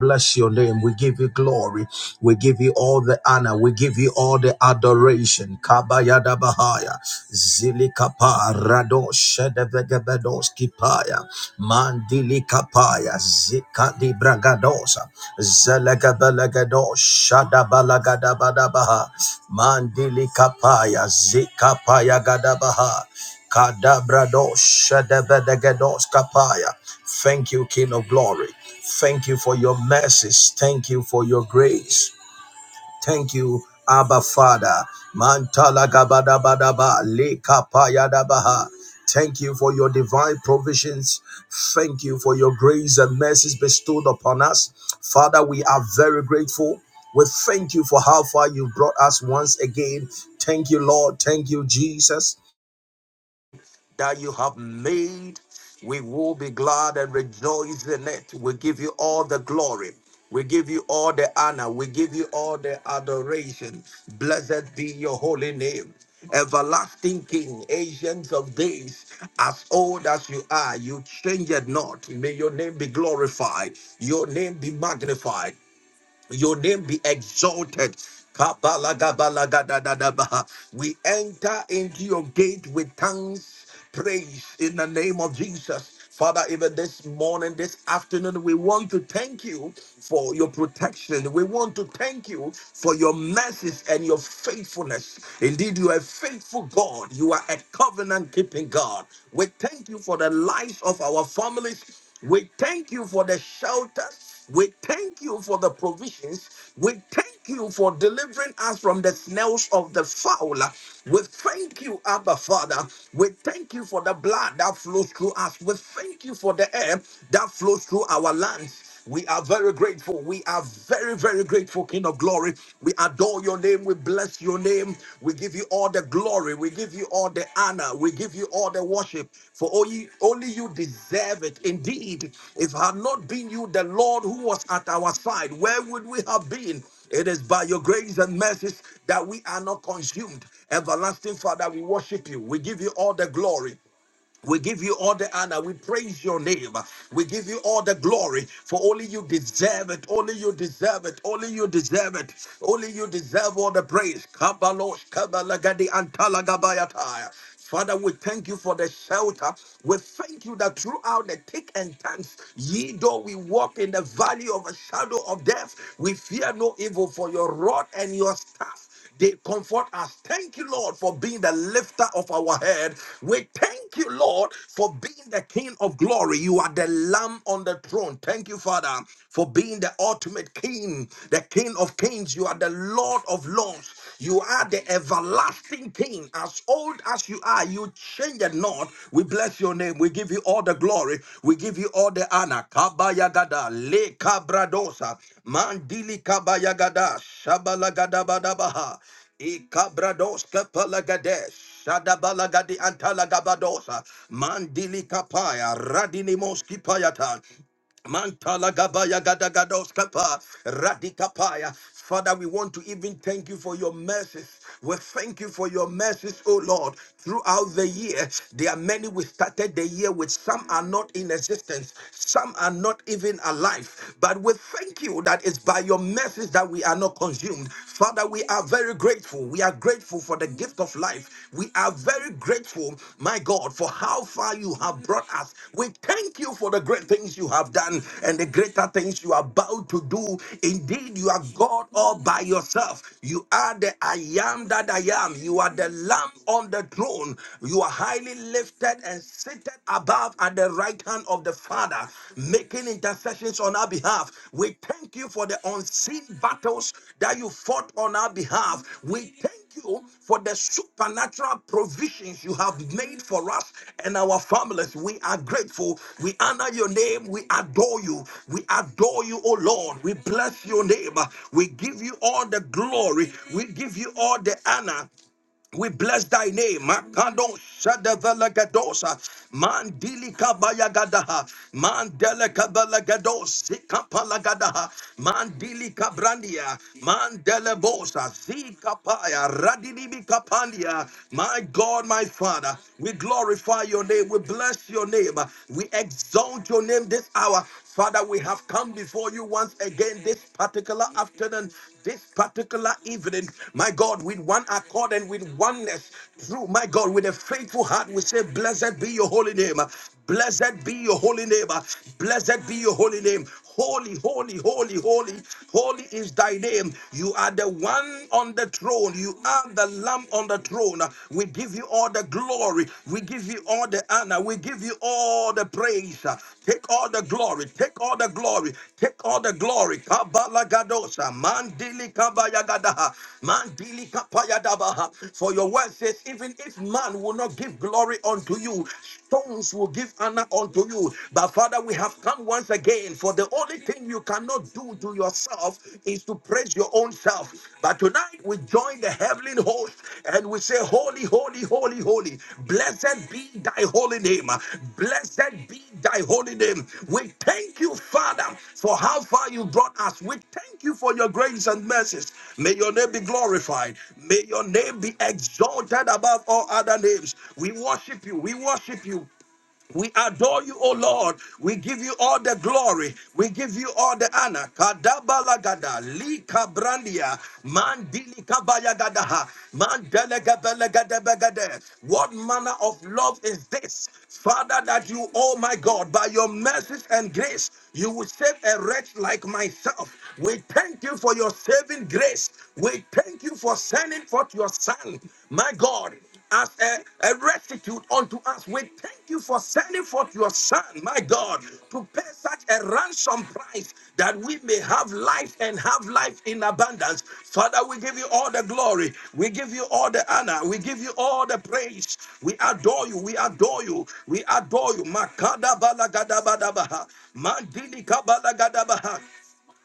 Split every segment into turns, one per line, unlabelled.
bless your name. We give you glory. We give you all the honor. We give you all the adoration. Kabayada Bahaya. Zilikapa Rado Shedevegebedoski Paya. Mandili Zikadi Bragadosa. Zelegabelagado Shadabalagada Badabaha. Mandili Zikapaya Gadabaha. Kadabrados, Shadabedegados, Kapaya. Thank you, King of Glory. Thank you for your mercies. Thank you for your grace. Thank you, Abba Father. Mantala gabadabadaba, lekapaya dabaha. Thank you for your divine provisions. Thank you for your grace and mercies bestowed upon us. Father, we are very grateful. We thank you for how far you brought us once again. Thank you, Lord. Thank you, Jesus that you have made. We will be glad and rejoice in it. We give you all the glory. We give you all the honor. We give you all the adoration. Blessed be your holy name. Everlasting King, ancients of days, as old as you are, you change it not. May your name be glorified, your name be magnified, your name be exalted. Kabalagabalagadabaha. We enter into your gate with thanks, praise in the name of Jesus. Father, even this morning, this afternoon, we want to thank you for your protection. We want to thank you for your mercies and your faithfulness. Indeed, you are a faithful God. You are a covenant keeping God. We thank you for the lives of our families. We thank you for the shelter we thank you for the provisions. We thank you for delivering us from the snails of the fowler. We thank you, Abba Father. We thank you for the blood that flows through us. We thank you for the air that flows through our lands. We are very grateful. We are very, very grateful, King of Glory. We adore your name. We bless your name. We give you all the glory. We give you all the honor. We give you all the worship. For only, only you deserve it. Indeed, if it had not been you, the Lord who was at our side, where would we have been? It is by your grace and mercies that we are not consumed. Everlasting Father, we worship you. We give you all the glory. We give you all the honor. We praise your name. We give you all the glory for only you deserve it. Only you deserve it. Only you deserve it. Only you deserve all the praise. Kabalos, kabalagadi, antalagabayataya. Father, we thank you for the shelter. We thank you that throughout the thick and thin, ye though we walk in the valley of a shadow of death, we fear no evil for your rod and your staff. They comfort us. Thank you, Lord, for being the lifter of our head. We thank you, Lord, for being the King of glory. You are the Lamb on the throne. Thank you, Father, for being the ultimate King, the King of kings. You are the Lord of lords. You are the everlasting King. As old as you are, you change it not. We bless your name. We give you all the glory. We give you all the honor. Kabayagada, Le Cabradosa, Mandili Kabayagada, Shabalagadabadabaha, E Cabrados Kapalagadesh. Shadabalagadi antalagabadosa, mandili kapaya, radini moski payata. Mantala gabaya gadagados kapa radikapaya. Father, we want to even thank you for your mercies. We thank you for your mercies, O Lord. Throughout the year, there are many we started the year with. Some are not in existence. Some are not even alive. But we thank you that it's by your mercies that we are not consumed. Father, we are very grateful. We are grateful for the gift of life. We are very grateful, my God, for how far you have brought us. We thank you for the great things you have done and the greater things you are about to do. Indeed, you are God all by yourself. You are the I am that I am. You are the Lamb on the throne. You are highly lifted and seated above at the right hand of the Father, making making intercessions on our behalf. We thank you for the unseen battles that you fought on our behalf. We thank you for the supernatural provisions you have made for us and our families. We are grateful. We honor your name. We adore you. We adore you, O Lord. We bless your name. We give you all the glory. We give you all the honor. We bless thy name. Makando shadevelagadosa. Mandili kabayagadaha. Mandele kabalagados. Sikapalagadaha. Mandili kabrandia. Mandele bosa. Zikapaya. Radinibi kapandia. My God, my Father, we glorify your name. We bless your name. We exalt your name this hour. Father, we have come before you once again this particular afternoon, this particular evening. My God, with one accord and with oneness, through my God, with a faithful heart, we say, Blessed be your holy name. Blessed be your holy name. Blessed be your holy name. Holy, holy, holy, holy, holy is thy name. You are the one on the throne. You are the lamb on the throne. We give give you all the glory. We give you all the honor. We give you all the praise. Take all the glory. Take all the glory. Take all the glory. Kabalagadosa. Mandili kabayagadaha. Mandili kapayadabaha. For your word says, even if man will not give glory unto you, stones will give honor unto you. But Father, we have come once again for the only thing you cannot do to yourself yourself is to praise your own self. But tonight we join the heavenly host and we say, Holy, holy, holy, holy. Blessed be thy holy name. Blessed be thy holy name. We thank you, Father, for how far you brought us. We thank you for your grace and mercies. May your name be glorified. May your name be exalted above all other names. We worship you. We worship you. We adore you, O Lord. We give you all the glory. We give you all the honor. Kadabalagada, likabrandia, mandilikabayagadaha, mandelegebelegadebegede. What manner of love is this? Father, that you, oh my God, by your mercies and grace, you will save a wretch like myself. We thank you for your saving grace. We thank you for sending forth your son, my God as a, a restitute unto us. We thank you for sending forth your Son, my God, to pay such a ransom price that we may have life and have life in abundance. Father, we give you all the glory. We give you all the honor. We give you all the praise. We adore you. We adore you. We adore you. Makada balagadabadabaha. Mandili kabalagadabaha.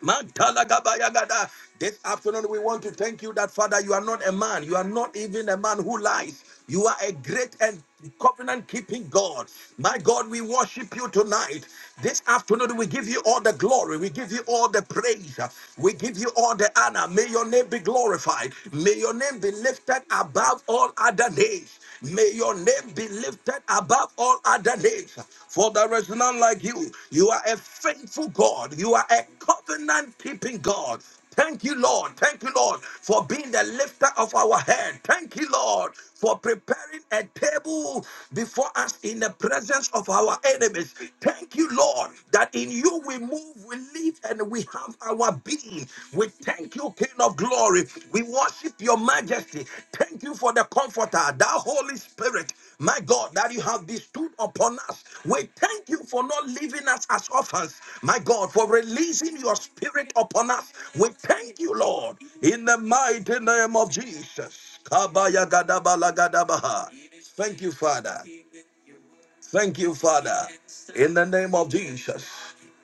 Mantalagabayagada. This afternoon, we want to thank you that, Father, you are not a man. You are not even a man who lies. You are a great and covenant keeping God. My God, we worship you tonight. This afternoon, we give you all the glory. We give you all the praise. We give you all the honor. May your name be glorified. May your name be lifted above all other names. May your name name be lifted above all other names. For there is none like you. You are a faithful God. You are a covenant keeping God. Thank you, Lord. Thank you, Lord, for being the lifter of our head. Thank you, Lord, for preparing a table before us in the presence of our enemies. Thank you, Lord, that in you we move, we live, and we have our being be. We thank you, King of glory. We worship your majesty. Thank you for the comforter, that Holy Spirit, my God, that you have bestowed upon us. We thank you for not leaving us as orphans, my God, for releasing your spirit upon us. We thank you, Lord, in the mighty name of Jesus. Kabaya gadaba la gadabaha. Thank you, Father. Thank you, Father. In the name of Jesus.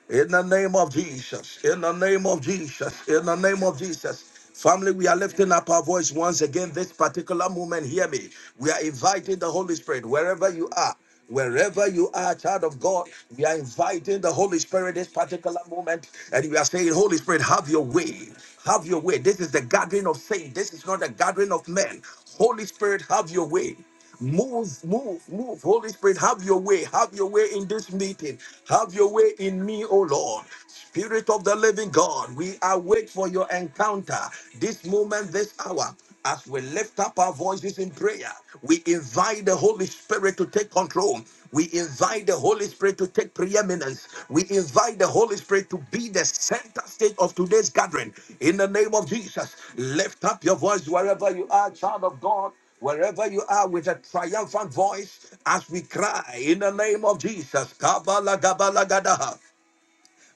In the name of Jesus. In the name of Jesus. In the name of Jesus. Family, we are lifting up our voice once again. This particular moment, hear me. We are inviting the Holy Spirit wherever you are. Wherever you are, child of God, we are inviting the Holy Spirit this particular moment, and we are saying, Holy Spirit, have your way. Have your way. This is the gathering of saints. This is not a gathering of men. Holy Spirit, have your way. Move, move, move. Holy Spirit, have your way. Have your way in this meeting. Have your way in me, O Lord. Spirit of the living God, we await for your encounter this moment, this hour. As we lift up our voices in prayer, we invite the Holy Spirit to take control. We invite the Holy Spirit to take preeminence. We invite the Holy Spirit to be the center stage of today's gathering. In the name of Jesus, lift up your voice wherever you are, child of God. Wherever you are with a triumphant voice, as we cry in the name of Jesus, Kabala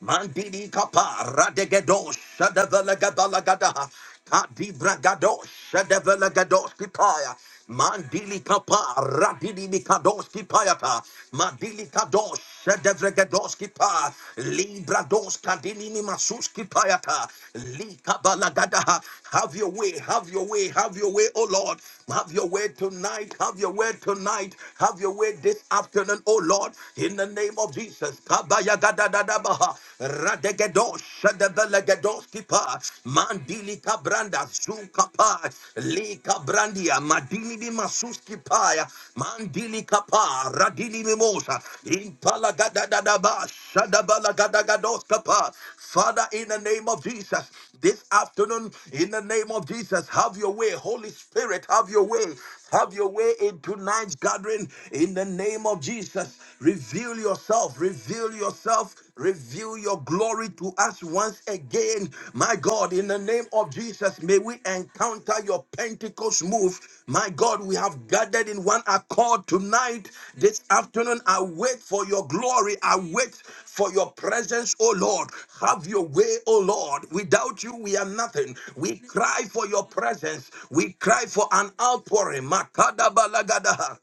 Mandini kapa radegedo shadavalagabalagada. Kadi bragado shadavalagados kipaya. Mandili kapa radini mikados kipayata. Mandili kados shadavregados kipa. Libra dos kadini mimasus kipayata. Likabalagada. Have your way, have your way, have your way, oh Lord. Have your way tonight, have your way tonight, have your way this afternoon, oh Lord. In the name of Jesus. Jesus. Kabaya gada dada baha. Radegedos shadabelegedos kipa. Mandili kabranda zuka pa. Li kabrandia madili bi masus kipa ya, Mandili kapa radili mimosa. Impala gada dada ba shadabala gada gados kapa. Father, in the name of Jesus, this afternoon, in the name of Jesus, have your way. Holy Spirit, have your way. Have your way in tonight's gathering in the name of Jesus. Reveal yourself, reveal yourself, reveal your glory to us once again. My God, in the name of Jesus, may we encounter your Pentecost move. My God, we have gathered gathered in one accord tonight, this afternoon. I wait for your glory. I wait for your presence, O Lord. Have your way, O Lord. Without you, we are nothing. We cry for your presence. We cry for an outpouring. Makadabalagada.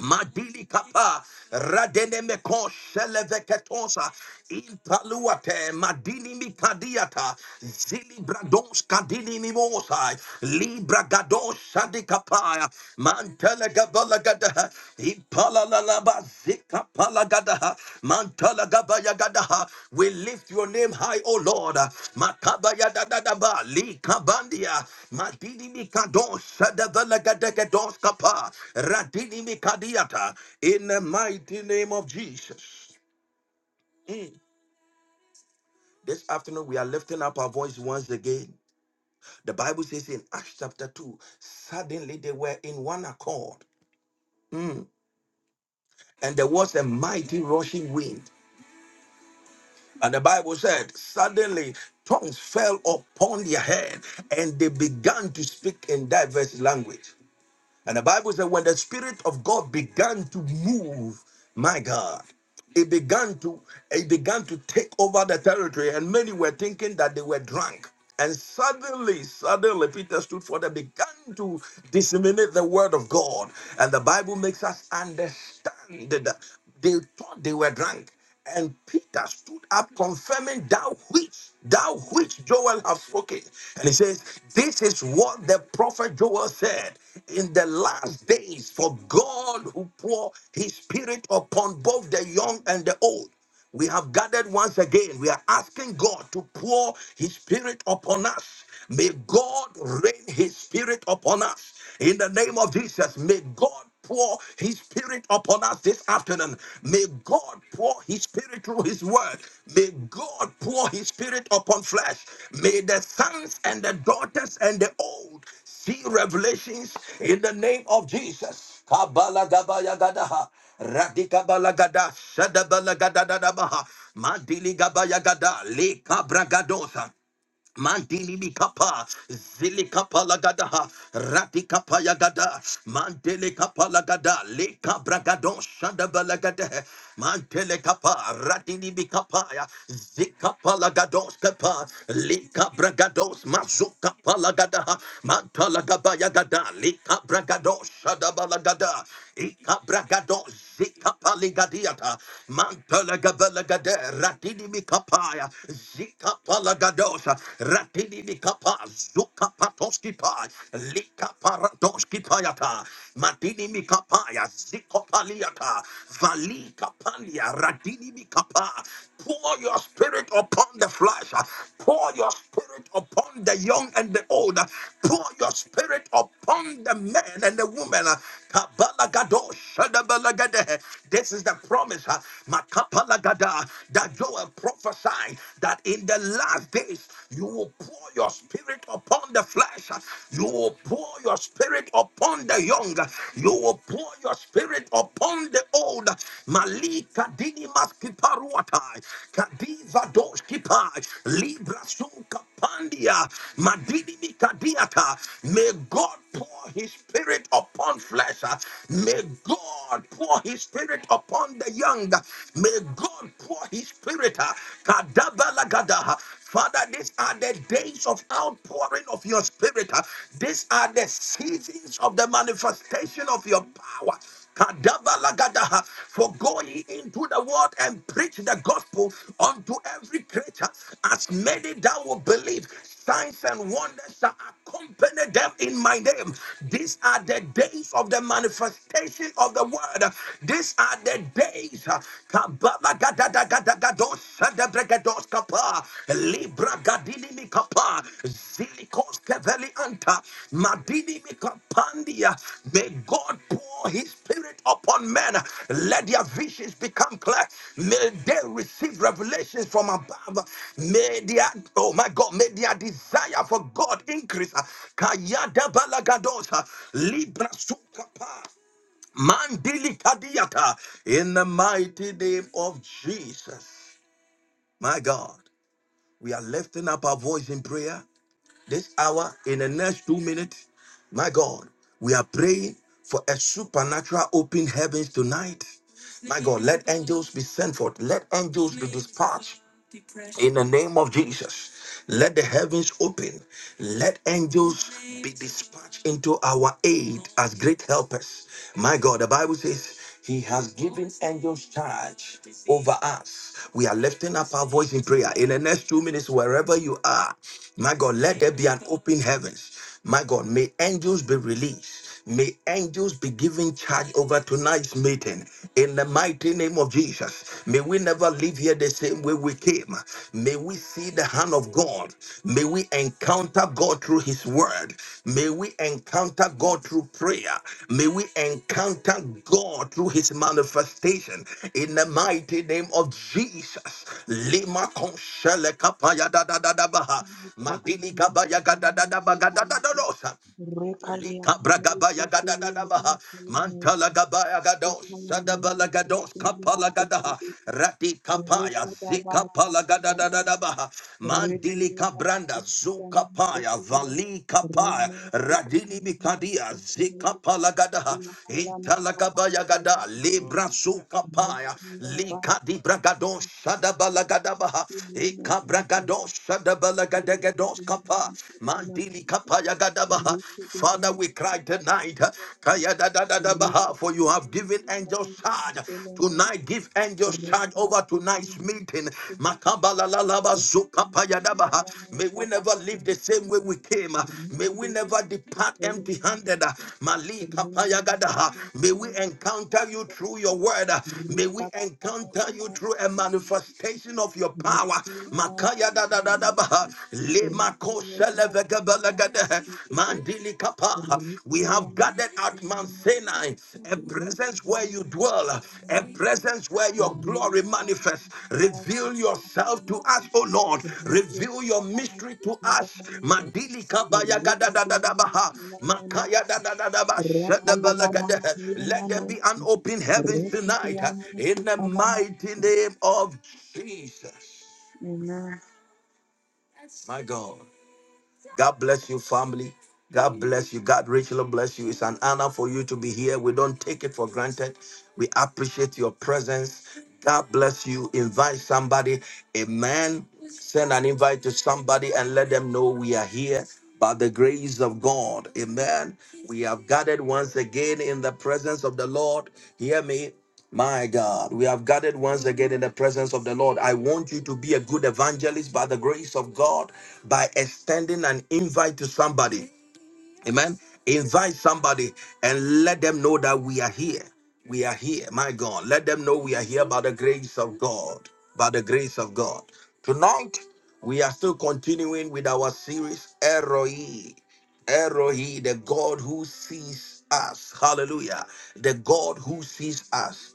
Madili kapa radene meko sheleveketonsa impaluate madini mikadiata zili bradons kadini mimosa libra gados shadi kapaya mantele gavala gada impala Tikapalagadaha, Mantalagabayagadaha. We lift your name high, O Lord. Makabayadadadaba, Likabandia, Madidimikadon, Shadabalagadegadon Kapa, Radidimikadiata. In the mighty name of Jesus. Mm. This afternoon, we are lifting up our voice once again. The Bible says in Acts chapter 2, suddenly they were in one accord, Mm. and there was a mighty rushing wind And the Bible said, suddenly tongues fell upon their head and they began to speak in diverse language. And the Bible said, when the Spirit of God began to move, my God, it began to it began to take over the territory, and many were thinking that they were drunk. And suddenly, suddenly, Peter stood for them, began to disseminate the word of God. And the Bible makes us understand that they thought they were drunk. And Peter stood up, confirming thou which thou which Joel have spoken. And he says, This is what the prophet Joel said in the last days, for God who pour his spirit upon both the young and the old we have gathered once again. We are asking God to pour His Spirit upon us. May God rain His Spirit upon us. In the name of Jesus, may God pour His Spirit upon us this afternoon. May God pour His Spirit through His Word. May God pour His Spirit upon flesh. May the sons and the daughters and the old See revelations in the name of Jesus. Kabala gabaya gadaha. Radika balagada, shada balagada da da baha, madili gabaya gada, le kabra gadosa, Mandili mi kapa, zili kapa lagada, rati kapa yagada, mandele kapa lagada, leka kabra gadon shanda Mantele kapa, ratini ni mi ya, zikapa lagadon kapa, leka bragados mazuka palagada, kapa lagada, mantala gaba yagada, le kabra gadon shanda balagada, i kabra gadon zikapa ligadiata, mantala gaba lagade, ratini ni mi ya, Zika palagadosa, ratini kapa, zuka patoski pa, lika paradoski payata, matini mikapaya, ziko paliata, valika palia, radini mikapa. Pour your spirit upon the flesh. Pour your spirit upon the young and the old. Pour your spirit upon the men and the women. Kabalagadosh, shadabalagade. This is the promise. Makapalagada that Joel prophesied that in the last days you will pour your spirit upon the flesh, you will pour your spirit upon the young, you will pour your spirit upon the old. Malika dinimas kiparuatai, kadiva dos kipai, libra sun kapandia, madini mikadiata. May God pour his spirit upon flesh. May God pour his spirit upon the young. May God pour his spirit. uh, kadabalagada. Father, these are the days of outpouring of your spirit. uh. These are the seasons of the manifestation of your power. Kadabalagada. For go ye into the world and preach the gospel unto every creature, as many that will believe, signs and wonders shall accompany them in my name. These are the days of the manifestation of the word. These are the days. uh, Kabala gadadagadagados, sadabregados kapa, Libra gadini mi kapa, zilikos keveli anta, madini mi kapandia. May God pour his spirit upon men. Let their visions become clear. May they receive revelations from above. May their, oh my God, may their desire for God increase. Kayada balagadosa, Libra sukapa. Mandili Kadiata, in the mighty name of Jesus. My God, we are lifting up our voice in prayer this hour in the next two minutes. My God, we are praying for a supernatural open heavens tonight. My God, let angels be sent forth, let angels be dispatched in the name of Jesus, let the heavens open. Let angels be dispatched into our aid as great helpers. My God, the Bible says, He has given angels charge over us. We are lifting up our voice in prayer. In the next two minutes, wherever you are, my God, let there be an open heavens. My God, may angels be released. May angels be given charge over tonight's meeting. In the mighty name of Jesus, may we never leave here the same way we came. May we see the hand of God. May we encounter God through His word. May we encounter God through prayer. May we encounter God through his manifestation. In the mighty name of Jesus. Lima konshele kapaya da da da da baha.
Rekha
Madili gabaya ga da da da ba ga da da da dosa. Likabragabaya gadadadabaha. Mantalagabaya gados. Sadabala gados. kapala kapalagadaha. Rati kapaya zika pala zikapalagadadadabaha. Mandili kabranda Zuka paya vali kapaya. Radili bikadia zikapalagadaha. Intalagabaya gada libra zukapaya. Likadi bragados sadabalagadabaha. Ikabragados sadabalagadados kapa. Mandili kapaya gadabaha. Father, we cry tonight. uh, Kaya da da da da baha, For you have given angels charge. Tonight, give angels charge over tonight's meeting.
Rima
Makabala la la ba zuka pa ya da baha. May we never live the same way we came. uh, May we never depart empty handed. Mali kapaya gadaha. May we encounter you through your word. uh, May we encounter you through a manifestation of your
Amen.
power. Makaya da da da da baha. Koshelevegebelegede, Mandili kapa. We have gathered at Mount Sinai, a presence where you dwell, a presence where your glory manifests. Reveal yourself to us, O Lord. Reveal your mystery to us. Mandili kabaya gadadadadabaha, Let there be an open heaven tonight uh, in the mighty name of Jesus. My God. God bless you, family. God bless you. God richly bless you. It's an honor for you to be here. We don't take it for granted. We appreciate your presence. God bless you. Invite somebody. Amen. Send an invite to somebody and let them know we are here by the grace of God. Amen. We have gathered once again in the presence of the Lord. Hear me. My God, we have gathered once again in the presence of the Lord. I want you to be a good evangelist by the grace of God by extending an invite to somebody. Amen. Invite somebody and let them know that we are here. We are here. My God, let them know we are here by the grace of God. By the grace of God. Tonight, we are still continuing with our series, Eroi. Eroi, the God who sees us. Hallelujah. The God who sees us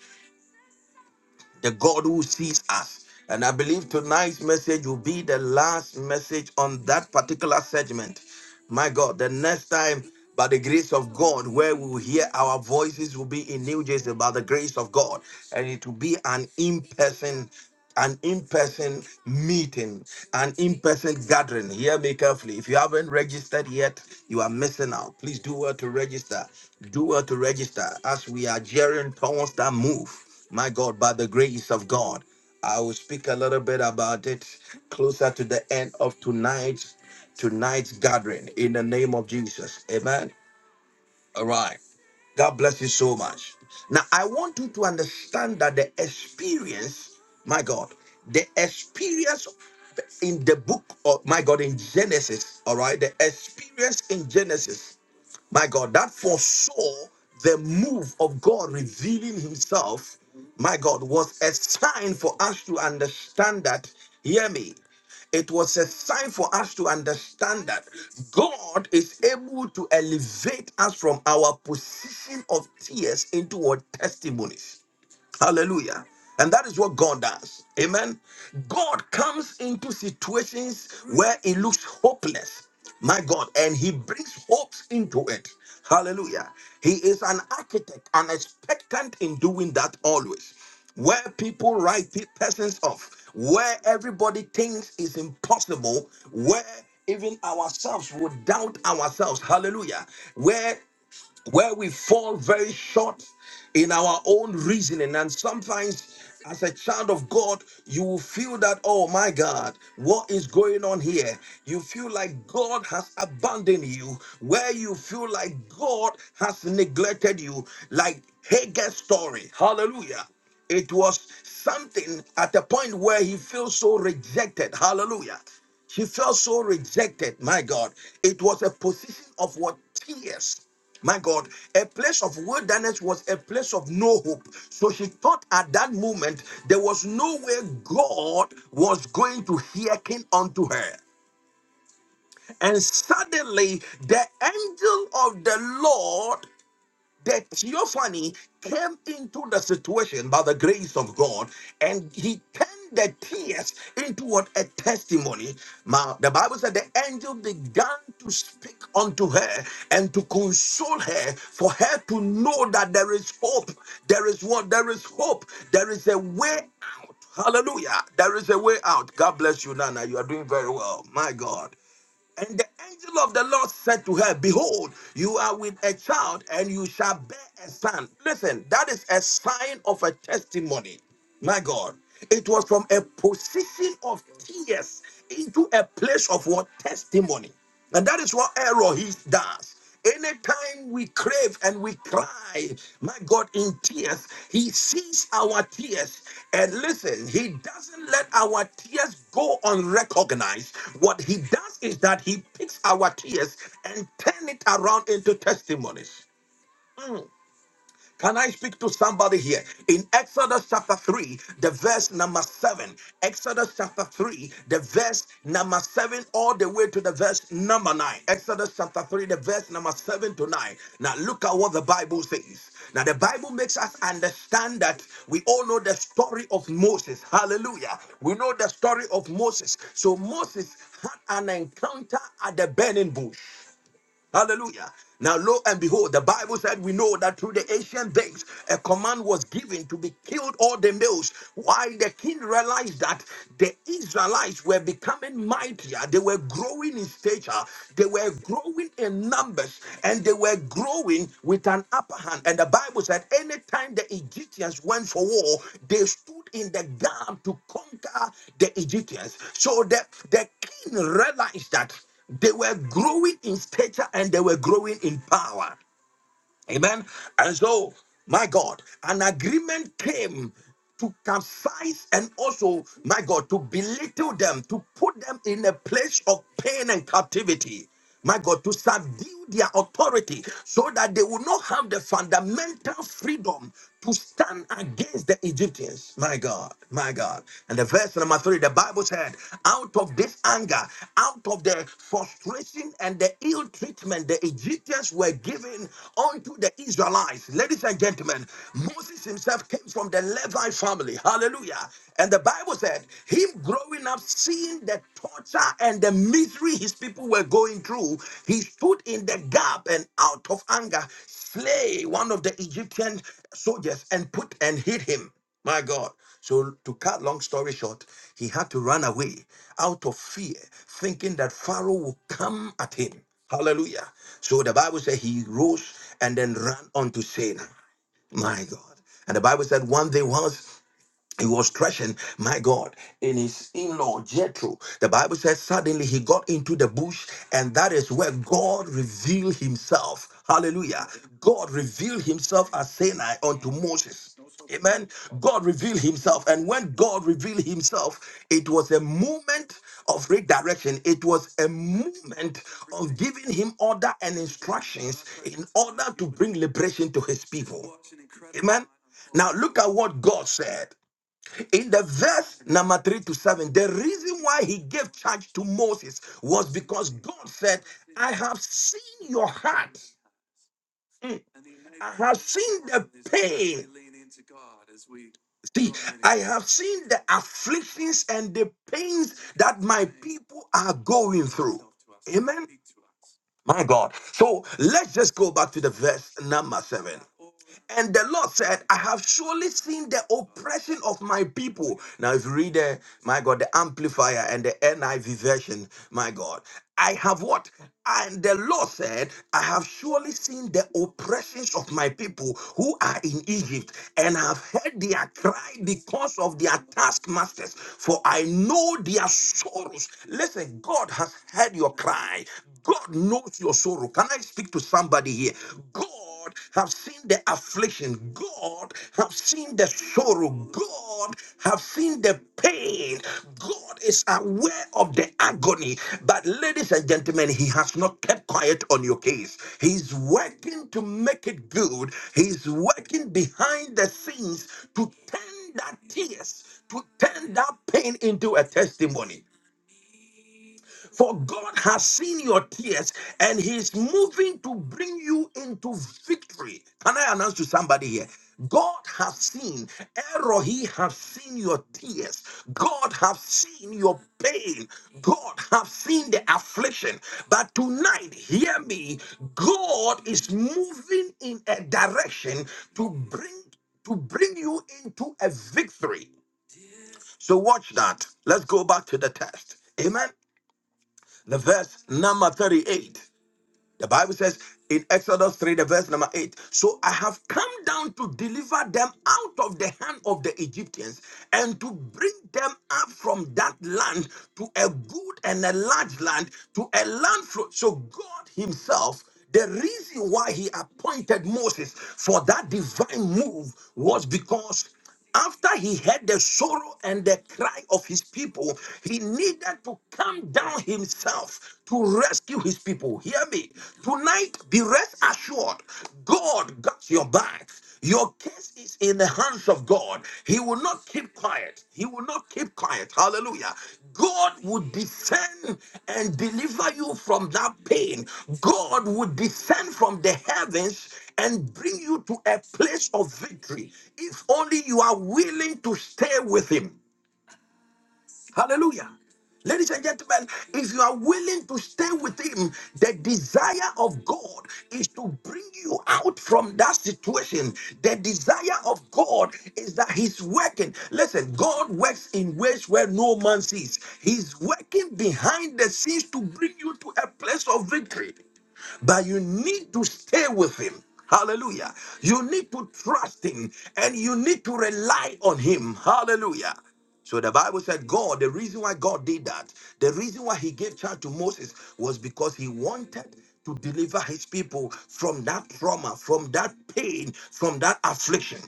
the God who sees us. And I believe tonight's message will be the last message on that particular segment. My God, the next time, by the grace of God, where we will hear our voices will be in New Jersey by the grace of God. And it will be an in person an in-person meeting, an in-person gathering. Hear me carefully. If you haven't registered yet, you are missing out. Please do well to register. Do well to register as we are gearing towards that move. My God, by the grace of God, I will speak a little bit about it closer to the end of tonight's tonight's gathering in the name of Jesus. Amen. All Right. God bless you so much. Now, I want you to understand that the experience, my God, the experience in the book of, my God, in Genesis, all right, the experience in Genesis my God, that foresaw the move of God revealing himself, my God, was a sign for us to understand that. Hear me. It was a sign for us to understand that God is able to elevate us from our position of tears into our testimonies. Hallelujah. And that is what God does. Amen. God comes into situations where it looks hopeless. My God. And he brings hopes into it. Hallelujah. He is an architect, an expectant in doing that always. Where people write pe- persons off, where everybody thinks is impossible, where even ourselves would doubt ourselves. Hallelujah. Where where we fall very short in our own reasoning. And sometimes, as a child of God, you will feel that, oh my God, what is going on here? You feel like God has abandoned you, where you feel like God has neglected you, like Hagar's story. Hallelujah. It was something at a point where he feels so rejected. Hallelujah. She felt so rejected. My God. It was a position of what? Tears. My God, a place of wilderness was a place of no hope. So she thought at that moment there was no way God was going to hearken unto her. And suddenly the angel of the Lord the theophany came into the situation by the grace of God, and he turned the tears into what a testimony. Now, the Bible said the angel began to speak unto her and to console her for her to know that there is hope. There is what? There is hope. There is a way out. Hallelujah. There is a way out. God bless you, Nana. You are doing very well. My God. And the angel of the Lord said to her, Behold, you are with a child, and you shall bear a son. Listen, that is a sign of a testimony. My God. It was from a position of tears into a place of what? Testimony. And that is what error he does. Anytime we crave and we cry, my God, in tears, he sees our tears. And listen, he doesn't let our tears go unrecognized. What he does is that he picks our tears and turn it around into testimonies. Hmm. Can I speak to somebody here? In Exodus chapter 3, the verse number 7. Exodus chapter 3, the verse number 7, all the way to the verse number 9. Exodus chapter 3, the verse number 7 to 9. Now look at what the Bible says. Now the Bible makes us understand that we all know the story of Moses. Hallelujah. We know the story of Moses. So Moses had an encounter at the burning bush. Hallelujah. Now, lo and behold, the Bible said we know that through the ancient days, a command was given to be killed all the males. While the king realized that the Israelites were becoming mightier, they were growing in stature, they were growing in numbers, and they were growing with an upper hand. And the Bible said, anytime the Egyptians went for war, they stood in the gap to conquer the Egyptians. So the, the king realized that. They were growing in stature and they were growing in power. Amen. And so, my God, an agreement came to capsize and also, my God, to belittle them, to put them in a place of pain and captivity. My God, to subdue their authority so that they will not have the fundamental freedom to stand against the Egyptians. My God, my God. And the verse number three, the Bible said, out of this anger, out of the frustration and the ill treatment the Egyptians were giving unto the Israelites, ladies and gentlemen, Moses himself came from the Levi family. Hallelujah. And the Bible said, him growing up, seeing the torture and the misery his people were going through, he stood in the gap and out of anger, slay one of the Egyptian soldiers and put and hit him. My God. So, to cut long story short, he had to run away out of fear, thinking that Pharaoh will come at him. Hallelujah. So, the Bible said he rose and then ran unto Sinai. My God. And the Bible said one day once he was threshing, my God, in his in law Jethro. The Bible says, suddenly he got into the bush, and that is where God revealed himself. Hallelujah. God revealed himself as Sinai unto Moses. Amen. God revealed himself. And when God revealed himself, it was a movement of redirection. It was a movement of giving him order and instructions in order to bring liberation to his people. Amen. Now look at what God said. in the verse number 3 to 7 the reason why he gave charge to moses was because god said i have seen your heart i have seen the pain see i have seen the afflictions and the pains that my people are going through my god so let's just go back to the verse number 7 And the Lord said, I have surely seen the oppression of my people. Now, if you read the, my God, the Amplifier and the NIV version, my God, I have what? And the Lord said, I have surely seen the oppressions of my people who are in Egypt, and have heard their cry because of their taskmasters, for I know their sorrows. Listen, God has heard your cry. God knows your sorrow. Can I speak to somebody here? God God have seen the affliction. God have seen the sorrow. God have seen the pain. God is aware of the agony. But ladies and gentlemen, he has not kept quiet on your case. He's working to make it good. He's working behind the scenes to turn that tears, to turn that pain into a testimony. For God has seen your tears and He's moving to bring you into victory. Can I announce to somebody here? God has seen, Erohi has seen your tears. God has seen your pain. God has seen the affliction. But tonight, hear me, God is moving in a direction to bring to bring you into a victory. So watch that. Let's go back to the test. Amen the verse number 38. The Bible says in Exodus 3, the verse number 8 So I have come down to deliver them out of the hand of the Egyptians and to bring them up from that land to a good and a large land, to a land. Flo- so God Himself the reason why he appointed Moses for that divine move was because after he heard the sorrow and the cry of his people, he needed to come down himself to rescue his people. Hear me. Tonight, be rest assured God got your back. Your case is in the hands of God. He will not keep quiet. He will not keep quiet. Hallelujah. God would descend and deliver you from that pain. God would descend from the heavens and bring you to a place of victory if only you are willing to stay with Him. Hallelujah. Ladies and gentlemen, if you are willing to stay with him, the desire of God is to bring you out from that situation. The desire of God is that he's working. Listen, God works in ways where no man sees. He's working behind the scenes to bring you to a place of victory but you need to stay with him. Hallelujah. You need to trust him and you need to rely on him. Hallelujah. So the Bible said, God, the reason why God did that, the reason why he gave charge to Moses was because he wanted to deliver his people from that trauma, from that pain, from that affliction.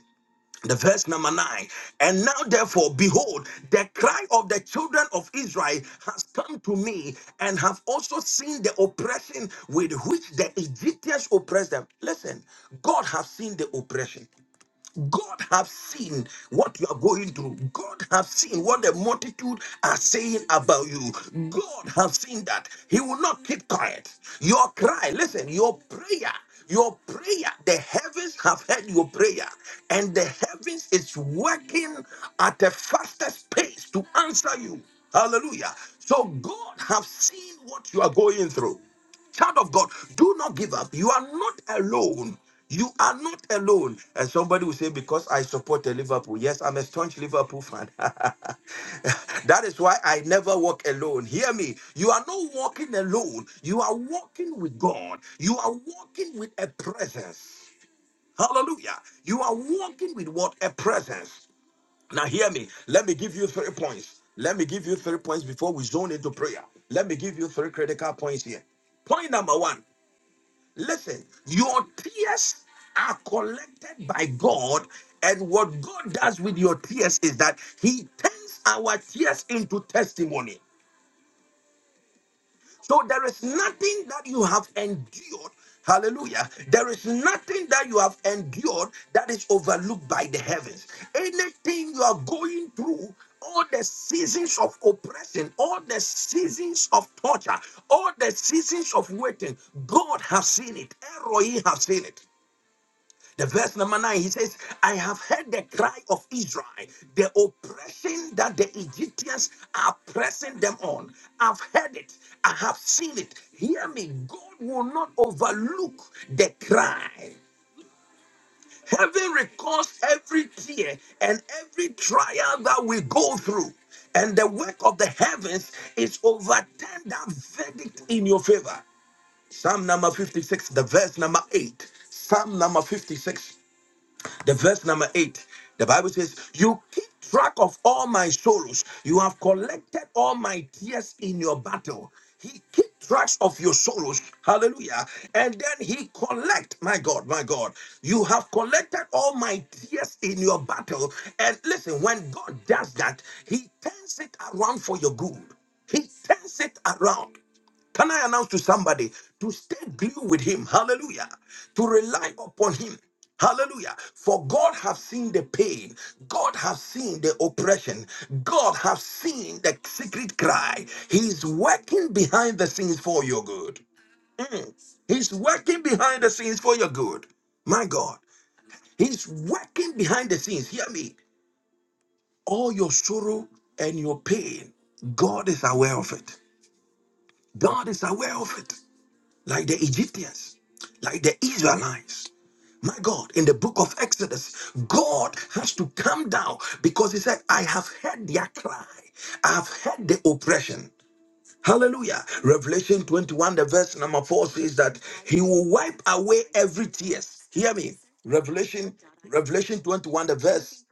The verse number nine. And now, therefore, behold, the cry of the children of Israel has come to me, and have also seen the oppression with which the Egyptians oppressed them. Listen, God has seen the oppression. God have seen what you are going through. God have seen what the multitude are saying about you. God have seen that. He will not keep quiet. Your cry, listen, your prayer, your prayer, the heavens have heard your prayer, and the heavens is working at a fastest pace to answer you. Hallelujah. So God have seen what you are going through. Child of God, do not give up. You are not alone. You are not alone. And somebody will say, Because I support a Liverpool. Yes, I'm a staunch Liverpool fan. that is why I never walk alone. Hear me. You are not walking alone. You are walking with God. You are walking with a presence. Hallelujah. You are walking with what? A presence. Now, hear me. Let me give you three points. Let me give you three points before we zone into prayer. Let me give you three critical points here. Point number one. Listen, your tears are collected by God, and what God does with your tears is that He turns our tears into testimony. So there is nothing that you have endured. Hallelujah. There is nothing that you have endured that is overlooked by the heavens. Anything you are going through, all the seasons of oppression, all the seasons of torture, all the seasons of waiting, God has seen it. Eroi has seen it. The verse number nine, he says, I have heard the cry of Israel, the oppression that the Egyptians are pressing them on. I've heard it, I have seen it. Hear me, God will not overlook the cry. Heaven records every tear and every trial that we go through. And the work of the heavens is overturn that verdict in your favor. Psalm number 56, the verse number 8. Psalm number 56. The verse number eight, the Bible says, You keep track of all my sorrows. You have collected all my tears in your battle. He keep tracks of your sorrows. Hallelujah. And then he collect, my God, my God. You have collected all my tears in your battle. And listen, when God does that, he turns it around for your good. He turns it around. Can I announce to somebody to stay glued with him? Hallelujah. To rely upon him. Hallelujah. For God have seen the pain. God have seen the oppression. God have seen the secret cry. He's working behind the scenes for your good. Mm. He's working behind the scenes for your good. My God. He's working behind the scenes. Hear me. All your sorrow and your pain, God is aware of it. God is aware of it. like the Egyptians, like the Israelites. My God, in the book of Exodus, God has to come down because He said, I have heard their cry, I have heard the oppression. Hallelujah. Revelation 21, the verse number 4 says that He will wipe away every tears. Hear me. Revelation, Revelation 21, the verse.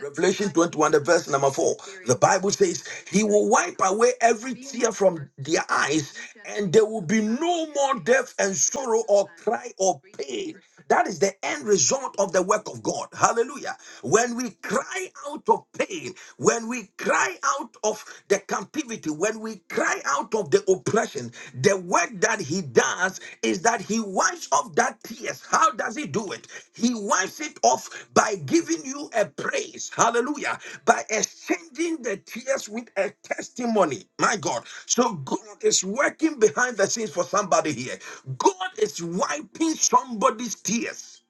Revelation 21, the verse number 4. The Bible says, He will wipe away every tear from their eyes, and there will be no more death and sorrow or cry or pain. That is the end result of the work of God. Hallelujah. When we cry out of pain, when we cry out of the captivity, when we cry out of the oppression, the work that He does is that He wipes off that tears. How does he do it. He wipes it off by giving you a praise. Hallelujah. By exchanging the tears with a testimony. My God. So God is working behind the scenes for somebody here. God is wiping somebody's tears.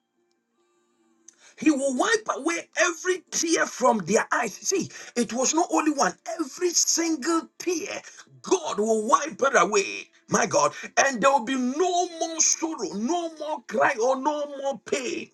He will wipe away every tear from their eyes. See, it was not only one, every single tear, God will wipe it away. My God. And there will be no more sorrow, no more cry, or no more pain.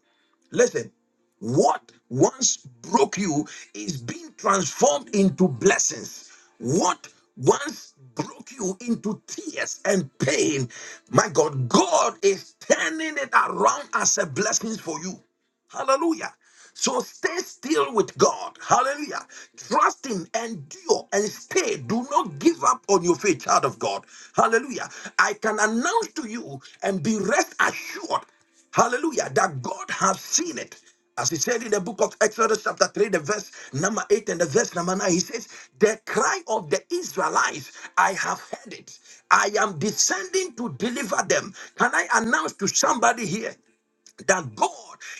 Listen, what once broke you is being transformed into blessings. What once broke you into tears and pain, my God, God is turning it around as a blessing for you. Hallelujah. So stay still with God. Hallelujah. Trust Him, endure, and stay. Do not give up on your faith, child of God. Hallelujah. I can announce to you and be rest assured, hallelujah, that God has seen it. As he said in the book of Exodus, chapter 3, the verse number 8 and the verse number 9, he says, The cry of the Israelites, I have heard it. I am descending to deliver them. Can I announce to somebody here? that God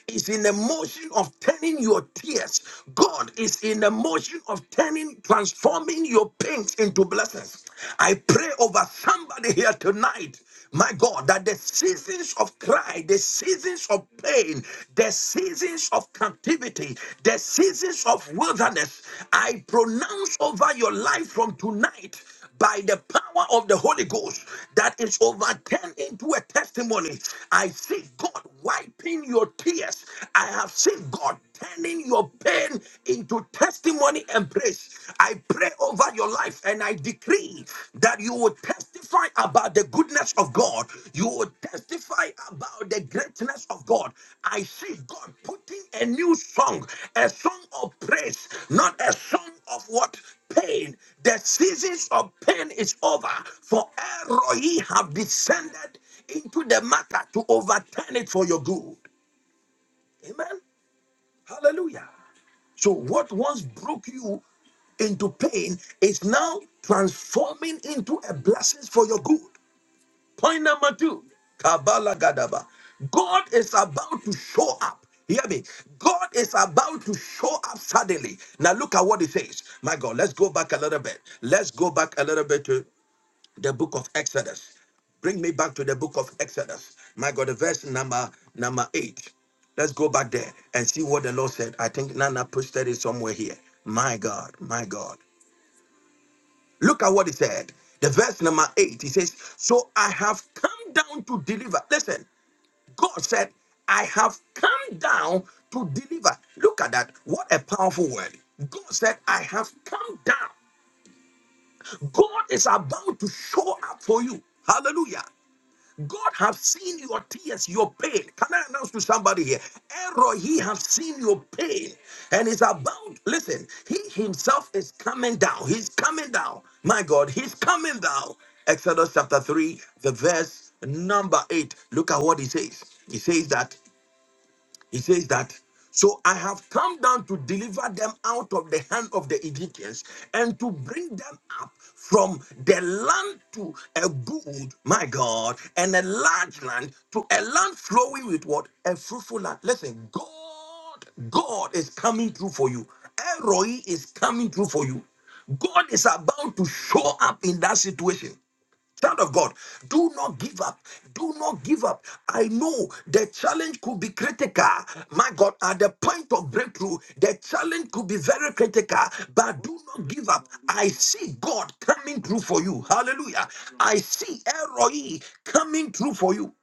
is in the motion of turning your tears. God is in the motion of turning, transforming your pains into blessings. I pray over somebody here tonight. My God, that the seasons of cry, the seasons of pain, the seasons of captivity, the seasons of wilderness, I pronounce over your life from tonight by the power of the Holy Ghost that is overturned into a testimony. I see God wiping your tears. I have seen God turning your pain into testimony and praise. I pray over your life and I decree that you will testify about the goodness of God. You will testify about the greatness of God. I see God putting a new song, a song of praise, not a song of what? pain. The seasons of pain is over. For Eroi have descended into the matter to overturn it for your good. Amen. Hallelujah. So what once broke you into pain is now transforming into a blessing for your good. Point number two, Kabbalah Gadaba. God is about to show up. Hear me. God is about to show up suddenly. Now look at what it says. My God, let's go back a little bit. Let's go back a little bit to the book of Exodus. Bring me back to the book of Exodus. My God, the verse number number eight. Let's go back there and see what the Lord said. I think Nana posted it somewhere here. My God, my God. Look at what he said. The verse number eight, he says, So I have come down to deliver. Listen, God said, I have come down to deliver. Look at that. What a powerful word. God said, I have come down. God is about to show up for you. Hallelujah. God has seen your tears, your pain. Can I announce to somebody here? Error, he has seen your pain and is about, listen, he himself is coming down. He's coming down. My God, he's coming down. Exodus chapter 3, the verse number 8. Look at what he says. He says that. He says that, so I have come down to deliver them out of the hand of the Egyptians and to bring them up from the land to a good, my God, and a large land to a land flowing with what? A fruitful land. Listen, God, God is coming through for you. Eroi is coming through for you. God is about to show up in that situation. Child of God, do not give up. Do not give up. I know the challenge could be critical. My God, at the point of breakthrough, the challenge could be very critical, but do not give up. I see God coming through for you. Hallelujah. I see Eroi coming through for you.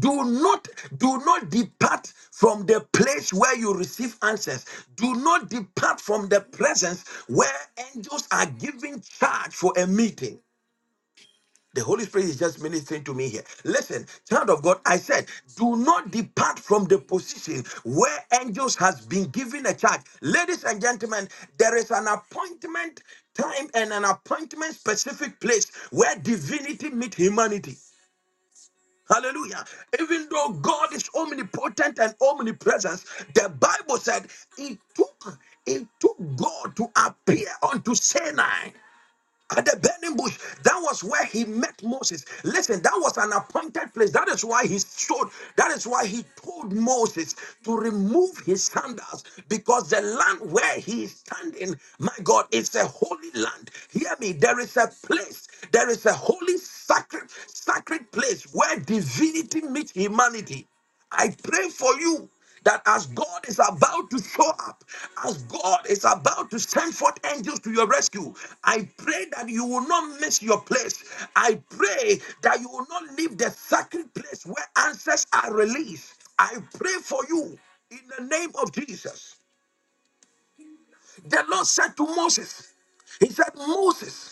Do not do not depart from the place where you receive answers. Do not depart from the presence where angels are giving charge for a meeting. The Holy Spirit is just ministering to me here. Listen, child of God, I said, do not depart from the position where angels has been given a charge. Ladies and gentlemen, there is an appointment time and an appointment specific place where divinity meet humanity. Hallelujah. Even though God is omnipotent and omnipresent, the Bible said it took it took God to appear unto Sinai at the burning bush. That was where he met Moses. Listen, that was an appointed place. That is why he showed, that is why he told Moses to remove his sandals because the land where he is standing, my God, is a holy land. Hear me, there is a place, there is a holy sacred, sacred place where divinity meets humanity. I pray for you that as God is about to show up, as God is about to send forth angels to your rescue, I pray that you will not miss your place. I pray that you will not leave the sacred place where answers are released. I pray for you in the name of Jesus. The Lord said to Moses, He said, Moses,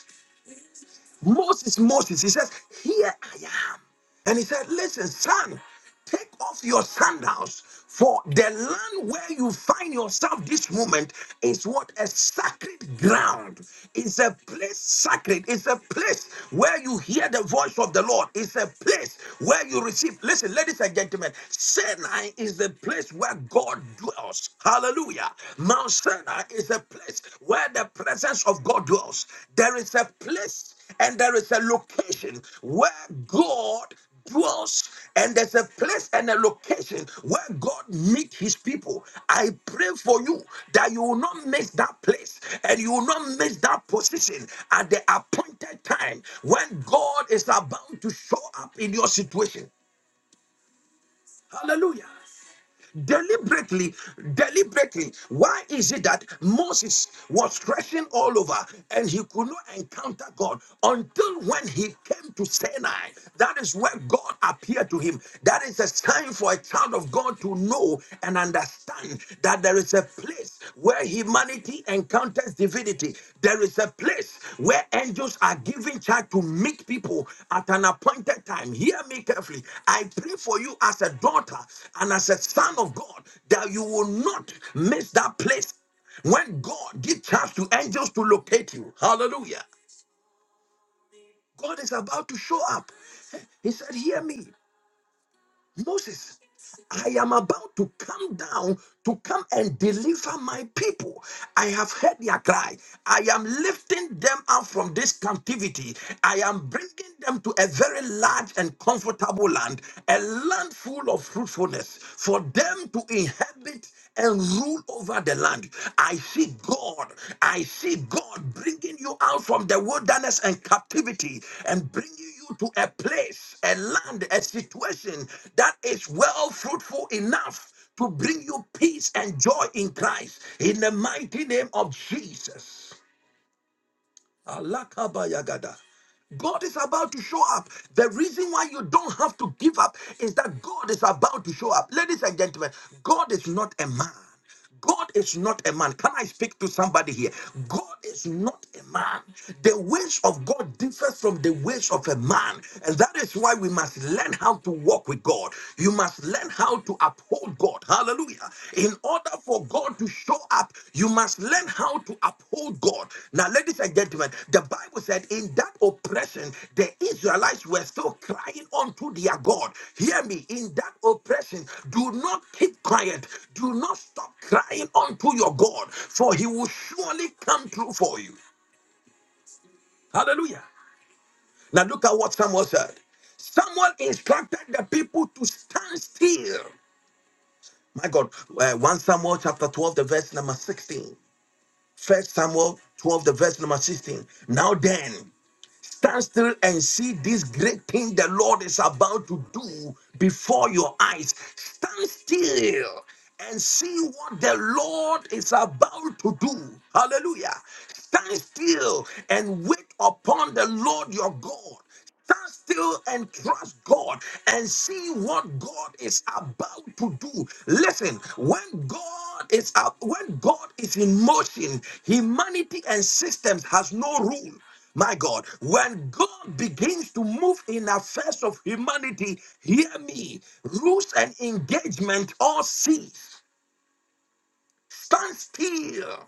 Moses, Moses, he says, Here I am. And he said, Listen, son, take off your sandals, for the land where you find yourself this moment is what a sacred ground. It's a place sacred. It's a place where you hear the voice of the Lord. It's a place where you receive. Listen, ladies and gentlemen, Sinai is the place where God dwells. Hallelujah. Mount Sinai is a place where the presence of God dwells. There is a place and there is a location where God dwells, and there's a place and a location where God meets his people. I pray for you that you will not miss that place and you will not miss that position at the appointed time when God is about to show up in your situation. Hallelujah deliberately deliberately why is it that moses was threshing all over and he could not encounter god until when he came to sinai that is where god appeared to him that is a sign for a child of god to know and understand that there is a place where he humanity encounters divinity, there is a place where angels are given charge to meet people at an appointed time. Hear me carefully. I pray for you as a daughter and as a son of God that you will not miss that place when God gives charge to angels to locate you. Hallelujah. God is about to show up. Hey, He said, Hear me. Moses, I am about to come down to come and deliver my people. I have heard their cry. I am lifting them out from this captivity. I am bringing them to a very large and comfortable land, a land full of fruitfulness for them to inhabit and and rule over the land. I see God. I see God bringing you out from the wilderness and captivity and bringing you to a place, a land, a situation that is well fruitful enough to bring you peace and joy in Christ. In the mighty name of Jesus. Alakabayagada. God is about to show up. The reason why you don't have to give up is that God is about to show up. Ladies and gentlemen, God is not a man. God is not a man. Can I speak to somebody here? God is not a man. The ways of God differs from the ways of a man. And that is why we must learn how to walk with God. You must learn and how to uphold God. Hallelujah. In order for God to show up, you must learn how to uphold God. Now, ladies and gentlemen, the Bible said in that oppression, the Israelites were still crying unto their God. Hear me, in that oppression, do not keep quiet, do not stop crying unto your God, for he will surely come through for you. Hallelujah. Now, look at what Samuel said. Someone instructed the people to stand still My God, uh, 1 Samuel chapter 12, the verse number 16. First Samuel 12, the verse number 16. Now then, stand still and see this great thing the Lord is about to do before your eyes. Stand still and see what the Lord is about to do. Hallelujah. Stand still and wait upon the Lord your God. Stand still and trust God and see what God is about to do. Listen, when God is up, when God is in motion, humanity and systems has no rule. My God, when God begins to move in affairs of humanity, hear me. Rules and engagement all cease. Stand still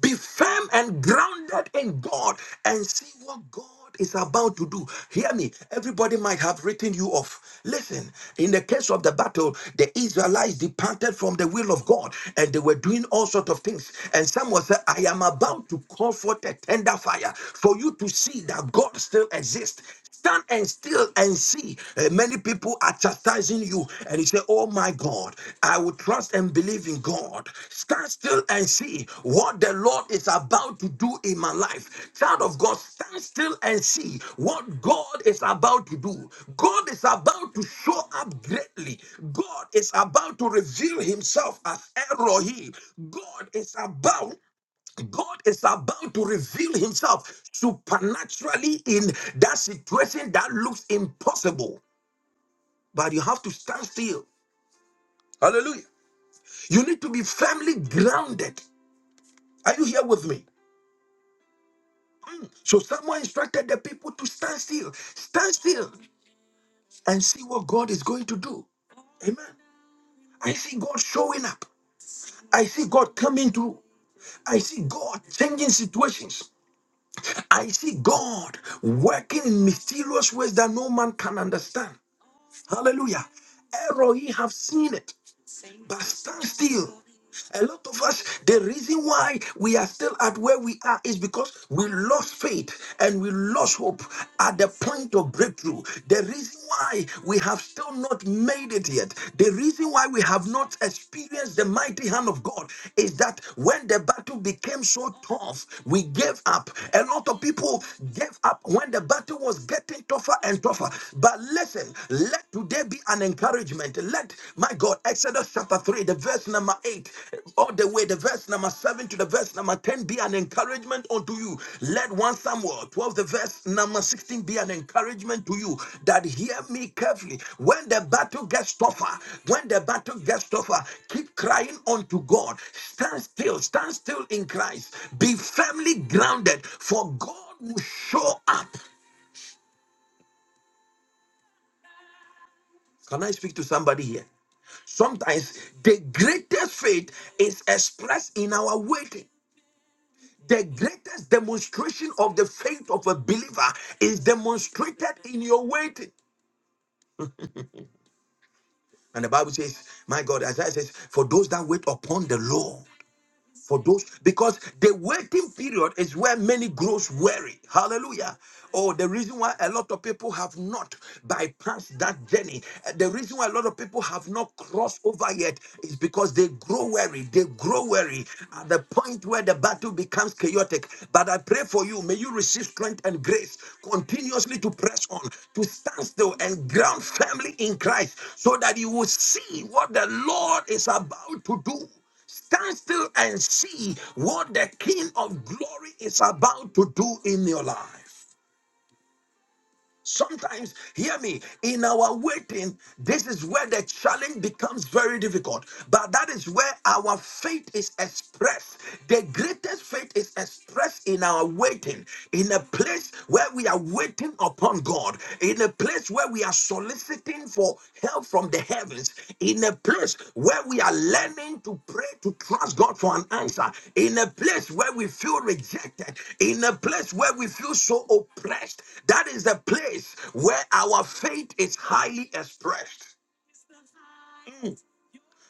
be firm and grounded in God and see what God is about to do. Hear me. Everybody might have written you off. Listen, in the case of the battle, the Israelites departed from the will of God and they were doing all sorts of things. And someone said, I am about to call forth a tender fire for you to see that God still exists. Stand and still and see. uh, Many people are chastising you, and you say, Oh my God, I will trust and believe in God. Stand still and see what the Lord is about to do in my life. Child of God, stand still and see what God is about to do. God is about to show up greatly. God is about to reveal himself as Elohim. God is about God is about to reveal himself supernaturally in that situation that looks impossible but you have to stand still. Hallelujah. You need to be firmly grounded. Are you here with me? Mm. So someone instructed the people to stand still. Stand still and see what God is going to do. Amen. I see God showing up. I see God coming through. I see God changing situations. I see God working in mysterious ways that no man can understand. Hallelujah. Error, ye have seen it. but stand still. A lot of us, the reason why we are still at where we are is because we lost faith and we lost hope at the point of breakthrough. The reason why we have still not made it yet, the reason why we have not experienced the mighty hand of God is that when the battle became so tough, we gave up. A lot of people gave up when the battle was getting tougher and tougher. But listen, let today be an an encouragement. Let my God, Exodus chapter 3, the verse number 8, all the way, the verse number 7 to the verse number 10 be an encouragement unto you. Let 1 Samuel 12, the verse number 16 be an encouragement to you that hear me carefully. When the battle gets tougher, when the battle gets tougher, keep crying unto God. Stand still, stand still in Christ. Be firmly grounded, for God will show up. Can I speak to somebody here? Sometimes the greatest faith is expressed in our waiting. The greatest demonstration of the faith of a believer is demonstrated in your waiting. And the Bible says, My God, Isaiah says, For those that wait upon the Lord. for those because the waiting period is where many grows weary hallelujah oh the reason why a lot of people have not bypassed that journey uh, the reason why a lot of people have not crossed over yet is because they grow weary they grow weary at the point where the battle becomes chaotic but i pray for you may you receive strength and grace continuously to press on to stand still and ground firmly in christ so that you will see what the lord is about to do Stand still and see what the King of glory is about to do in your life. Sometimes, hear me, in our waiting, this is where the challenge becomes very difficult. But that is where our faith is expressed. The greatest faith is expressed in our waiting, in a place where we are waiting upon God, in a place where we are soliciting for help from the heavens in a place where we are learning to pray to trust God for an answer, in a place where we feel rejected, in a place where we feel so oppressed. That is the place where our faith is highly expressed. Mm.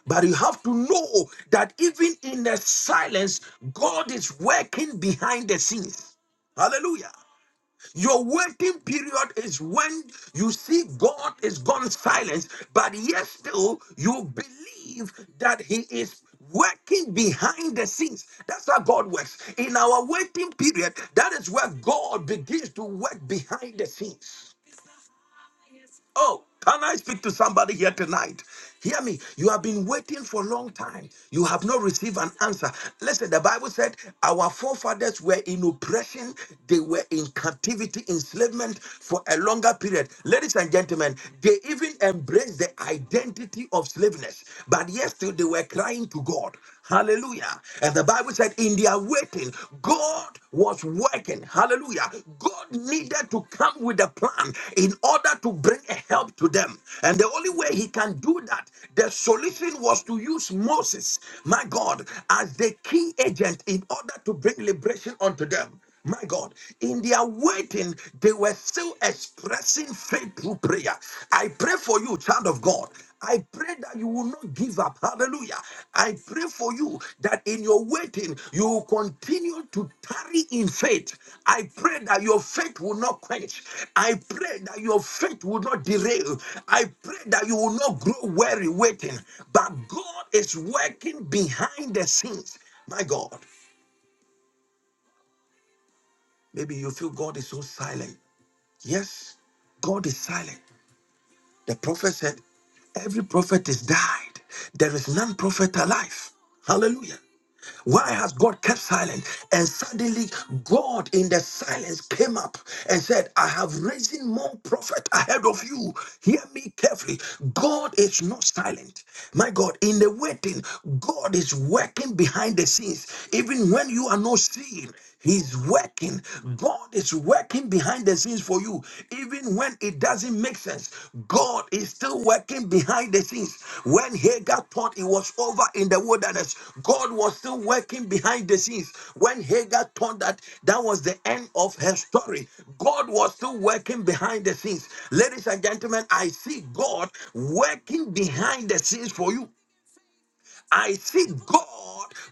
But you have to know that even in the silence, God is working behind the scenes. Hallelujah. Your waiting period is when you see God is gone silent, but yet still you believe that He is working behind the scenes. That's how God works. In our waiting period, that is where God begins to work behind the scenes. Oh, can I speak to somebody here tonight? Hear me. You have been waiting for a long time. You have not received an answer. Listen, the Bible said our forefathers were in oppression, they were in captivity, enslavement for a longer period. Ladies and gentlemen, they even embraced the identity of slaveness, but yet still they were crying to God. Hallelujah. And the Bible said, in their waiting, God was working. Hallelujah. God needed to come with a plan in order to bring a help to them. And the only way he can do that, the solution was to use Moses, my God, as the key agent in order to bring liberation unto them. My God, in their waiting, they were still expressing faith through prayer. I pray for you, child of God. I pray that you will not give up. Hallelujah. I pray for you that in your waiting, you will continue to tarry in faith. I pray that your faith will not quench. I pray that your faith will not derail. I pray that you will not grow weary waiting. But God is working behind the scenes. My God, maybe you feel God is so silent. Yes, God is silent. The prophet said, Every prophet is died. There is none prophet alive. Hallelujah. Why has God kept silent? And suddenly, God in the silence came up and said, I have risen more prophet ahead of you. Hear me carefully. God is not silent. My God, in the waiting, God is working behind the scenes, even when you are not seeing. He's working. God is working behind the scenes for you. Even when it doesn't make sense, God is still working behind the scenes. When Hagar thought it was over in the wilderness, God was still working behind the scenes. When Hagar thought that that was the end of her story, God was still working behind the scenes. Ladies and gentlemen, I see God working behind the scenes for you I see God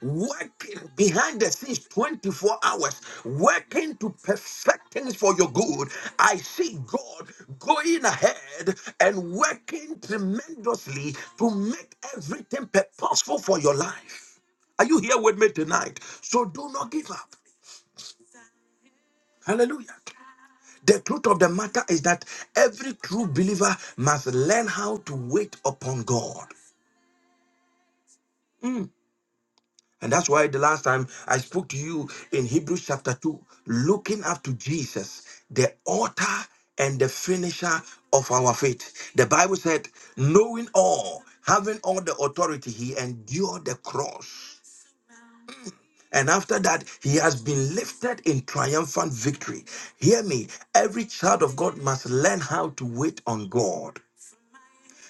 working behind the scenes 24 hours, working to perfect things for your good. I see God going ahead and working tremendously to make everything purposeful for your life. Are you here with me tonight? So do not give up. Hallelujah. The truth of the matter is that every true believer must learn how to wait upon God. Hmm. And that's why the last time I spoke to you in Hebrews chapter 2, looking up to Jesus, the author and the finisher of our faith. The Bible said, knowing all, having all the authority, he endured the cross. And after that, he has been lifted in triumphant victory. Hear me, every child of God must learn how to wait on God.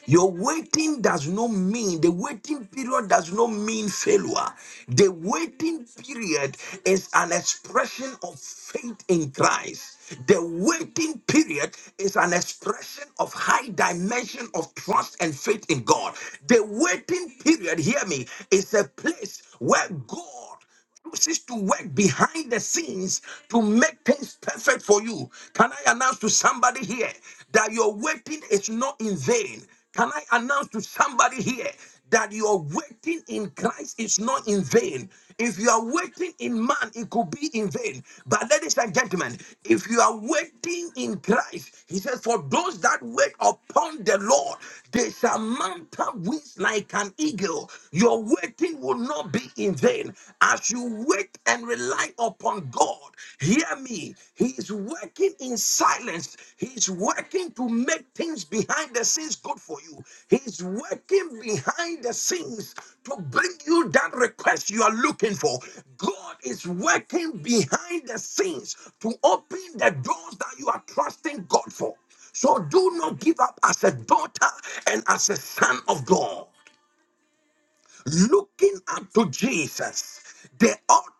Your waiting does not mean, the waiting period does not mean failure. The waiting period is an expression of faith in Christ. The waiting period is an expression of high dimension of trust and faith in God. The waiting period, hear me, is a place where God Chooses to work behind the scenes to make things perfect for you. Can I announce to somebody here that your waiting is not in vain? Can I announce to somebody here that your waiting in Christ is not in vain? If you are waiting in man, it could be in vain. But ladies and gentlemen, if you are waiting in Christ, he says, For those that wait upon the Lord, they shall mount up wings like an eagle. Your waiting waiting will not be in vain. As you wait and rely upon God, hear me. He is working in silence. He is working to make things behind the scenes good for you. He is working behind the scenes to bring you that request you are looking for. God is working behind the scenes to open the doors that you are trusting God for. So do not give up as a daughter and as a son of God looking unto Jesus, the author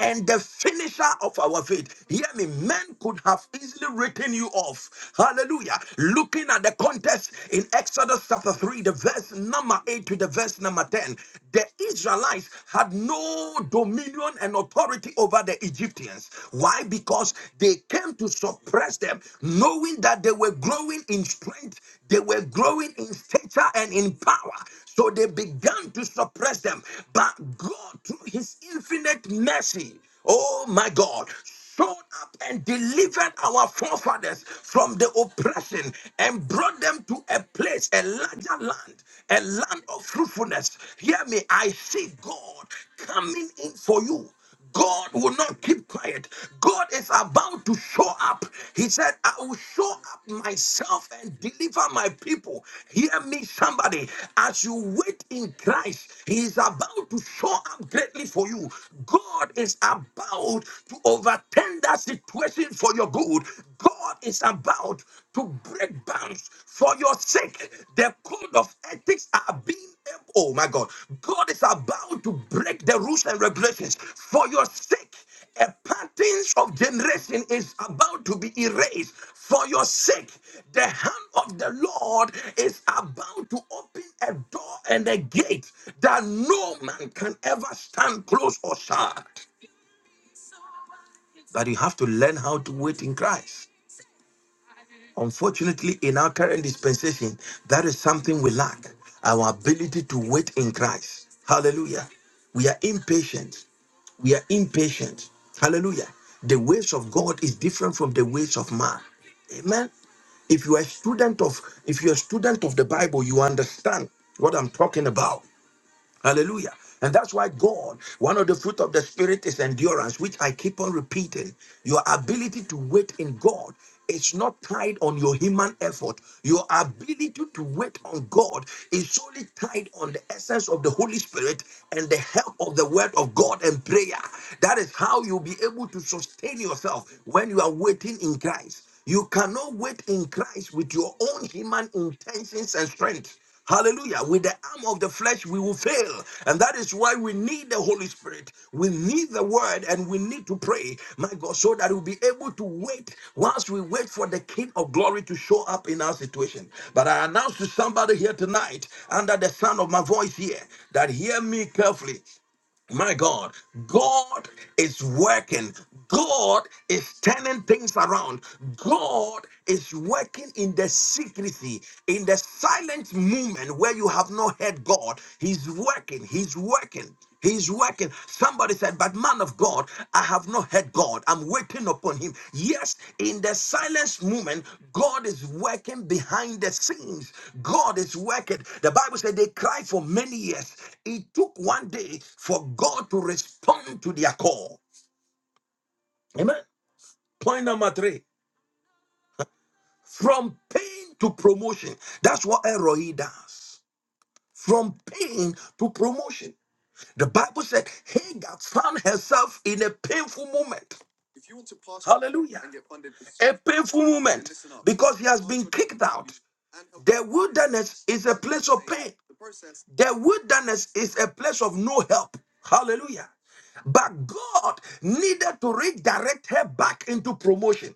and the finisher of our faith. Hear me, men could have easily written you off. Hallelujah. Looking at the context in Exodus chapter 3, the verse number 8 to the verse number 10, the Israelites had no dominion and authority over the Egyptians. Why? Because they came to suppress them, knowing that they were growing in strength they were growing in stature and in power. So they began to suppress them. But God, through his infinite mercy, oh my God, showed up and delivered our forefathers from the oppression and brought them to a place, a larger land, a land of fruitfulness. Hear me, I see God coming in for you. God will not keep quiet. God is about to show up. He said, I will show up myself and deliver my people. Hear me, somebody. As you wait in Christ, He is about to show up greatly for you. God is about to overturn that situation for your good. God is about to break bounds for your sake. The code of ethics are being, oh my God, God is about to break the rules and regulations for your sake. A patterns of generation is about to be erased for your sake. The hand of the Lord is about to open a door and a gate that no man can ever stand close or shut. But you have to learn how to wait in Christ. Unfortunately, in our current dispensation, that is something we lack our ability to wait in Christ. Hallelujah. We are impatient. We are impatient. Hallelujah. The ways of God is different from the ways of man. Amen. If you are a student of if you're a student of the Bible, you understand what I'm talking about. Hallelujah. And that's why God, one of the fruit of the Spirit is endurance, which I keep on repeating. Your ability to wait in God is not tied on your human effort. Your ability to wait on God is solely tied on the essence of the Holy Spirit and the help of the Word of God and prayer. That is how you'll be able to sustain yourself when you are waiting in Christ. You cannot wait in Christ with your own human intentions and strength. Hallelujah. With the arm of the flesh, we will fail. And that is why we need the Holy Spirit. We need the word and we need to pray, my God, so that we'll be able to wait whilst we wait for the King of glory to show up in our situation. But I announce to somebody here tonight, under the sound of my voice here, that hear me carefully. My God, God is working. God is turning things around. God is working in the secrecy, in the silent movement where you have not heard God. He's working. He's working. He's working. Somebody said. But man of God, I have not heard God. I'm waiting upon him. Yes, in the silence moment, God is working behind the scenes. God is working. The Bible said they cried for many years. It took one day for God to respond to their call. Amen. Point number three from pain to promotion. That's what Elroy does. From pain to promotion. The Bible said Hagar found herself in a painful moment. Painful moment. is a place of the wilderness is a place of no help. Hallelujah. But God needed to redirect her back into promotion.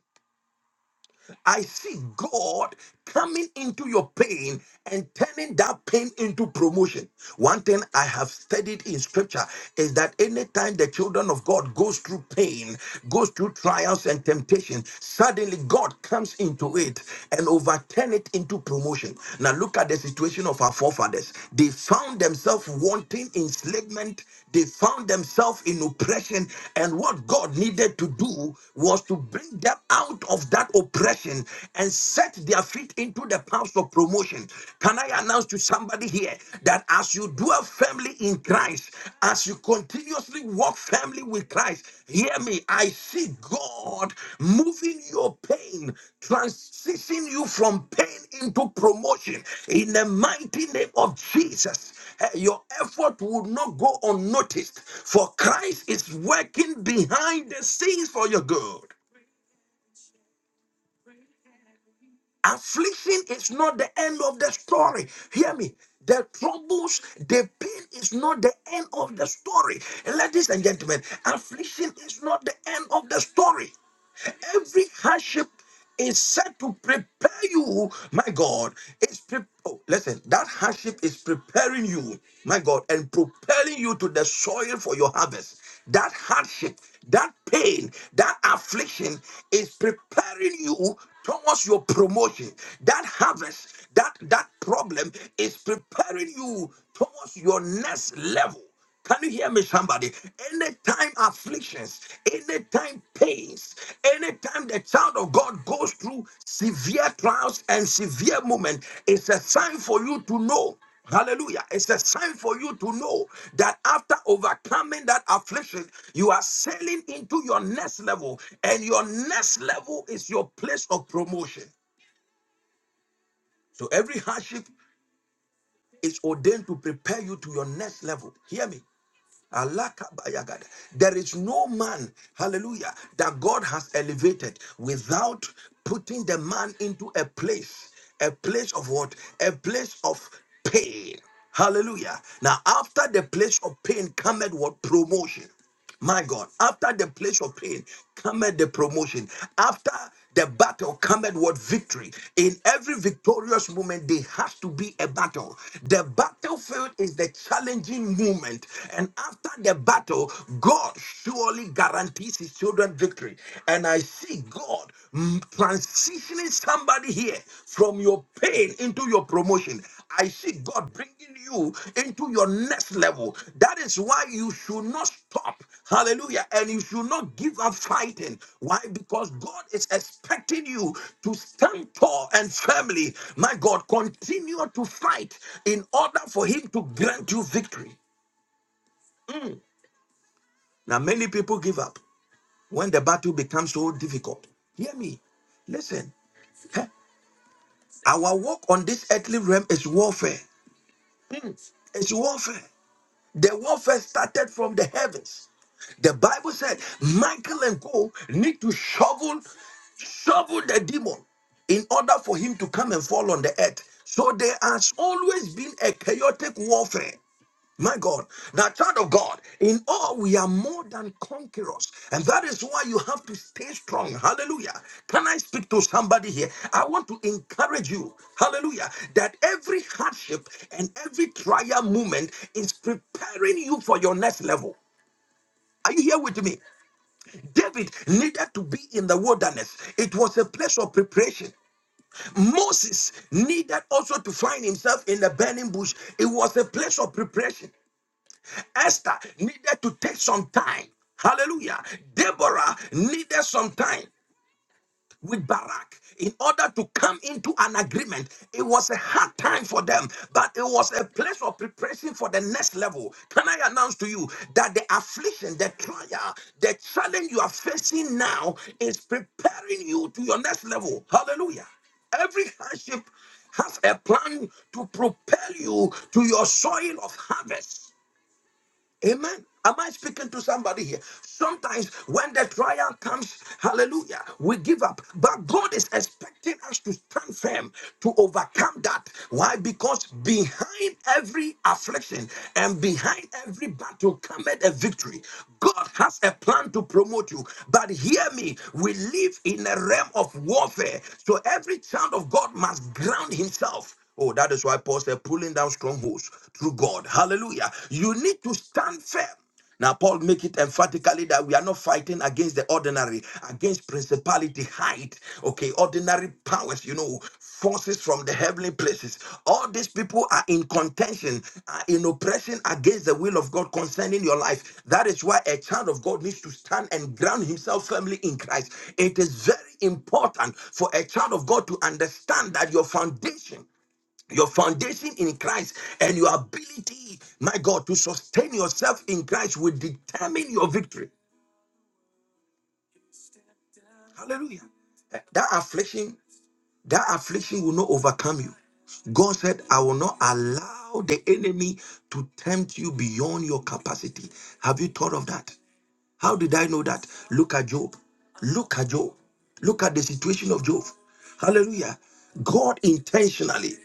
I see God coming into your pain and turning that pain into promotion. One thing I have studied in scripture is that anytime the children of God goes through pain, goes through trials and temptation, suddenly God comes into it and overturn it into promotion. Now look at the situation of our forefathers. They found themselves wanting enslavement, they found themselves in oppression, and what God needed to do was to bring them out out of that oppression and set their feet into the paths of promotion. Can I announce to somebody here that as you dwell firmly in Christ, as you continuously walk firmly with Christ, hear me, I see God moving your pain, transitioning you from pain into promotion in the mighty name of Jesus. Eh, Your effort will not go unnoticed, for Christ is working behind the scenes for your good. Affliction is not the end of the story. Hear me. The troubles, the pain is not the end of the story. And ladies and gentlemen, affliction is not the end of the story. Every hardship is set to prepare you, my God. It's pre- oh, listen, that hardship is preparing you, my God, and propelling you to the soil for your harvest that hardship, that pain, that affliction is preparing you towards your promotion. That harvest, that that problem is preparing you towards your next level. Can you hear me, somebody? Anytime afflictions, anytime pains, anytime the child of God goes through severe trials and severe moments, it's a sign for you to know. Hallelujah. It's a sign for you to know that after overcoming that affliction, you are sailing into your next level, and your next level is your place of promotion. So every hardship is ordained to prepare you to your next level. Hear me. Alakabayagada. There is no man, hallelujah, that God has elevated without putting the man into a place, a place of what? A place of pain. Hallelujah. Now, after the place of pain cometh what? Promotion. My God, after the place of pain cometh the promotion. After the battle cometh what victory. In every victorious moment, there has to be a battle. The battlefield is the challenging moment. And after the battle, God surely guarantees his children victory. And I see God mm, transitioning somebody here from your pain into your promotion. I see God bringing you into your next level. That is why you should not stop. Hallelujah. And you should not give up fighting. Why? Because God is expecting you to stand tall and firmly. My God, continue to fight in order for Him to grant you victory. Mm. Now, many people give up when the battle becomes so difficult. Hear me. Listen, our work on this earthly realm is warfare. It's warfare. The warfare started from the heavens. The Bible said Michael and Co need to shovel, shovel the demon in order for him to come and fall on the earth. So there has always been a chaotic warfare. My God, now, child of God, in all we are more than conquerors, and that is why you have to stay strong. Hallelujah. Can I speak to somebody here? I want to encourage you, hallelujah, that every hardship and every trial moment is preparing you for your next level. Are you here with me? David needed to be in the wilderness. It was a place of preparation. Moses needed also to find himself in the burning bush. It was a place of preparation. Esther needed to take some time. Hallelujah. Deborah needed some time with Barak in order to come into an agreement. It was a hard time for them, but it was a place of preparation for the next level. Can I announce to you that the affliction, the trial, the challenge you are facing now is preparing you to your next level? Hallelujah. Every hardship has a plan to propel you to your soil of harvest. Amen. Am I speaking to somebody here? Sometimes when the trial comes, hallelujah, we give up. But God is expecting us to stand firm to overcome that. Why? Because behind every affliction and behind every battle cometh a victory. God has a plan to promote you. But hear me, we live in a realm of warfare. So every child of God must ground himself. Oh, that is why Paul said, pulling down strongholds through God. Hallelujah. You need to stand firm. Now, Paul make it emphatically that we are not fighting against the ordinary, against principality, height, okay, ordinary powers, you know, forces from the heavenly places. All these people are in contention, are in oppression against the will of God concerning your life. That is why a child of God needs to stand and ground himself firmly in Christ. It is very important for a child of God to understand that your foundation your foundation in Christ and your ability, my God, to sustain yourself in Christ will determine your victory. Hallelujah. Eh, That affliction, that affliction will not overcome you. God said, I will not allow the enemy to tempt you beyond your capacity. Have you thought of that? How did I know that? Look at Job. Look at Job. Look at the situation of Job. Hallelujah. God intentionally.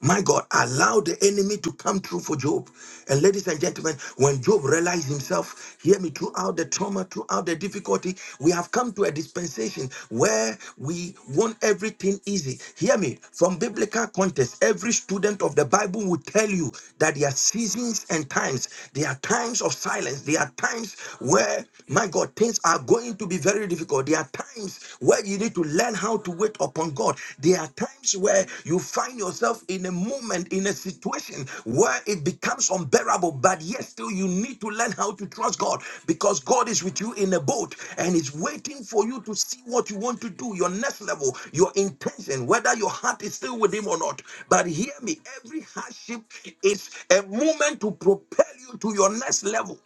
My God, allow the enemy to come through for Job. And ladies and gentlemen, when Job realized himself, hear me, throughout the trauma, throughout the difficulty, we have come to a dispensation where we want everything easy. Hear me, from biblical context, every student of the Bible will tell you that there are seasons and times. There are times of silence. There are times where, my God, things are going to be very difficult. There are times where you need to learn how to wait upon God. There are times where you find yourself in a moment, in a situation where it becomes unbearable, but yet still you need to learn how to trust God because God is with you in a boat and is waiting for you to see what you want to do, your next level, your intention, whether your heart is still with Him or not. But hear me, every hardship is a moment to propel you to your next level.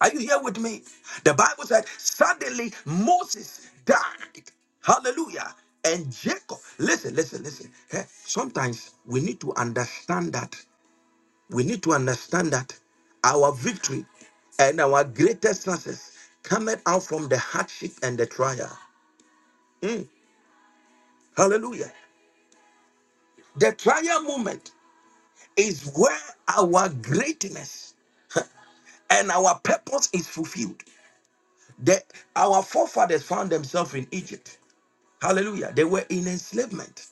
Are you here with me? The Bible said, suddenly Moses died. Hallelujah. And Jacob, listen, listen, listen. Eh, Sometimes we need to understand that. We need to understand that our victory and our greatest success cometh out from the hardship and the trial. Mm, Hallelujah. The trial moment is where our greatness and our purpose is fulfilled. The, our forefathers found themselves in Egypt. Hallelujah. They were in enslavement.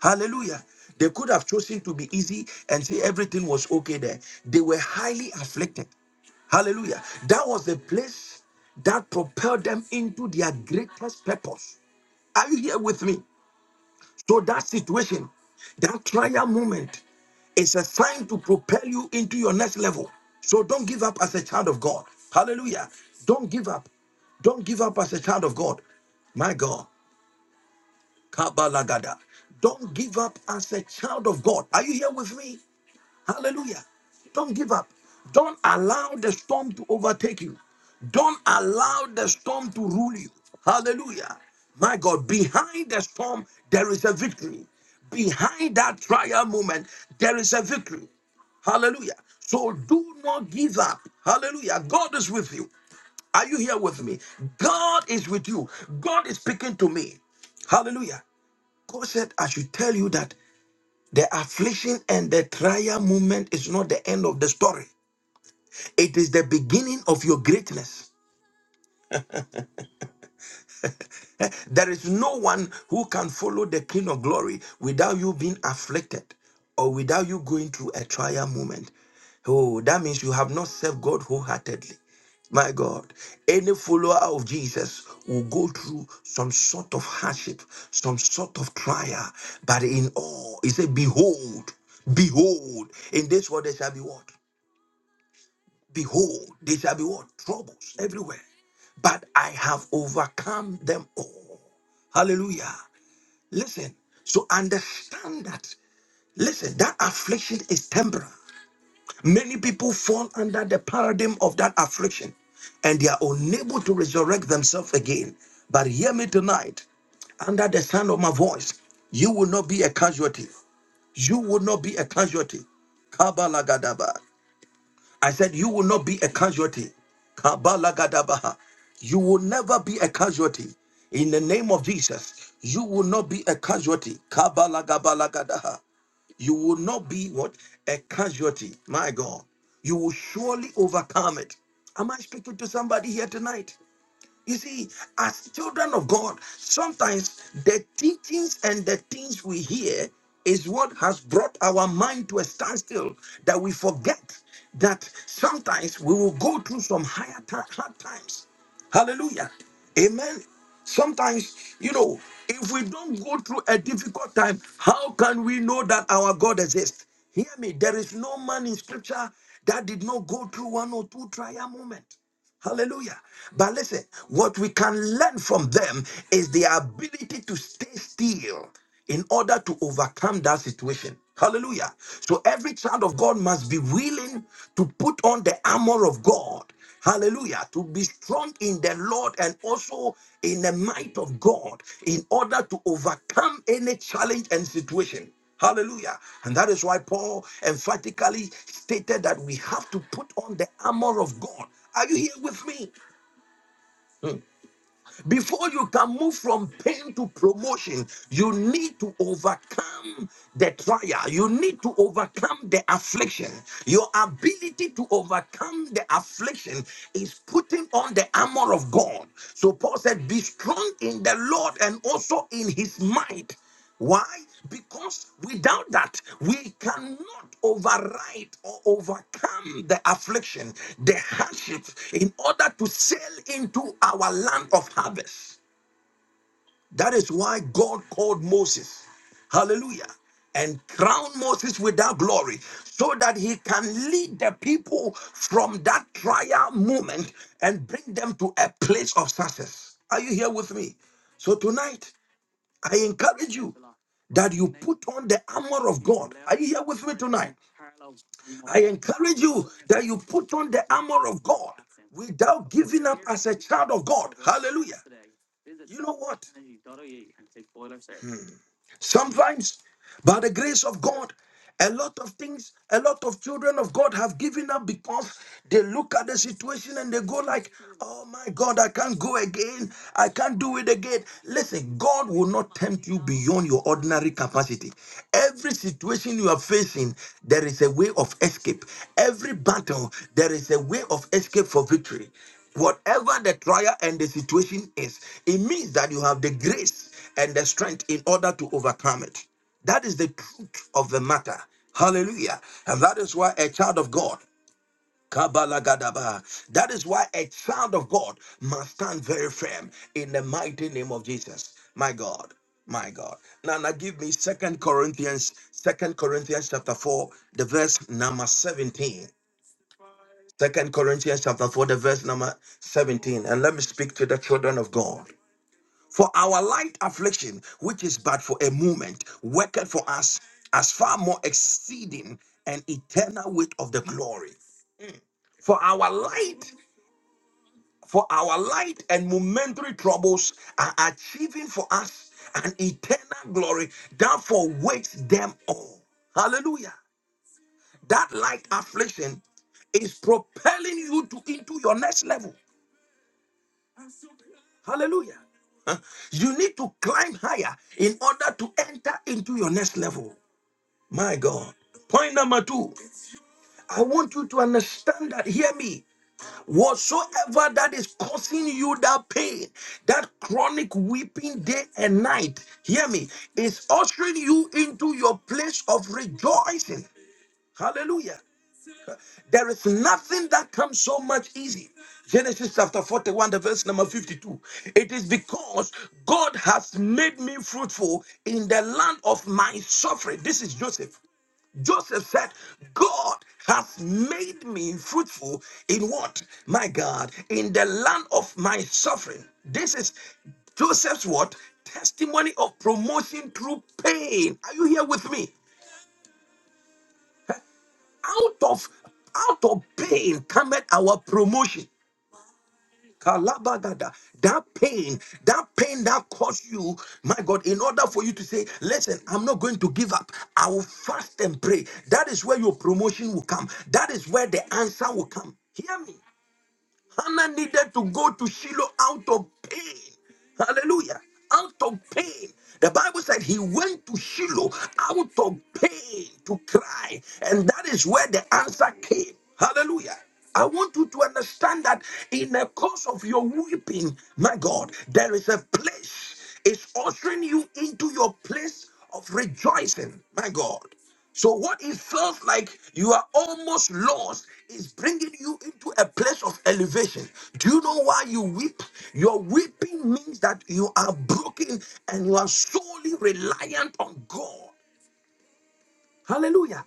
Hallelujah. They could have chosen to be easy and say everything was okay there. They were highly afflicted. Hallelujah. That was the place that propelled them into their greatest purpose. Are you here with me? So that situation, that trial moment, is a sign to propel you into your next level. So don't give up as a child of God. Hallelujah. Don't give up. Don't give up as a child of God. My God. Kabalagada. Don't give up as a child of God. Are you here with me? Hallelujah. Don't give up. Don't allow the storm to overtake you. Don't allow the storm to rule you. Hallelujah. My God, behind the storm, there is a victory. Behind that trial moment, there is a victory. Hallelujah. So do not give up. Hallelujah. God is with you. Are you here with me? God is with you. God is speaking to me. Hallelujah. God said, I should tell you that the affliction and the trial moment is not the end of the story. It is the beginning of your greatness. Eh, there is no one who can follow the King of Glory without you being afflicted or without you going through a trial moment. Oh, that means you have not served God wholeheartedly. My God, any follower of Jesus will go through some sort of hardship, some sort of trial, but in all, he said, Behold, behold, in this world there shall be what? Behold, they shall be what? Troubles everywhere. But I have overcome them all. Hallelujah. Listen, so understand that. Listen, that affliction is temporal. Many people fall under the paradigm of that affliction and they are unable to resurrect themselves again. But hear me tonight under the sound of my voice, you will not be a casualty. You will not be a casualty. Kabalagadaba. I said, You will not be a casualty. Kabalagadabaha. You will never be a casualty. In the name of Jesus, you will not be a casualty. Kabalagabalagadaha. You will not be what? A casualty. My God. You will surely overcome it. Am I speaking to somebody here tonight? You see, as children of God, sometimes the teachings and the things we hear is what has brought our mind to a standstill that we forget that sometimes we will go through some higher ti- hard times. Hallelujah. Amen. Sometimes, you know, if we don't go through a difficult time, how can we know that our God exists? Hear me, there is no man in scripture that did not go through one or two trial moments. Hallelujah. But listen, what we can learn from them is their ability to stay still in order to overcome that situation. Hallelujah. So every child of God must be willing to put on the armor of God. Hallelujah. To be strong in the Lord and also in the might of God in order to overcome any challenge and situation. Hallelujah. And that is why Paul emphatically stated that we have to put on the armor of God. Are you here with me? Hmm. Before you can move from pain to promotion, you need to overcome the trial. You need to overcome the affliction. Your ability to overcome the affliction is putting on the armor of God. So Paul said, Be strong in the Lord and also in his might. Why? Because without that, we cannot override or overcome the affliction, the hardship, in order to sail into our land of harvest. That is why God called Moses, hallelujah, and crowned Moses with that glory so that he can lead the people from that trial moment and bring them to a place of success. Are you here with me? So tonight, I encourage you that you put on the armor of God. Here with me tonight, encourage you that you put on the armor of God without giving as a child of God. Sometimes, by the grace of God, a lot of things, a lot of children of God have given up because they look at the situation and they go like, "Oh my God, I can't go again. I can't do it again." Listen, God will not tempt you beyond your ordinary capacity. Every situation you are facing, there is a way of escape. Every battle, there is a way of escape for victory whatever the trial and the situation is, it means that you have the grace and the strength in order to overcome it. That is the truth of the matter. Hallelujah. And that is why a child of God. Kabalagadaba. That is why a child of God must stand very firm in the mighty name of Jesus. My God, my God. Now, now give me Second Corinthians, Second Corinthians chapter 4, the verse number 17. Second Corinthians chapter 4, the verse number 17. And let me speak to the children of God. For our light affliction, which is but for a moment, worketh for us as far more exceeding and eternal weight of the glory. For our light, for our light and momentary troubles are achieving for us an eternal glory, therefore waits them all. Hallelujah. That light affliction is propelling you to into your next level. Hallelujah. You need to climb higher in order to enter into your next level. My God. Point number two, I want you to understand that, hear me, whatsoever that is causing you that pain, that chronic weeping day and night, hear me, is ushering you into your place of rejoicing. Hallelujah. There is nothing that comes so much easy. Genesis chapter 41, the verse number 52. It is because God has made me fruitful in the land of my suffering. This is Joseph. Joseph said, God has made me fruitful in what? My God, in the land of my suffering. This is Joseph's what? Testimony of promotion through pain. Are you here with me? Out of out of pain cometh our promotion. Kalabagada. That pain, that pain that caused you, my God, in order for you to say, Listen, I'm not going to give up. I will fast and pray. That is where your promotion will come. That is where the answer will come. Hear me. Hannah needed to go to Shiloh out of pain. Hallelujah. Out of pain. The Bible said he went to Shiloh out of pain to cry. And that is where the answer came. Hallelujah. I want you to understand that in the course of your weeping, my God, there is a place. It's ushering you into your place of rejoicing, my God. So, what it felt like you are almost lost is bringing you into a place of elevation. Do you know why you weep? Your weeping means that you are broken and you are solely reliant on God. Hallelujah.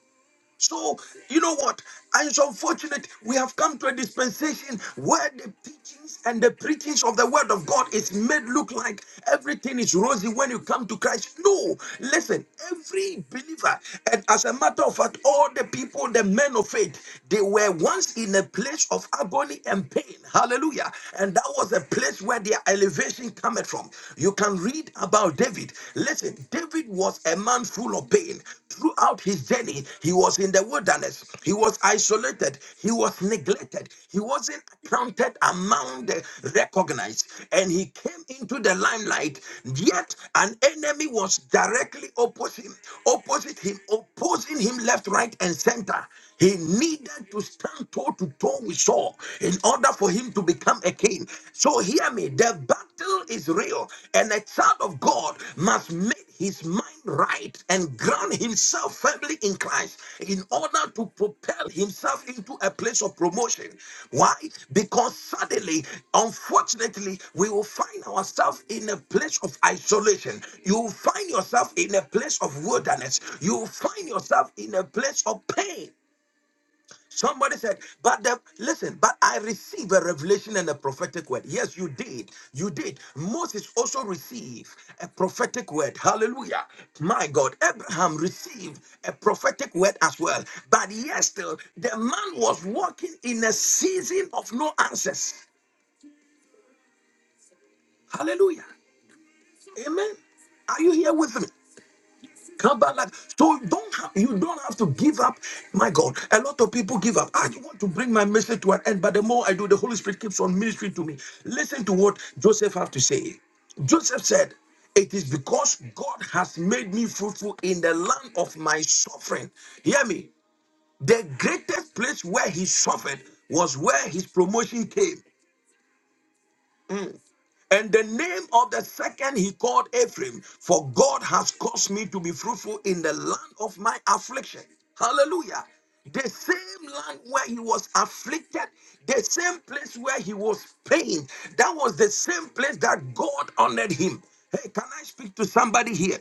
So, you know what? And it's unfortunate we have come to a dispensation where the teachings and the preachings of the word of God is made look like everything is rosy when you come to Christ. No, listen, every believer, and as a matter of fact, all the people, the men of faith, they were once in a place of agony and pain. Hallelujah. And that was a place where their elevation cometh from. You can read about David. Listen, David was a man full of pain Throughout his journey, he was in the wilderness. He was isolated. He was neglected. He wasn't counted among the recognized. And he came into the limelight. Yet an enemy was directly opposite him, opposite him, opposing him left, right, and center. He needed to stand toe to toe with Saul in order for him to become a king. So hear me enemy. The battle is real, and a child of God must make his mind right and ground himself firmly in Christ in order to propel himself into a place of promotion. Why? Because suddenly, unfortunately, we will find ourselves in a place of isolation. You will find yourself in a place of wilderness. You will find yourself in a place of pain Somebody said, but the, listen, but I received a revelation and a prophetic word. Yes, you did. You did. Moses also received a prophetic word. Hallelujah. My God, Abraham received a prophetic word as well. But yes, still, the man was walking in a season of no answers. Hallelujah. Amen. Are you here with me? Come like so. don't have, you don't have to give up. My God, a lot of people give up. I want to bring my message to an end, but the more I do, the Holy Spirit keeps on ministering to me. Listen to what Joseph have to say. Joseph said, "It is because God has made me fruitful in the land of my suffering." Hear me. The greatest place where he suffered was where his promotion came. And the name of the second he called Ephraim, for God has caused me to be fruitful in the land of my affliction. Hallelujah. The same land where he was afflicted, the same place where he was pained, that was the same place that God honored him. Hey, can I speak to somebody here?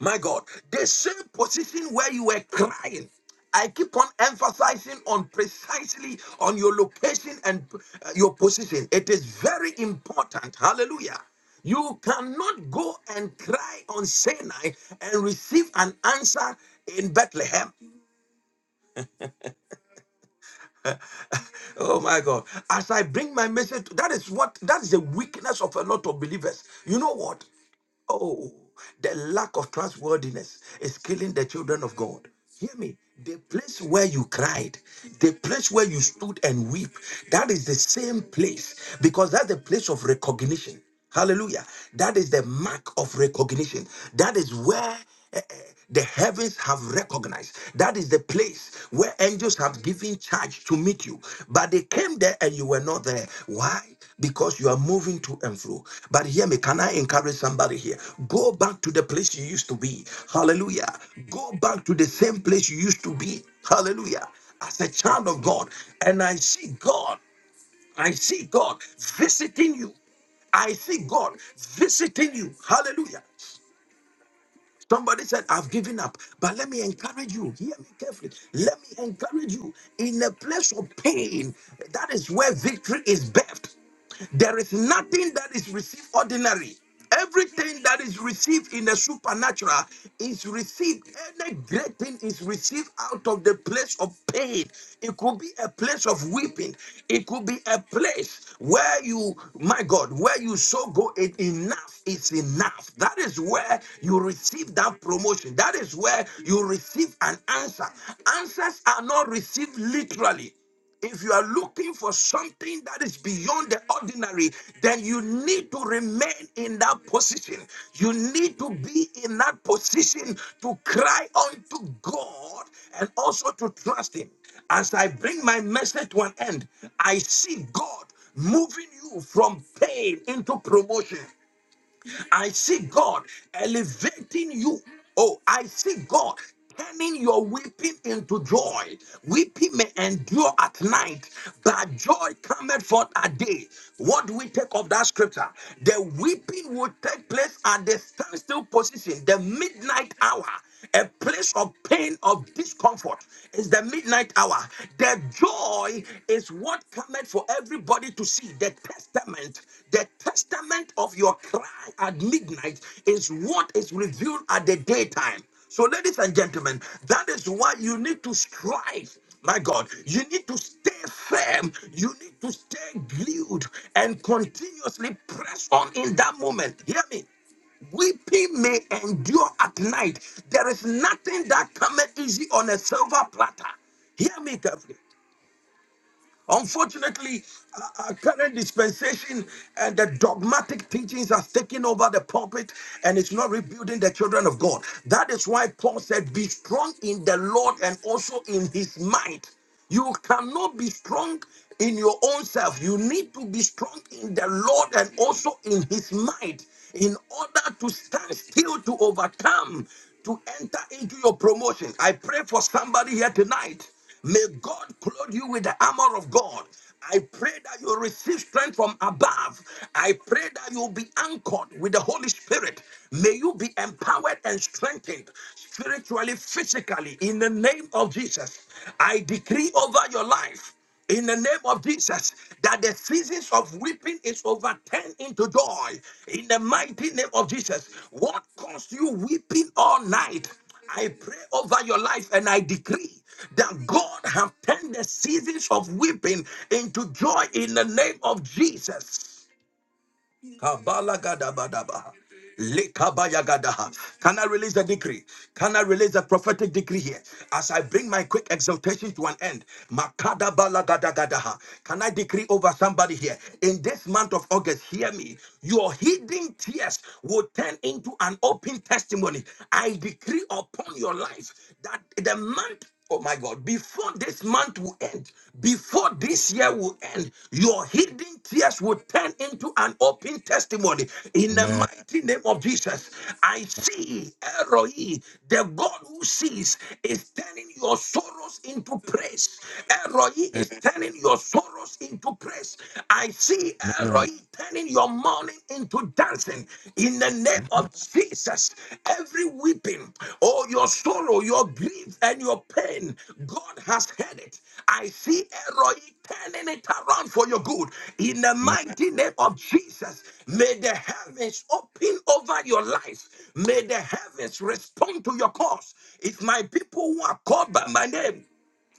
My God, the same position where you were crying. I keep on emphasizing on precisely on your location and uh, your position. It is very important. Hallelujah. You cannot go and cry on Sinai and receive an answer in Bethlehem. Oh my God. As I bring my message, that is what that is the weakness of a lot of believers. You know what? Oh, the lack of trustworthiness is killing the children of God. Hear me. The place where you cried, the place where you stood and weep, that is the same place because that's the place of recognition. Hallelujah. That is the mark of recognition. That is where Eh, eh, The heavens have recognized that is the place where angels have given charge to meet you, but they came there and you were not there. Why? Because you are moving to and fro. But hear me, can I encourage somebody here? Go back to the place you used to be. Hallelujah. Go back to the same place you used to be. Hallelujah. As a child of God, and I see God, I see God visiting you. I see God visiting you. Hallelujah. Somebody said, I've given up. But let me encourage you. Hear me carefully. Let me encourage you. In a place of pain, that is where victory is birthed. There is nothing that is received ordinary. Everything that is received in the supernatural is received. Any great thing is received out of the place of pain. It could be a place of weeping. It could be a place where you, my God, where you so go, it enough is enough. That is where you receive that promotion. That is where you receive an answer. Answers are not received literally. If you are looking for something that is beyond the ordinary, then you need to remain in that position. You need to be in that position to cry unto God and also to trust Him. As I bring my message to an end, I see God moving you from pain into promotion. I see God elevating you. Oh, I see God turning your weeping into joy. Weeping may endure at night, but joy cometh forth at day. What do we take of that scripture? The weeping will take place at the standstill position, the midnight hour. A place of pain, of discomfort is the midnight hour. The joy is what cometh for everybody to see. The testament, the testament of your cry at midnight is what is revealed at the daytime. So, ladies and gentlemen, that is why you need to strive. My God, you need to stay firm. You need to stay glued and continuously press on in that moment. Hear me. Weeping may endure at night. There is nothing that cometh easy on a silver platter. Hear me carefully. Unfortunately, our current dispensation and the dogmatic teachings has taken over the pulpit and it's not rebuilding the children of God. That is why Paul said, Be strong in the Lord and also in his might. You cannot be strong in your own self. You need to be strong in the Lord and also in his might in order to stand still to overcome to enter into your promotion. I pray for somebody here tonight. May God clothe you with the armor of God. I pray that you receive strength from above. I pray that you be anchored with the Holy Spirit. May you be empowered and strengthened spiritually, physically, in the name of Jesus. I decree over your life in the name of Jesus, that the seasons of weeping is overturned into joy. In the mighty name of Jesus, what caused you weeping all night? I pray over your life and I decree that God have turned the seasons of weeping into joy in the name of Jesus. Kabalagadabadaba. Likabayagadaha. Can I release a decree? Can I release a prophetic decree here? As I bring my quick exaltation to an end, Makada Makadabalagadagadaha. can I decree over somebody here? In this month of August, hear me. Your hidden tears will turn into an open testimony. I decree upon your life that the month Oh my God, before this month will end, before this year will end, your hidden tears will turn into an open testimony in the
Amen.
mighty name of Jesus. I see Eroi, the God who sees, is turning your sorrows into praise. Eroi is turning your sorrows into praise. I see
Amen.
Eroi turning your mourning into dancing in the name of Jesus. Every weeping, oh, your sorrow, your grief, and your pain, God has heard it. I see Elroy turning it around for your good in the
Amen.
mighty name of Jesus. May the heavens open over your life. May the heavens respond to your cause. If my people who are called by my name,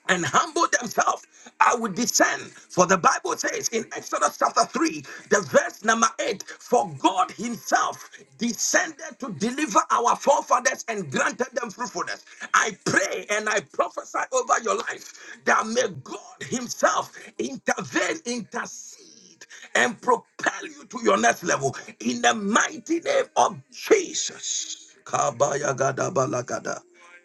and humble themselves, I will descend. For the Bible says in Exodus chapter 3, the verse number 8, for God Himself descended to deliver our forefathers and granted them fruitfulness. I pray and I prophesy over your life that may God Himself intervene, intercede speed and propel you to your next level in the mighty name of Jesus. Kabaya gada balagada.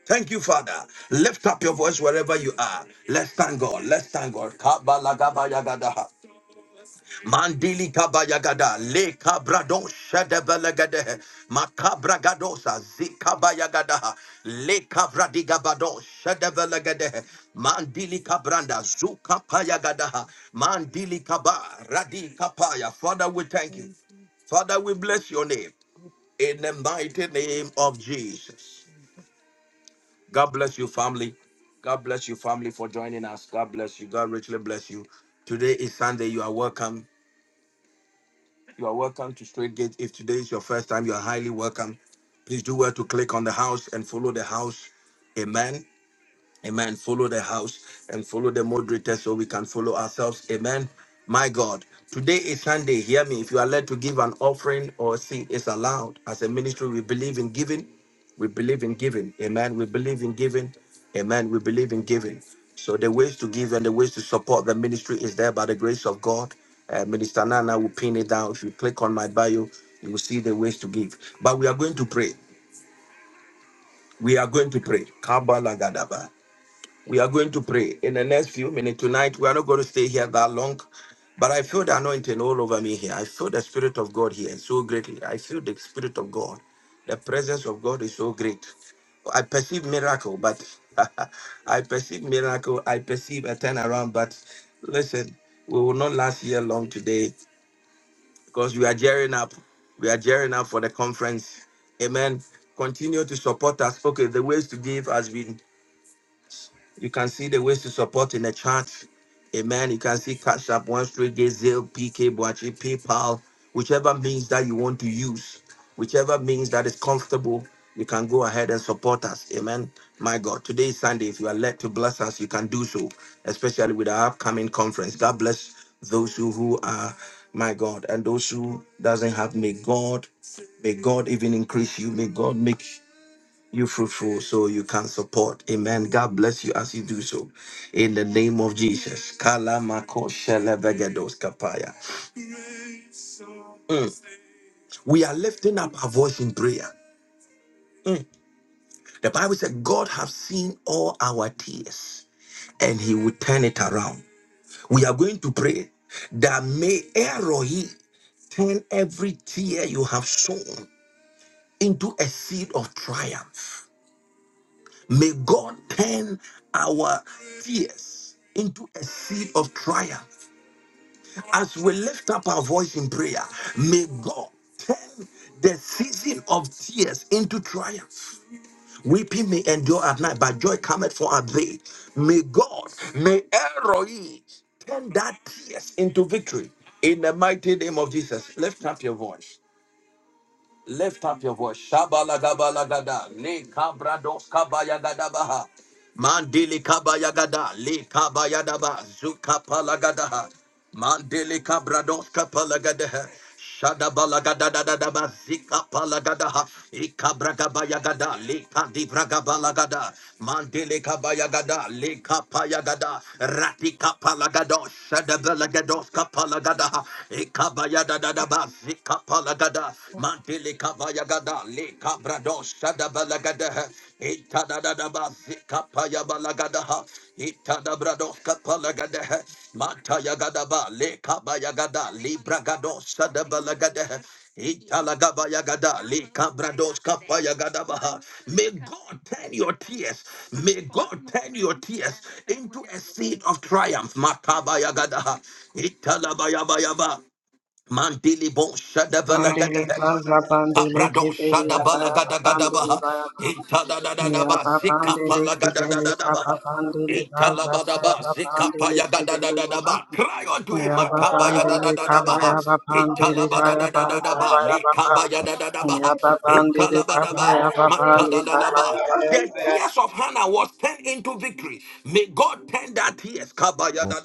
Thank you, Father. Lift up your voice wherever you are. Let's thank God. Let's thank God. Kabalagabayagadaha. Mandili kabayagada le kabrado shadebelegade makabragadosa zikabayagada le kabradigabado shadebelegade mandili kabranda zuka payagada mandili kabaradi radi kapaya Father we thank you
Thank you,
Father we bless your name
Jesus.
in the mighty name of Jesus God bless you family God bless you family for joining us God bless you God richly bless you today is Sunday you are welcome You are welcome to Straight Gate. If today is your first time, you are highly welcome. Please do well to click on the house and follow the house. Amen. Amen. Follow the house and follow the moderator so we can follow ourselves. Amen. My God, today is Sunday. Hear me. If you are led to give an offering or see it's allowed. As a ministry, we believe in giving. We believe in giving. Amen. We believe in giving. Amen. We believe in giving. So the ways to give and the ways to support the ministry is there by the grace of God. Uh, Minister Nana will pin it down. If you click on my bio, you will see the ways to give. But we are going to pray. We are going to pray. Kabbalah we are going to pray in the next few minutes tonight. We are not going to stay here that long, but I feel the anointing all over me here. I feel the Spirit of God here so greatly. I feel the Spirit of God. The presence of God is so great. I perceive miracle, but I perceive miracle. I perceive a turnaround, but listen, we will not last here long today because we are gearing up. We are gearing up for the conference. Amen. Continue to support us. Okay, the ways to give has been you can see the ways to support in the chat. Amen. You can see Cash App, One Straight Gate, Zelle, PK, Boachi, PayPal, whichever means that you want to use, whichever means that is comfortable, you can go ahead and support us. Amen. My God, today is Sunday. If you are led to bless us, you can do so, especially with our upcoming conference. God bless those who, who are, my God, and those who doesn't have, may God, may God even increase you. May God make you fruitful so you can support. Amen. God bless you as you do so. In the name of Jesus. Kalamako shelebegedos kapaya. We are lifting up our voice in prayer. Mm. The Bible said, God has seen all our tears and he will turn it around. We are going to pray that may Erohi turn every tear you have sown into a seed of triumph May God turn our tears into a seed of triumph. As we lift up our voice in prayer, may God turn the season of tears into triumph. Weeping may endure at night, but joy cometh for a day. May God, may Eroi turn that tears into victory. In the mighty name of Jesus, lift up your voice. Lift up your voice. Shabalagabalagada. Le kabrados kabaya kabayagadabaha. Mandili kabaya gada. Le kabaya daba. kabayadaba. Zukapalagadaha. Mandili kabrados kapalagadaha. Shadabalagadadadadaba. Zikapalagadaha. gada. Le kadibragabalagada. Mandili kabaya gada. Le kapaya gada. kapayagada. Ratikapalagado. Shadabalagados palagada, ekabaya da da da ba, zika palagada, mantili kabaya gada, le kabrado shada balagada, ita da da da ba, zika paya balagada, ita da brado kapalagada, mata ya ba, le kabaya gada, libra gado shada balagada, Italagabayagada, likabradoskapayagadabaha. May God turn your tears. May God turn your tears into a seed of triumph. Makabayagadaha. Italabayabayaba. Mandili bon
Bandele
shadabalagadaha.
baza bandele
Abradon
kebeli abaya bandele
shadabalagadagadabaha.
baya ya
Itadadadadaba.
bandele kebeli kapa
Zikapalagadadadadabaha.
bandele baza
Italabadaba.
baya bandele kebeli baba
Zikapayagadadadadaba. Cry unto him,
ya bandele kaba
Makabayadadadadabaha.
ya bandele baya baza
Italabadadadadaba.
baya baba ya
Likabayadadadabaha.
bandele kaba
Italabadaba.
ya bandele kaba
Matalalaba. The
ya
tears of Hannah was turned into victory. May God turn that tears kabaya
Oh,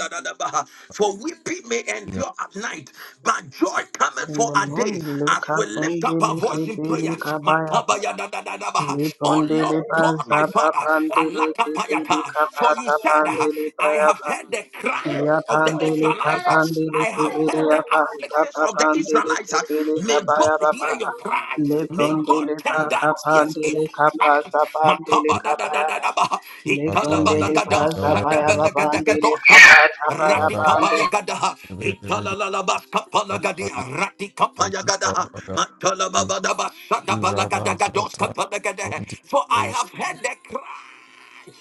for weeping may
yeah.
endure at night, but joy cometh
in
for
the
a day.
morning
As
leka
we lift up our
bandele
voice in
kebeli
prayer,
kaba ya
makabaya oh Lord
Libondele
God,
baza
my Father,
bandele kebeli
alakapayata.
kapa
for you said,
bandele
I have
baya
heard the cry of the
Yapandele
Israelites.
kapandele
I have
kibiri
heard the
yapa
afflictions
zapa
of the
pandele
Israelites.
kibiri
May
kapaya
God
baba
hear your cry. May God
lepondele pa
turn that tears
kapandele
into
kapa
triumph.
zapandele
Ni-
kapaya baba
Makabadadadadadabaha.
Patali,
lepondele pa
Italabadagada.
Kuntala,
zapaya
Bali, Dia,
babandele kapa
Shadabelagadagadoskaba.
tapaya
Badala,
bandele.
Ratikapayagadaha.
Bidi, Bidi,
Italalabaskapalagadia.
Patali, Bali,
Ratikapayagadaha.
Rabada,
Matalababadaba.
Iraba, Zata,
Shadabalagadoskapalagadehe.
Kundi,
For I
Osh,
have heard the cry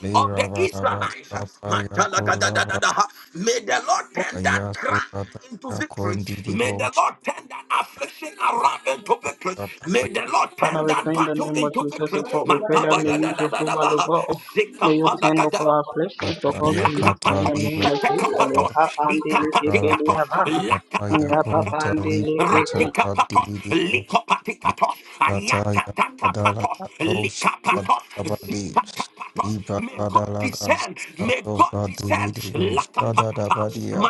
Le,
of the
Raba,
Israelites.
Zata, Yako,
Matalagadadadadaha. May the Lord turn that
Ayasu,
cry
Kata,
into victory.
Yakundi,
May the
Dibosh,
Lord turn that affliction around into victory.
Papa,
May the Lord turn
Father, we
that
pray in the
battle
name of
into
Jesus, O
victory.
God. We pray that may you, Jehovah, O
Matabayadadadadabaha.
God, may you turn
Zikapadagada.
over our flesh and so God to nothing in the
Lakapatos,
Zata,
name of Jesus.
Shetekapatos,
Ba-
Lekapandele
Libra
kibiri
Lava
Ikapatikatos,
yapa
Ataya konta
Lakatakapatos,
yapapandele
libanta
kibiri
Ratikapatos,
adividio
Likopatikatos,
libataya adala
Ayatakapatos,
doshi
Likapatos,
adabadi
Zikakapatos.
liba
May God
adalagas
descend, may God
atoka
descend,
dividio
Lakapayata,
shadadabadia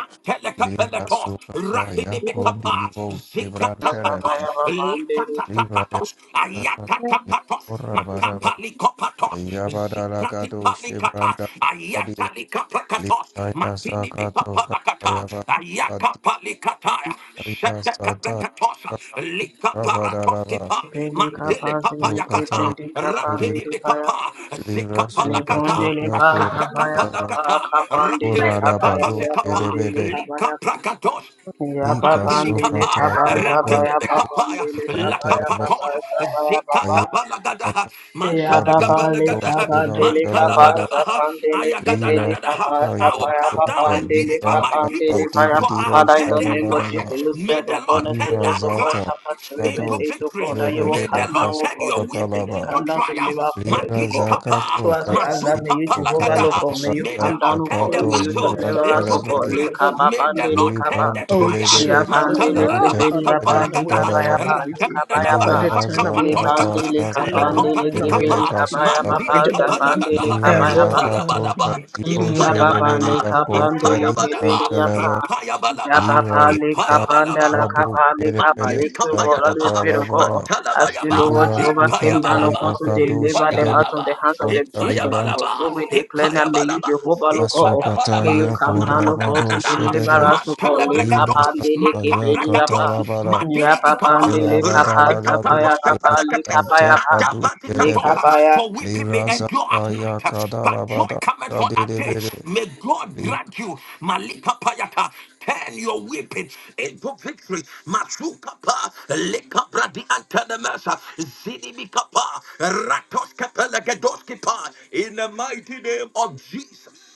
lira sukata ya kondi
Rakinimikapas,
libo shibranta
Zabaya
labadi
Zikatapatos,
bandere
liba ya
Likatapatos,
sakata ya
Ayatakapatos,
kora baraba
Kapalikopatos,
ya
Zikrati
badalagado
Palikata,
shibranta labadia
Ayatali Kaprakatos,
liba ya
Matini
sakato
Papalakata,
kaya
Ayaka Palikataya,
Aya
Shete
sata
Kabrekatosa, Lika
rabadalaba
Paratoskipa,
pendi kapa
Mandili
zili ke
sukata
Papayakata,
pendi kapa
yuri
ndele
Ratini
baya
Papa, Zika
livra
le bonde
sukata
Palakata,
le ba
yakur
Asata
zabaya
raba
baba
Kapalakata,
kapa ndele
Ratini
kapa
kuraraba
ya
do
ya
Papazikapa,
bandele
sherebede
kapa
Lika
ya ba
Prakatos,
ya ba
ika
Mandili
bandele
kapa,
sukata
kapa
yakon
zabaya
rakende de
baba
kapaya,
ndele
la
kapa ya
ibantalaba
baba
kapatos,
zabaya
zika
baba
aya
dabala gadaha,
kata
Ya
mantana
di
baba
gabala
le
do
gadaha,
kaba dele
mantala
kaba
shebantalaba
badabaha,
zapam dele
ayagada
kebele
livra
dadaha.
kaba
I
aya
will
tapaya
come down
konta
babam
and
dele
deliver my
libranta
kabam dele
people,
paya
for
pa.
dibidi
I
o
have
Father, in
heard
the
their
name of
shadabadaba
cry.
Jesus, you
May
said, O
the
God,
Lord
as you
tend
do
livra
that
so call
zata
cry
chapter 3,
into
kado
verse 8, O
victory.
God, that you will
sherebede
May the
come down,
Lord
O
turn
God,
your
to
akasukata
bless you,
weeping
they
laba
into
come down to
triumph.
deliver parents, O
Libra
Matili
God.
kapa,
So
Zakato
as we ask that, may
mazupa
you,
kato ka
Jehovah, O
palagada.
God, may
Zakata
you
May the
come down,
Lord
O
turn
God,
the
and
Oh,
may
Yakato
you
battle
Spirit
deliver
Libran
of
us,
God,
into
O God,
victory.
Spirit
Telebadi
of
Lika
God.
May the
Babande,
Lord
Lika
turn the
Libran
Babande.
Oh,
trial.
Telebede
Jesus and
Yapandele
oh
Ram
God,
kebeli
Matalalalabasta
Father,
Telebede
turn away
yapandika
palagada.
my
bayapa ya
Kadaba
bandele
captivity.
kaba ya
Father,
ba.
Liraba
turn
Ratadadadabasaka
away my
Zakata
patoskapa.
Lepandele
captivity around.
Yakado
kapandele
Turn
Likopati
away the
kebele
Shebede
kapa,
kabaya
captivity of
Kasukata
baba
mantili
Bridget
kapa
alone.
zapandele
yagada.
Uh,
Libra
kabaya ba.
Roy,
Zakato
Ipayabadaba,
Elohim, come
Kadibo
through.
Yababale
Shedebede
ipayabadaba,
kapande
Akota
le
Libran
kebeli
ipayabadaba,
yaba.
Telebe
ipayabadaba,
Libra
Zababale
Zaka
kapanda
ipayabadaba.
la
Kado
kapale kapa.
Shedebede
Matili
Yesu God and we
kapayadaba,
Yakata
pray to God.
Labara
As you
matalabayaba,
Lord
Lira
Jehovah came down
Sukata
upon
ipayabalaba,
to
Yakado
deliver them
Shedebede
out of
ipayabalaba,
the hands of the Egyptians, O
Conta
God.
ipayabalaba,
So we declare that may you
ipayabalaba,
Jehovah Lord God, may
Yasukata
ipayabalaba,
you come down O God to
Yakurabado
makadadadada,
deliver
Shedebe
us O God. Le
Livrasata
kapande
mantelebregados,
le kebeli
makabragados,
yaba.
Yakatalabara
matili
Yababande
kapa,
le kapa
Irabadalagadu
zapaya
ratikapatos
Shedebe
tepedekate,
kapa yaba.
Antekadu
le
sadabatikatos.
Shedebe
kapaya.
For weeping may
Thank
Lirasata
endure at night, but joy
Yakadalabada
cometh for a day.
Shadidibidi
May God
Lik
grant you, Malika Payata, Turn your weeping into victory. Masukapa, Lekabradi Antanamasa, Zinimikapa, Ratos Kapelagadoskipa, in the mighty name of Jesus.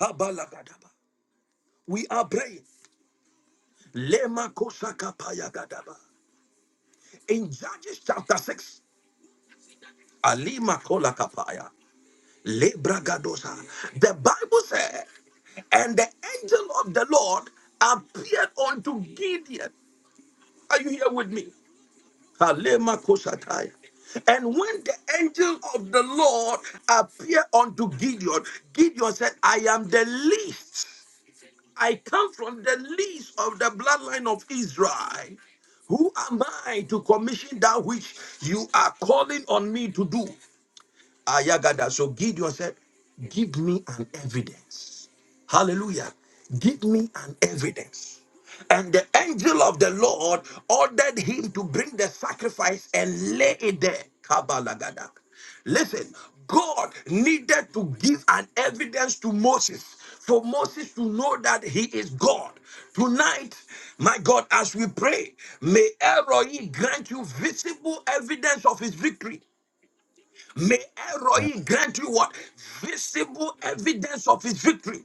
Kabalagadaba. We are praying. Lema Kosakapaya Gadaba. In Judges chapter 6, Alima Kolakapaya, Lebra Gadosa. The Bible said, and the angel of the Lord appeared unto Gideon. Are you here with me? Kalema Kosatai. And when the angel of the Lord appeared unto Gideon, Gideon said, I am the least. I come from the least of the bloodline of Israel. Who am I to commission that which you are calling on me to do? Ayagada. So Gideon said, Give me an evidence. Hallelujah. Give me an evidence. And the angel of the Lord ordered him to bring the sacrifice and lay it there. Kabalagada. Listen, God needed to give an evidence to Moses for Moses to know that he is God. Tonight, my God, as we pray, may Elroy grant you visible evidence of his victory. May Eroi grant you what? Visible evidence of his victory.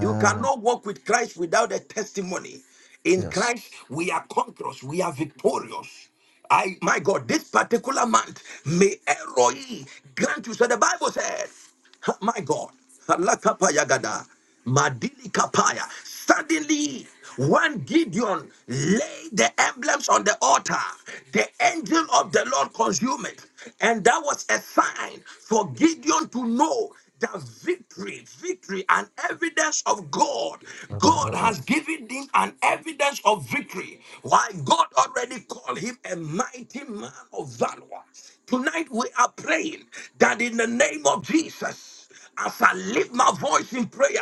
You cannot walk with Christ without a testimony. In
Yes.
Christ, we are conquerors, we are victorious. I, my God, this particular month, may Eroi grant you. So the Bible says, ha, my God, Halakapaya gada, Madili Kapaya. Suddenly, one Gideon laid the emblems on the altar. The angel of the Lord consumed it. And that was a sign for Gideon to know that victory, victory, an evidence of God. God has given him an evidence of victory. Why God already called him a mighty man of valor. Tonight we are praying that in the name of Jesus. As I lift my voice in prayer,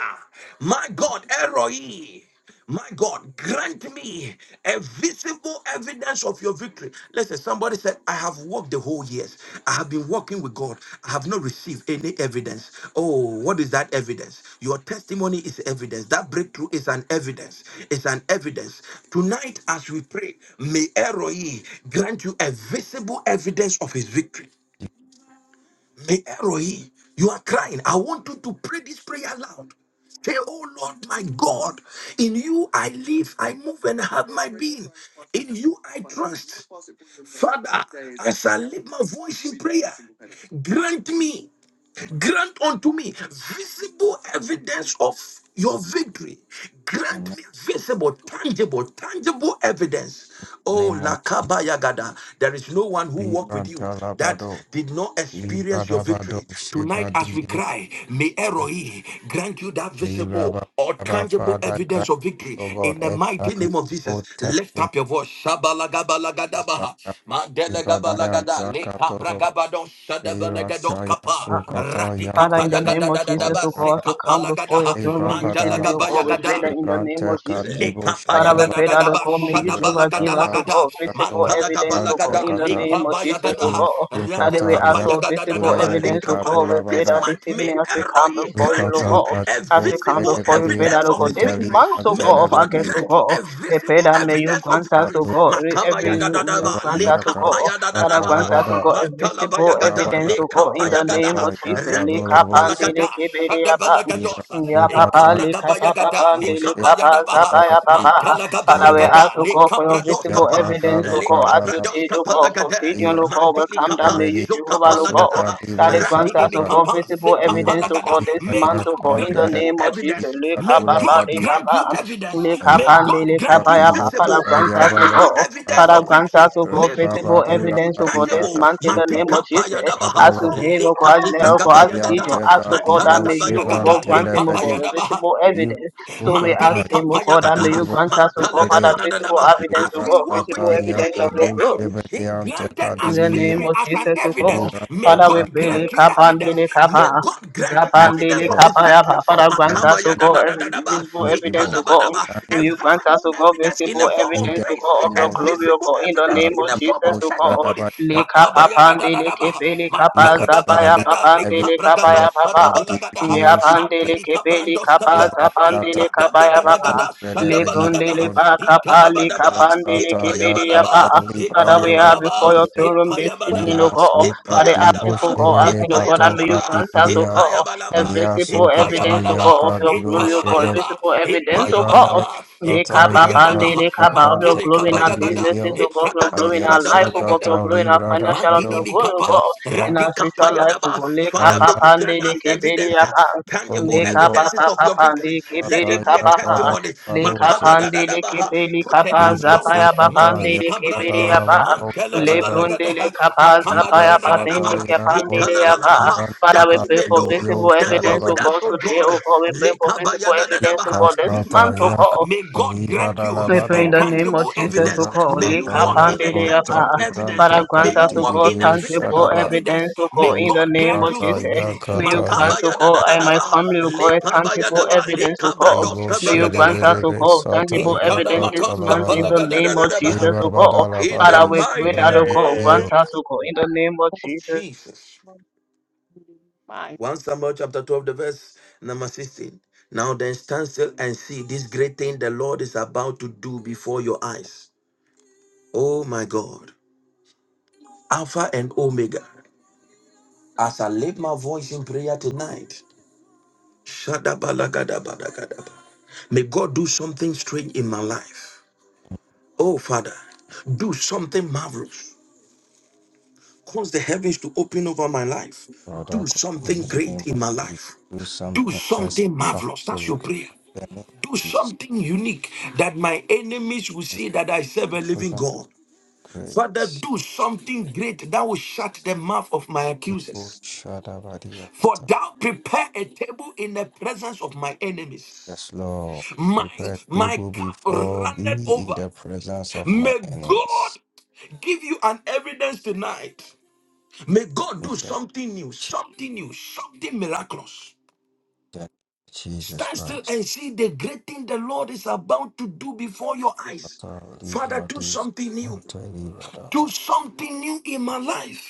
my God, Eroi, my God, grant me a visible evidence of your victory. Listen, somebody said, I have walked the whole years. I have been walking with God. I have not received any evidence. Oh, what is that evidence? Your testimony is evidence. That breakthrough is an evidence. It's an evidence. Tonight, as we pray, may Eroi grant you a visible evidence of his victory. May Eroi, you are crying. I want you to pray this prayer loud. Say, Oh Lord, my God, in you I live, I move, and have my- you I have a voice. Grant me. Grant unto me visible evidence of your victory. Grant
Amen.
me visible, tangible, tangible evidence. Oh,
Name of
Lakaba Yagada, there is no one who walked
libra
with you that did not experience your
Libradabado
victory. Tonight,
Sheba
as we
Didibo
cry, may Eroi grant you that visible
Lirababa
or tangible
Father
evidence
grant
of
me,
victory
O God,
in the
a
mighty name of Jesus.
tangible
Lift
testimony
up your voice. Shabalagabalagadabaha,
Ibadaya
Madelegabalagadale,
Zakatolo
Kabragabado,
Lira
We
Shadabalagados,
Shaya
Kapa.
Sukata
Ratika
Father, in the
paya
Yakodi
Gada
name of
Ratikapa
Bo
Jesus,
yagadadadadaba
O God,
Shada
we
zikapa
come before your
lagadaha.
throne
Lebra
room this
Mandala
Badala
evening, O
gaba
God, we
Gato
pray
yagada.
that in the name of
Shebrante
Jesus.
Katibo
Father, we
Shadaba
pray that, O
Lekapayagadadadaba,
God, may you,
Ira
Jehovah, give us,
Sata
O
shadabalagada,
God, visible
Yakato
evidence, O God,
Brante
mantalagabalagada,
in the
Kata
name of Jesus,
lekabayagada,
O
Lira
God. That
Sukata
we ask
Yak
for visible
ratikapayagadadadaba,
Ulebedi
evidence, O
lekapa.
God, we
Kadula
pray
This
that
Bada
this
month may
evening as we come
Eroi
before you,
grant
O
Sukata
you
God,
a
as
Katibo
we come
visible
before you,
Shedebedi
pray that,
evidence
O
of
God,
his
this
Akunta
victory.
month,
Libra
O
May
God, of
God
August,
Telebedi
O
grant you
God,
a
we pray
visible
that may you
evidence of
grant us,
victory.
O
Kato
God,
Bo
every, every- may you
Shadaba
Makabayadadadaba,
grant us, O God, Father,
Yakata
grant
lekapayadadadaba,
us to
Labada
God a visible
mantalabayagada,
Rabada
evidence, oh God, in the name
lekapayagada,
of
Yakazata
Jesus. Lika
Yakadoroboshe,
pandele
ratikapalagada,
kebele apa. Ya papa,
Irakukata
lika papa
shadabalagadaba
pandele
Boshe,
kapa
likabayadabaha,
zabaya
Yarabaki,
papa. Father, we
Nira
mantalagabayagada,
ask, oh God, for your visible
likabradoskapa,
evidence, oh
Yakadala
God, as you
Badala,
did, oh
likabradoskapa
God, for
lagade,
Gideon,
Nira
oh God, will come down,
mandilikapa,
may you,
Ebeli,
Jehovah,
zukapa
oh God,
Asuka
lagadaha,
that
Divo
is grant us, oh
Sharaba,
God,
ratinimikapa,
visible
zikapa
evidence,
Nira
oh
lagada.
God, this
Saya
May
month, oh
God
God, in the
grant
Yakondada,
you
name of Jesus.
evidence.
Lika
May
Ikatula
papa,
God
Badi,
lika
grant you
papa.
evidence.
Lika
May God
pandele
grant
Ayasuka
kapa
you
ya
Divo
papa. Father,
visible,
grant us, O
Sayabada
tangible
God,
evidence
Father,
of
Yakata,
grant
victory.
us, O God,
May God
visible
grant
Rebabadula
you
evidence, O
Badi
this
tangible.
month in the name
Yakasukata.
of
Matika
Jesus.
payadabaha,
As you
Adolobo
gave, O God,
likati
as O God, as
Ibrahim
Gideon,
prakapayagadaha,
as
Teka
O God, that
Divo
may you, O
Shevan
God,
mantalagabayagada,
grant him, O
Telebedi.
God,
likabayadabaha.
visible evidence. So we ask
Mantili
Irukata
him, O
kapaya
God, that
gada,
may you
Digibo
grant us, O God,
mantala
Father,
gada
Yebede
da da da
visible
ba.
evidence,
As
O
we
God,
walk with
visible
Irasata
him day
evidence of
in,
your
day
Yakadu
out,
glory.
Yebede
he granted
Anteka
In
us
the name
victory
Dividio
of
as an
Jesus, O God.
evidence. May
Father, we
Irasata
God
pray,
grant you evidence.
Likapandele
May
Kapa,
God grant you
Yakadibo
evidence
Zapandele
of
Lord
his
Kapa,
victory.
Yapa. Father,
ba
grant us,
ba. da
O God,
da da
every
da da ba.
visible
He
evidence,
Anchibo
tala
O
ba da
God.
ba.
and
A
You grant us,
visible
O God,
evidence in the
visible
form
in
of
evidence,
the
O
praise,
God, of
name
a
your
of
glory, O
visible
God. In the
evidence
name
in
of
the form
Jesus,
Kadibo
of
O God.
testimony.
Shadaba
ba
Yakata
da da da
Likapapandele
da ba.
Kepele Kapa,
Mantala gada
Zapaya
Ikata
Makabayadadadadaba,
Evid
Papandele
mantalagabalagada,
Kapa,
bragado
Lord
Yapa.
shadabalagada
Kadidio
Yapandele
madili
Kepele
kabrando stapa
Kapa,
Irasata
Zapandele
ikada
Kapa, Yapa.
Yakadu
bragadagada
Yebede
Lepondele
shadabalagada
Ante
Pakapa,
ikalabadaba
Likapandele
Yasata
Kepele
ipayabalaba
Yakata
Yapa. Father, we are
ipayabalaba
before your
Librande
throne room this evening,
ipayabalaba
O God. Father,
Irasukati
asking
ipayabalaba
for God,
Boshevere
asking, O God,
Kato
and may you
ipayabalaba
grant us, O
Katiria
God, a
ipayabalaba
visible
Ayasukata
evidence, O
ipayabalaba
God, of
Yaka
your
Dibo
glory, O God,
Shede
italabayaba
visible evidence, O God.
Rivava
ipayabalaba
Kata
Lekapapande,
Yaka
ikabrayadaba
lekapa, Of your
Devante
mapili
glory in our
kabayagada
businesses,
Kativirio
O God, of your
ipragado
glory in our life, O God, of
shadabalagada
your
Ayasukata
glory in our
Libra
financial, of your
Dabado
Mantini
glory, O
kapa,
God, in
Sheveria
our
ratika
spiritual life, O
payadaba.
God.
Father, may
Kaya
you
Lekapapande,
grant us
lekebele,
evidence, uh,
yapa.
tangible
Kondiribo
evidences of your victory.
Lekapapapande,
Let
kebele,
there
Kata
be a
Yaka
kapapa.
testimony.
Dabado
Makada da
Shede
da da
Likapandele
uh,
kepeli
Put a new
kapa
song. uh,
zapaya
Irasukata
Madili
Yaka
papandele kebele
kabrandia,
yaba.
Dalavado
Mantela
Shedevadi
Gabalagada,
Lebrundele kapa
Makaba da uh,
Ibra
zapaya
Zata
papendele
Yakon
makabadadadadadaba,
kepandele
la la
yaba.
uh,
Libra
Father,
That
we
we
pray
may
for
know
Kativirio
visible
that you are
evidence,
with
O
Shadabadi
us,
God,
oh
today,
God.
O God. We pray for visible evidence, O
Lekabayadadadabaha.
God, this
This
Ikasata
month,
week,
O
uh,
yaka
God.
may God grant you
We
libadalabado
pray
a
in the name of
tangible
Jesus, O
evidence.
God,
May you
libasata
Lika
walk in a
yakonta
Pandeleapa.
tangible evidence.
librante
Father,
May
grant us,
you
O
walk
God,
in a
katibidio
tangible
visible
shadaba
evidence,
evidence.
O
May
God, in the
God
name
grant
of
you
libasata
Jesus.
victory.
May
yakata
you grant, O God,
yakaribo
and my
Makabayadadadabaha.
family, O God, tangible
Lekabayadaba.
evidence, O God. May you grant
Lekabrandoskabalagadaha.
us, O
shedebedebe
God,
sata
tangible evidence this
yakata
month in
labada
the name of Jesus,
Intanamakaskapalagadadadabaha.
O God.
In the
libabadalabadi
Father, we pray
mighty
that, O
librandi
God,
bio
name
grant us, O God, in the name of
of
Jesus.
Jesus.
come to the mind
1 Samuel chapter 12, the verse number 16. Now then stand still and see this great thing the Lord is about to do before your eyes. Oh my God. Alpha and Omega. As I lift my voice in prayer tonight, shadabalagadabalagada. may God do something strange in my life. Oh Father, do something marvelous. Cause the heavens to open over my life.
Father,
Do
in
something
the
great
name
in
of
my
Jesus,
life.
do
Do
something
something marvelous. That's your
spectacular.
prayer.
In the name of
do
Jesus,
something unique that my enemies will see that I serve a living
spectacular,
God.
great.
Father, do something great that will shut the mouth of my
People
accusers.
shadabadi
For
yakata.
thou prepare a table in the presence of my enemies.
Yes, Lord,
My
prepare a
my
table
cup
before
runneth
me in
over.
the presence of my
May God
enemies.
give you an evidence tonight. May God
In
do
the
something new, something new, something miraculous.
name of Jesus
Stand still
Christ.
and see the great thing the Lord is about to do before your eyes.
Father, leave
Father, do
Rodis,
something new.
unto
Do
Rodava.
something new in my life.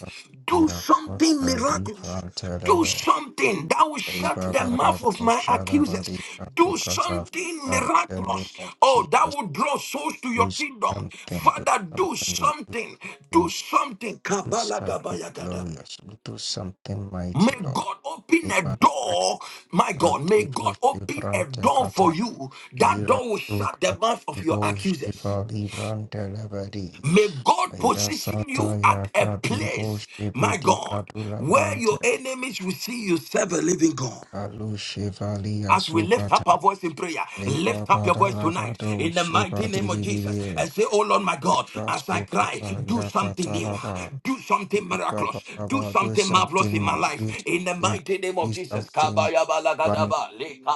We
Do
are
something
contra
miraculous.
libra
Do
telebe.
something that will shut
Eva
the mouth
barabo
of my accusers.
shalabadi
Do
katukata.
something
In the name
miraculous.
of
Oh, that
Jesus,
will draw souls to
do
your kingdom.
something, do
Father, do
something, do
something. Do
something,
something.
do something
Kabbalah
glorious, do something mighty,
May God
Lord.
open a door. My God, may
tipo
God open a
shivrante
door
kata
for you. That
lira
door will shut the
luka
mouth of your
tipo
accusers.
shiva librante levedi
May God position
ayasata
you at a
yaka tipo
place, my
shivedi
God,
kadula
where your
brante
enemies will see you serve a living God.
kalu shiva liya
As we lift up
sukata
our voice in prayer,
liba
lift up your voice
badara
tonight
bado
in the
shiva
mighty name of Jesus
dilibilie
and say, Oh Lord my God,
liba
as I cry,
sukata
do
yaka
something new,
taraba
do something
liba
miraculous, do
baba do
something marvelous
something
in my
new,
life
do
in the
something
mighty name of
do
Jesus.
something
Kabayabalagada,
one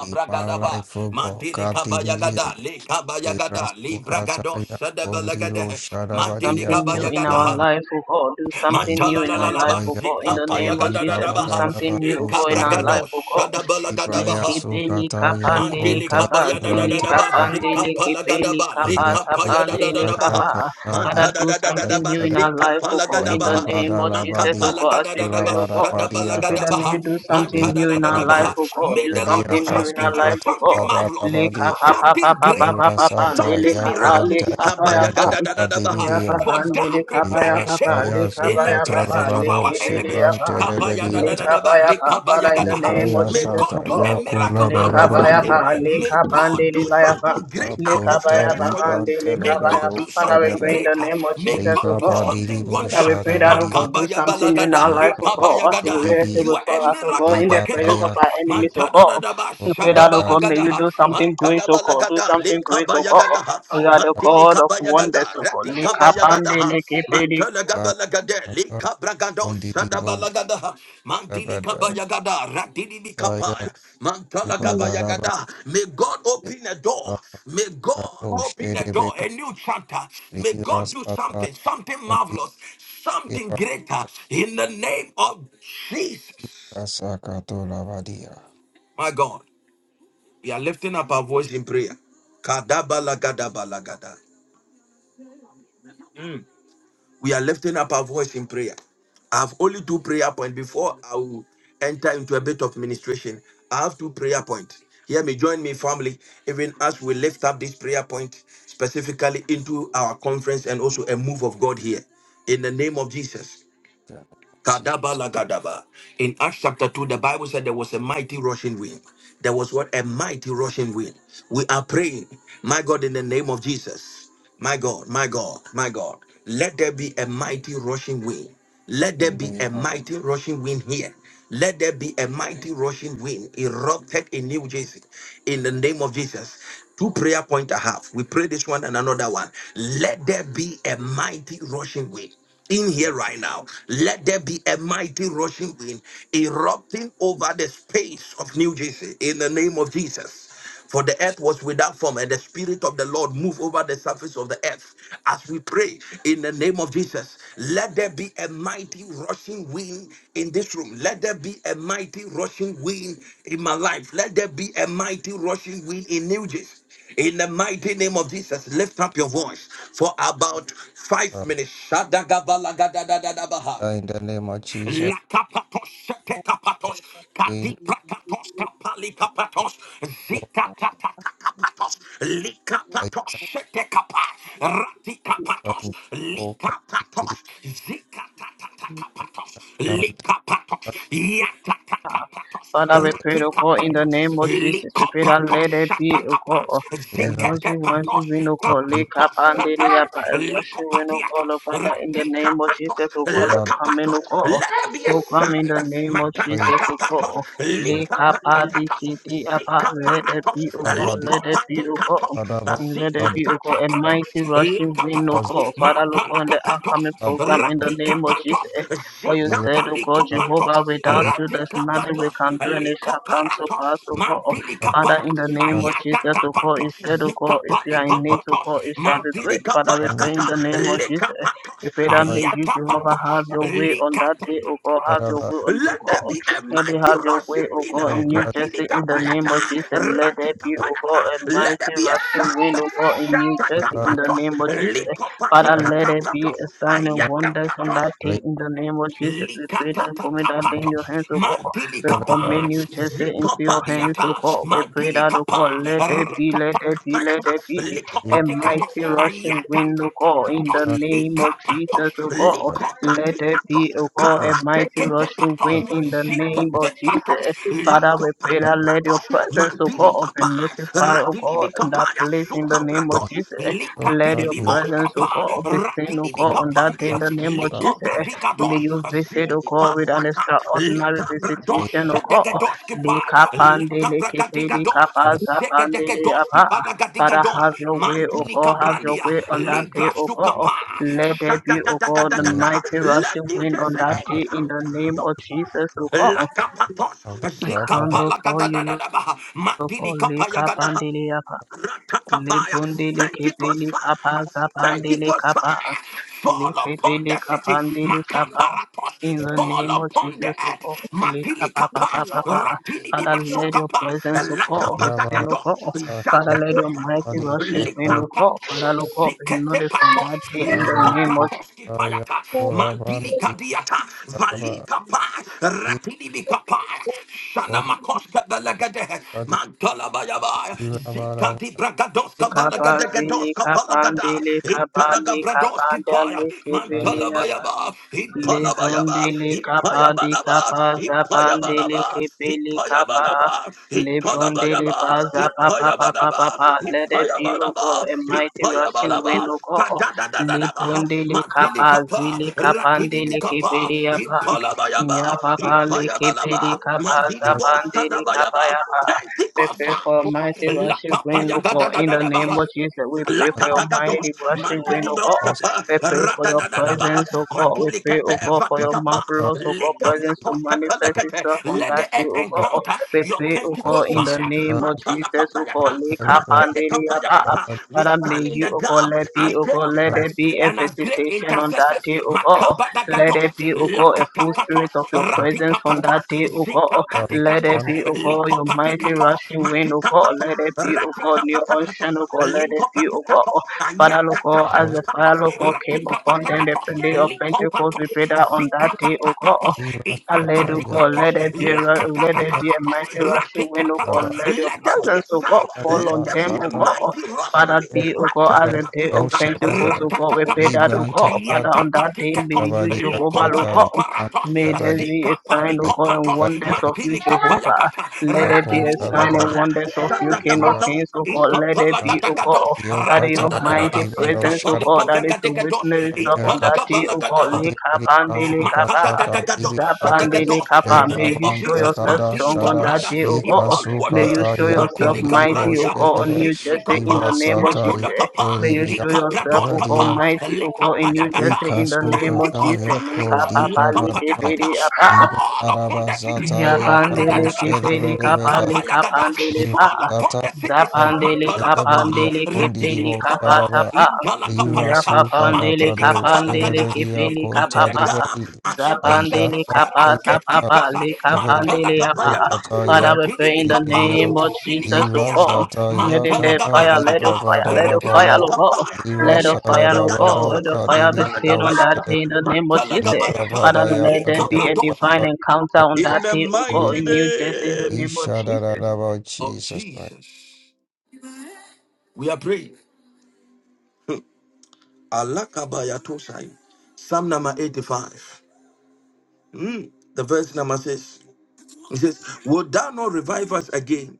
in my life oh God,
mantilikabayagada,
God
lekabayagada, libragado,
Lirasukataya kondibo
sadabalagada,
sharabadia
something new in our
mantilikabayagada,
kondalaba
life, oh God. Do something new in our life,
mantalalalalaba,
oh
ayazataya
God. In the
kato
name of
zikapayagada, da
libra
Jesus,
da
do
ba,
something new, oh
bararabako
God, in our
ikabragado,
shadaba
life, oh God.
ibraya
sadabalagadabaha.
Lekepeli
sukataya
kapandele
Mandili
konta
kapa,
kabaya da da
zili
da
librante
da ba
badi
kapandele
sikapa la da
kepeli
ba
kapa,
lika paya da da da
tapandele
da ba
ayasukataya
kapa.
ha.
kata
Father,
manta da
do
da da da da
something
ba
new in our
libra
life,
sikapa
oh
la
God.
da
In
ba
the
libra
ha.
name of
maka
Jesus, oh
bararabadi
God,
palaga
as
da
we
da da
pray,
ba
oh God.
shada
kulabarabadi
We
balaga
pray
da
that
akata
ba
may you
ha.
do something
manta da
new
libra
da
in
da
our
da ba
life,
bado
ha.
oh God.
May
Do
the Lord
shedia
do
something new in
something
our
new,
life,
kasukata
oh God.
something marvelous
Lekapa,
bararabadi
pa, pa, pa,
something
pa,
great,
pa, pa, pa,
irasata
dele
something
ya
kapa,
miraculous.
konta
lekapa, ya,
librante
pa.
badi
Kabayagadadadadabaha.
Ya
video
For
papa ndele
thou
kapa
prepare
ya
a
papa
table
le
Ibrashaya
kapa
in the
ya papa
presence of
le
our
Zokatarabaro
kibidi
enemies.
ya
Shebran
pa le
Terebediata
kapa
Kabayadadadadaba.
Father in the name
Likabayagadaha.
of
Ikaya
May
Jesus oh
God
Sata
do a
God
miracle
Yakuna
le
out of
kapa ya
nothing.
Barabadia
pa le
May
kapa
God
ndele
do
ba ya pa
something great
le
out of
kapa
Akunta
ya
nothing for you.
Libran
May God
telebado
do
Father we
something
pray
Shedebe
in the
greater.
name of
May
Jesus
God
oh
Liba
do
God
something
Badibu
Father, we
wondrous.
pray that, oh
Shadabadibi
God, do something new in our
Makabayabalagada.
life, oh God. Us in
Likabayagada.
Yakudabadibia
You are
before
a
us, oh God,
miracle
in the
Liba
working
presence of
Bayak
our enemies, oh
God.
God.
Adadaba,
Father, oh
Rapad
may you
shadabalagadaha,
do something great, oh God, do
matadabalagada,
something great, oh
likabayagadaha,
God. You are the God of
mantilikabayagada,
wonders, oh God. Likapande,
ratikabayagadaha,
likipedi,
mantelagabalagade, likabragado,
Kundidibo
shadabalagadaha,
Shebeda
you.
mantilikabayagada, ratididikapaya,
Dayak
Jesus.
Badaraba
mantalagabayagada. May God open a door. May God open a door,
Shedebeka
a new chapter. May
Lira
God do something, something
Sataya
marvelous, something
Eba-
greater in the name of Jesus,
Kasakatolabadia.
my God. We are lifting up our voice in prayer. Kadabalagadabalagada. We are lifting up our voice in prayer. I have only two prayer points before I will enter into a bit of ministration. I have two prayer points. Hear me, join me, family, even as we lift up this prayer point specifically into our conference and also a move of God here. In the name of Jesus.
Jesus,
Kadabala Gadaba. In Acts chapter 2, the Bible said there was a mighty rushing wind. There was what? A mighty rushing wind. We are praying, my God, in the name of Jesus. My God, my God, my God. Let there be a mighty rushing wind. Let there
in the
be
name
a
of
mighty rushing wind here. Let there be a mighty rushing wind erupted in New Jersey. In the name of Jesus. Two prayer points I have. We pray this one and another one. Let there be a mighty rushing wind in here
Jesus,
right now. Let there be a mighty rushing wind erupting over the space of New Jersey in the name of Jesus. For the earth was without form, and the Spirit of the Lord moved over the surface of the earth. As we pray in the name of Jesus, let there be a mighty rushing wind in this room. Let there be a mighty rushing wind in my life. Let there be a mighty rushing wind in New Jersey. In the mighty name of Jesus, lift up your voice for about five minutes. Shadagabalagadabaha.
in the name of Jesus,
Lakapatos, shetekapatos,
in
kadiprakatos,
We
kapalikapatos, zikatakapatos, likapatos, shetekapa, ratikapatos, likapatos,
you. We
zikatakapatos, likapatos, yatakapatos,
Father, we pray, O God, in the
ratikapatos.
name of Jesus. We pray that
Likopatos
let there be, O God,
shatakapas,
a rushing,
ziketepatos,
rushing wind, O God, lick up
kapatos
and did it
shatas,
up, a rushing wind, O
likopatiaka,
God, O Father, in the name of
ratikapatos,
Jesus, O God, the
the
coming,
lakapatos,
O God,
let there be a
so come in
sound,
the name of Jesus, O
matatakapatos,
God, lick up and did
likapatakatos,
it let it
zikaparatos,
be, O God, let it be, O God,
likopatikatos,
and let it be, O God, a
zikatakapatos,
mighty rushing wind, O
lakapatos,
God, Father, look on the upcoming
mantanakapatos,
program in the
Rapika
name of
patos,
Jesus. For you
zita
said, O God,
paliko patos,
Jehovah, without you there's
rapika
nothing we
patos,
can do and it shall
liko
come to
paratos,
pass, O God. Oh,
mandili
Father,
kapata,
in the name of
ayada
Jesus, O God, you
kapatos,
said, O God,
zita
if you are in
paliko
need, O
patos,
God, it shall be
mandili
great. Father, we pray in
kapayakata,
the name of
leka
Jesus. We pray that may
patos,
you, Jehovah, have your way on that day, O God, have your way on the
let there
God.
be a
Let it
mighty
have your way,
rushing
O
wind.
God, in New Jersey, in
Matinika
the name
payata,
of Jesus. Let there
ratika
be, O God,
payata.
a
Let there
mighty
be a
rushing wind,
sound.
O God, in New
Shataka
Jersey, in the
patos,
name of Jesus. Father,
likopatika
let it be
patos,
a sign and wonders on
ayaka
that day in the name of Jesus. We pray that commit that day in
Likatatatatata.
your hands, O God.
Mantili
We
Thank
commit
kapa.
you, Jesus,
Yes,
into your hands,
Zikopadiata.
O God. We pray
Mantili
that, O God,
kapa.
let it be, let it be, let
Ratatakapayata.
it be a
likopatikatos,
mighty rushing wind, O God, in
Ayatatatata.
the name of Jesus,
ikapatos,
O God. Let it
likopatikatos,
be, O God, a mighty rushing
Parateketepata.
wind in the name of
Zikotepata.
Jesus. Father, we pray that let
Likopatikata.
your presence, O
Mantili
God, be
kapa.
notified, O
Ratili
God, in that
mikapaya.
place in the name of
Sukapratos.
Jesus.
Lika
Let
didi
your
di bos
presence, O
kapa,
God, be seen, O
radidi di
God, on that day in
kapandia,
the name of
lika
Jesus.
bradiga
May
dos,
you visit,
zili
O
di
God, with an
paruata,
extraordinary
lika brados,
visitation, O God.
shedege dos kipa,
Lika
lika
pandele
bragadiga
kepele
dos,
kapaza
zegedege
pandele
dos
apa.
kipa lagadiga
Father,
dos,
have your way, O
mandili
God, have your
kabrandia,
way on that day,
libra
O
stu
God.
kapa,
Let there be, O God, the
shadadadadadadada.
mighty
Let
rushing
you
wind
just
on that day in the
encounter
name of
your
Jesus, O God.
Lakapatos,
I come before you, Lord.
Zikapalagadadadabaha,
O God. Lika
Madilikapayagadaha,
pandele apa.
Ratakapaya,
Libundile
Pentecost
kipili
fire,
kapa kapandile
Pentecost
kapa
fire, fall upon the
likipili
city,
kapandile kapa.
Makaparatos,
In the
fall
name of
upon the
Jesus, O
earth,
God,
matili
likapa pa pa pa
Matilikapa,
pa. pa.
Ratini di
Father, let your
Masukapa,
presence, O God, be seen, O
Lakapatakado,
God. Father, let your mighty
Zatakapatos,
worship in, O God.
Likapatos.
Father, O God, be
Zikete
notified that
patos,
day in the
liko
name of Jesus.
patos ki payata, mandili kadiata, valika pa, ratili bika pa, shana makoska balagade, mantala bayaba, zika di bragadoska
Kapa zili
balagadegadoska palagada,
kapandile kapa
italaga bradoski paya,
likapandile kipili
mantala
kapa.
bayaba, itala bayaba,
Lebondele kapa di
ipaya
kapa zapandele
Yabalaba,
kepele kapa.
Ipayabalaba,
Lebondele
Ipayabalaba,
pa zapa pa pa pa
Ipalabayaba,
pa pa. Let it be, O
Ipayabalaba,
God, a
Ipayabalaba,
mighty rushing wind,
Ipayabalaba,
O God.
Kadadadadadaba,
Lebondele kapa
Makilikapa,
zile kapandele
Rakidibikapa,
kepele yapa. Ya
Ipalabayaba,
papa le kepele
Ipayabalaba,
kapa
Mandilibo
zapandele kapa
Sadabayaba,
yapa. We
Pentecost
pray
fire.
for a mighty rushing wind, O
Lakapaya da da
God.
da
In
da
the
da
name
ba.
of Jesus, we pray for your
Lakadagados,
mighty rushing wind, O
Mantinidos
God.
Kapa,
We pray for your
Radadadaba,
presence, O God. We pray,
Matulikape,
O God, for your
Vatikapa,
marvelous, O God, presence to
Lekapatos
manifest
Kapalakate,
itself on
let
that
the
day,
earth
O God.
encounter
We
your
pray, O God,
Pentecost
in the
fire.
name of Jesus, O
Matalakapayaka,
God. Lekapandeliyaba.
Matelekapayakata. We
Father, may
stand in the
you, O God,
gap
let be,
as
O God, let
Shiva
there
gatekeepers
be a
and as great
visitation on that
intercessors.
day, O God. Let
Makabadagados,
there be, O God, a full spirit
Lakatapatos,
of your presence on that day,
Ratikapatos,
O God. Let there
Zikapatikatos,
be, O God, your mighty
Likopatikatos,
rushing wind, O God.
Matikapatos,
Let there be, O God, new ocean, O
Ratikapatos.
God. Let there be, O God.
Likopatikatos,
Father, Lord God, as the fire,
Ayakatakatos,
Lord God, came upon them the
Rakikapatakatos,
day of Pentecost, we
Likopatos,
pray that on that day, O God,
Zikapatakatos,
I let
Sata
you go,
Ikapatikatos,
let there be a ru- let there
Yadira
Lakatakatos,
be a mighty rushing wind, oh God,
Rakikapatos.
Baba
let your
Let there be a
presence, O God,
sound,
fall
let
on
there
Alaba
them,
be a
O
Zata
God.
mighty rushing
Father,
wind.
be, O God, as a day of
Ratanakapayata,
Pentecost,
Shadaba
O God, we pray that,
Ratapakapatos,
O God,
Libranta
Father,
Kadi
on that day,
Ayatapatikatos,
may you,
Rabadi
Jehovah, oh
Akota
God,
Libranta
Likopatiparatos,
may there
Rabadi
be a sign, O God, and
Zikapanikopatos,
wonders
Ayata
of you, Jehovah.
Mantilikapayakata,
Let there be a
Yakota
sign and
Rabada
Ratinimikapaya,
wonders of you, King of
Libra
Sadagapatos,
Kings, O God, let there be, O
Ikapalakatakatos,
God, that your
Yokata
mighty
Kadi
presence, O
Baro
God, that is to
Ratadadadabasikapalikabrakadegados,
witness itself on that day, O God,
Italagabalagadaha,
Kadiri
Lekabande, Lekaba.
Kazukata
Makadadadagado,
Kadibikata
Zabandele Kappa,
In the
may
name
you
of
show
Librabanta
Jesus,
yourself
Kada
Mantili
strong on
Shada
that
Cabranda,
day, O
Lika
God. May you
Ipaluate,
Sukata
show
Yako
yourself
Matili
Libo
mighty, O
Caprandia,
God, on
Shereve
New
Zitli
Jersey in the
Libra
Capa,
name of
Sata
Matula
Jesus.
Yako
Capa,
May you
Libia
show yourself,
Icaprados
O God,
Capa,
Rabadia
mighty, O God, in New
Lecapayacata,
Jersey
Ika
in the name of
Sukata
Pentecost
Jesus.
Fire,
Lika
Yako
Papa,
Libra
Lika
Badaba
Bidi
Lacapayacata,
Apa.
Libra
fall upon
Badaba
the city,
Zata
Yapandele
Yakado
Makadadadada,
kepele
Shereve
kapale
Rebekata
Icapayagada,
kapandele pa.
Libra
fall upon
Zata
the cities,
Yakado
Zapandele
Shereve
kapandele
Diakondi
kepele
Libo
kapata
Sharaba
pa.
Lira
Yapapandele
Sukarabado
kapandele
Sherebedia
we
kepele
stand in the
kapapa.
gap
Kotaribari
as
Zapandele
intercessors,
Ayasa
as
kapata
Yaka
papa
gatekeepers.
le
Bebedu
kapandele apa.
Matalakapayata,
Kata
Father, we
Yako
pray in the
Ratidimikapa,
name
Libio
of Jesus, O
Lira
God.
Zilikadiata,
Zata
Let it let
Yakata
fire, let the
Libra
Matalagabayakata,
fire, let the fire,
Badalabada
O God.
Ratidimikapaya,
Lira
Let the fire, O God,
Sarabado
Lekabragadosa,
the fire be seen
Kadibidio
on that
Matalagabayata,
Shere
day in the name of Jesus.
Libra
Father,
Matalagabayata,
let there
Badayabadia
be a
Likabradosa.
divine encounter on that
In the
day, O God,
mighty
in
Kadibidio
New Jersey, in the
name
name of Jesus.
Ishadarabachi
of
Jesus Christ
Jesus, we are praying. Alakabayatosai. Psalm number 85. Hmm. The verse number says, It says, Would thou not revive us again,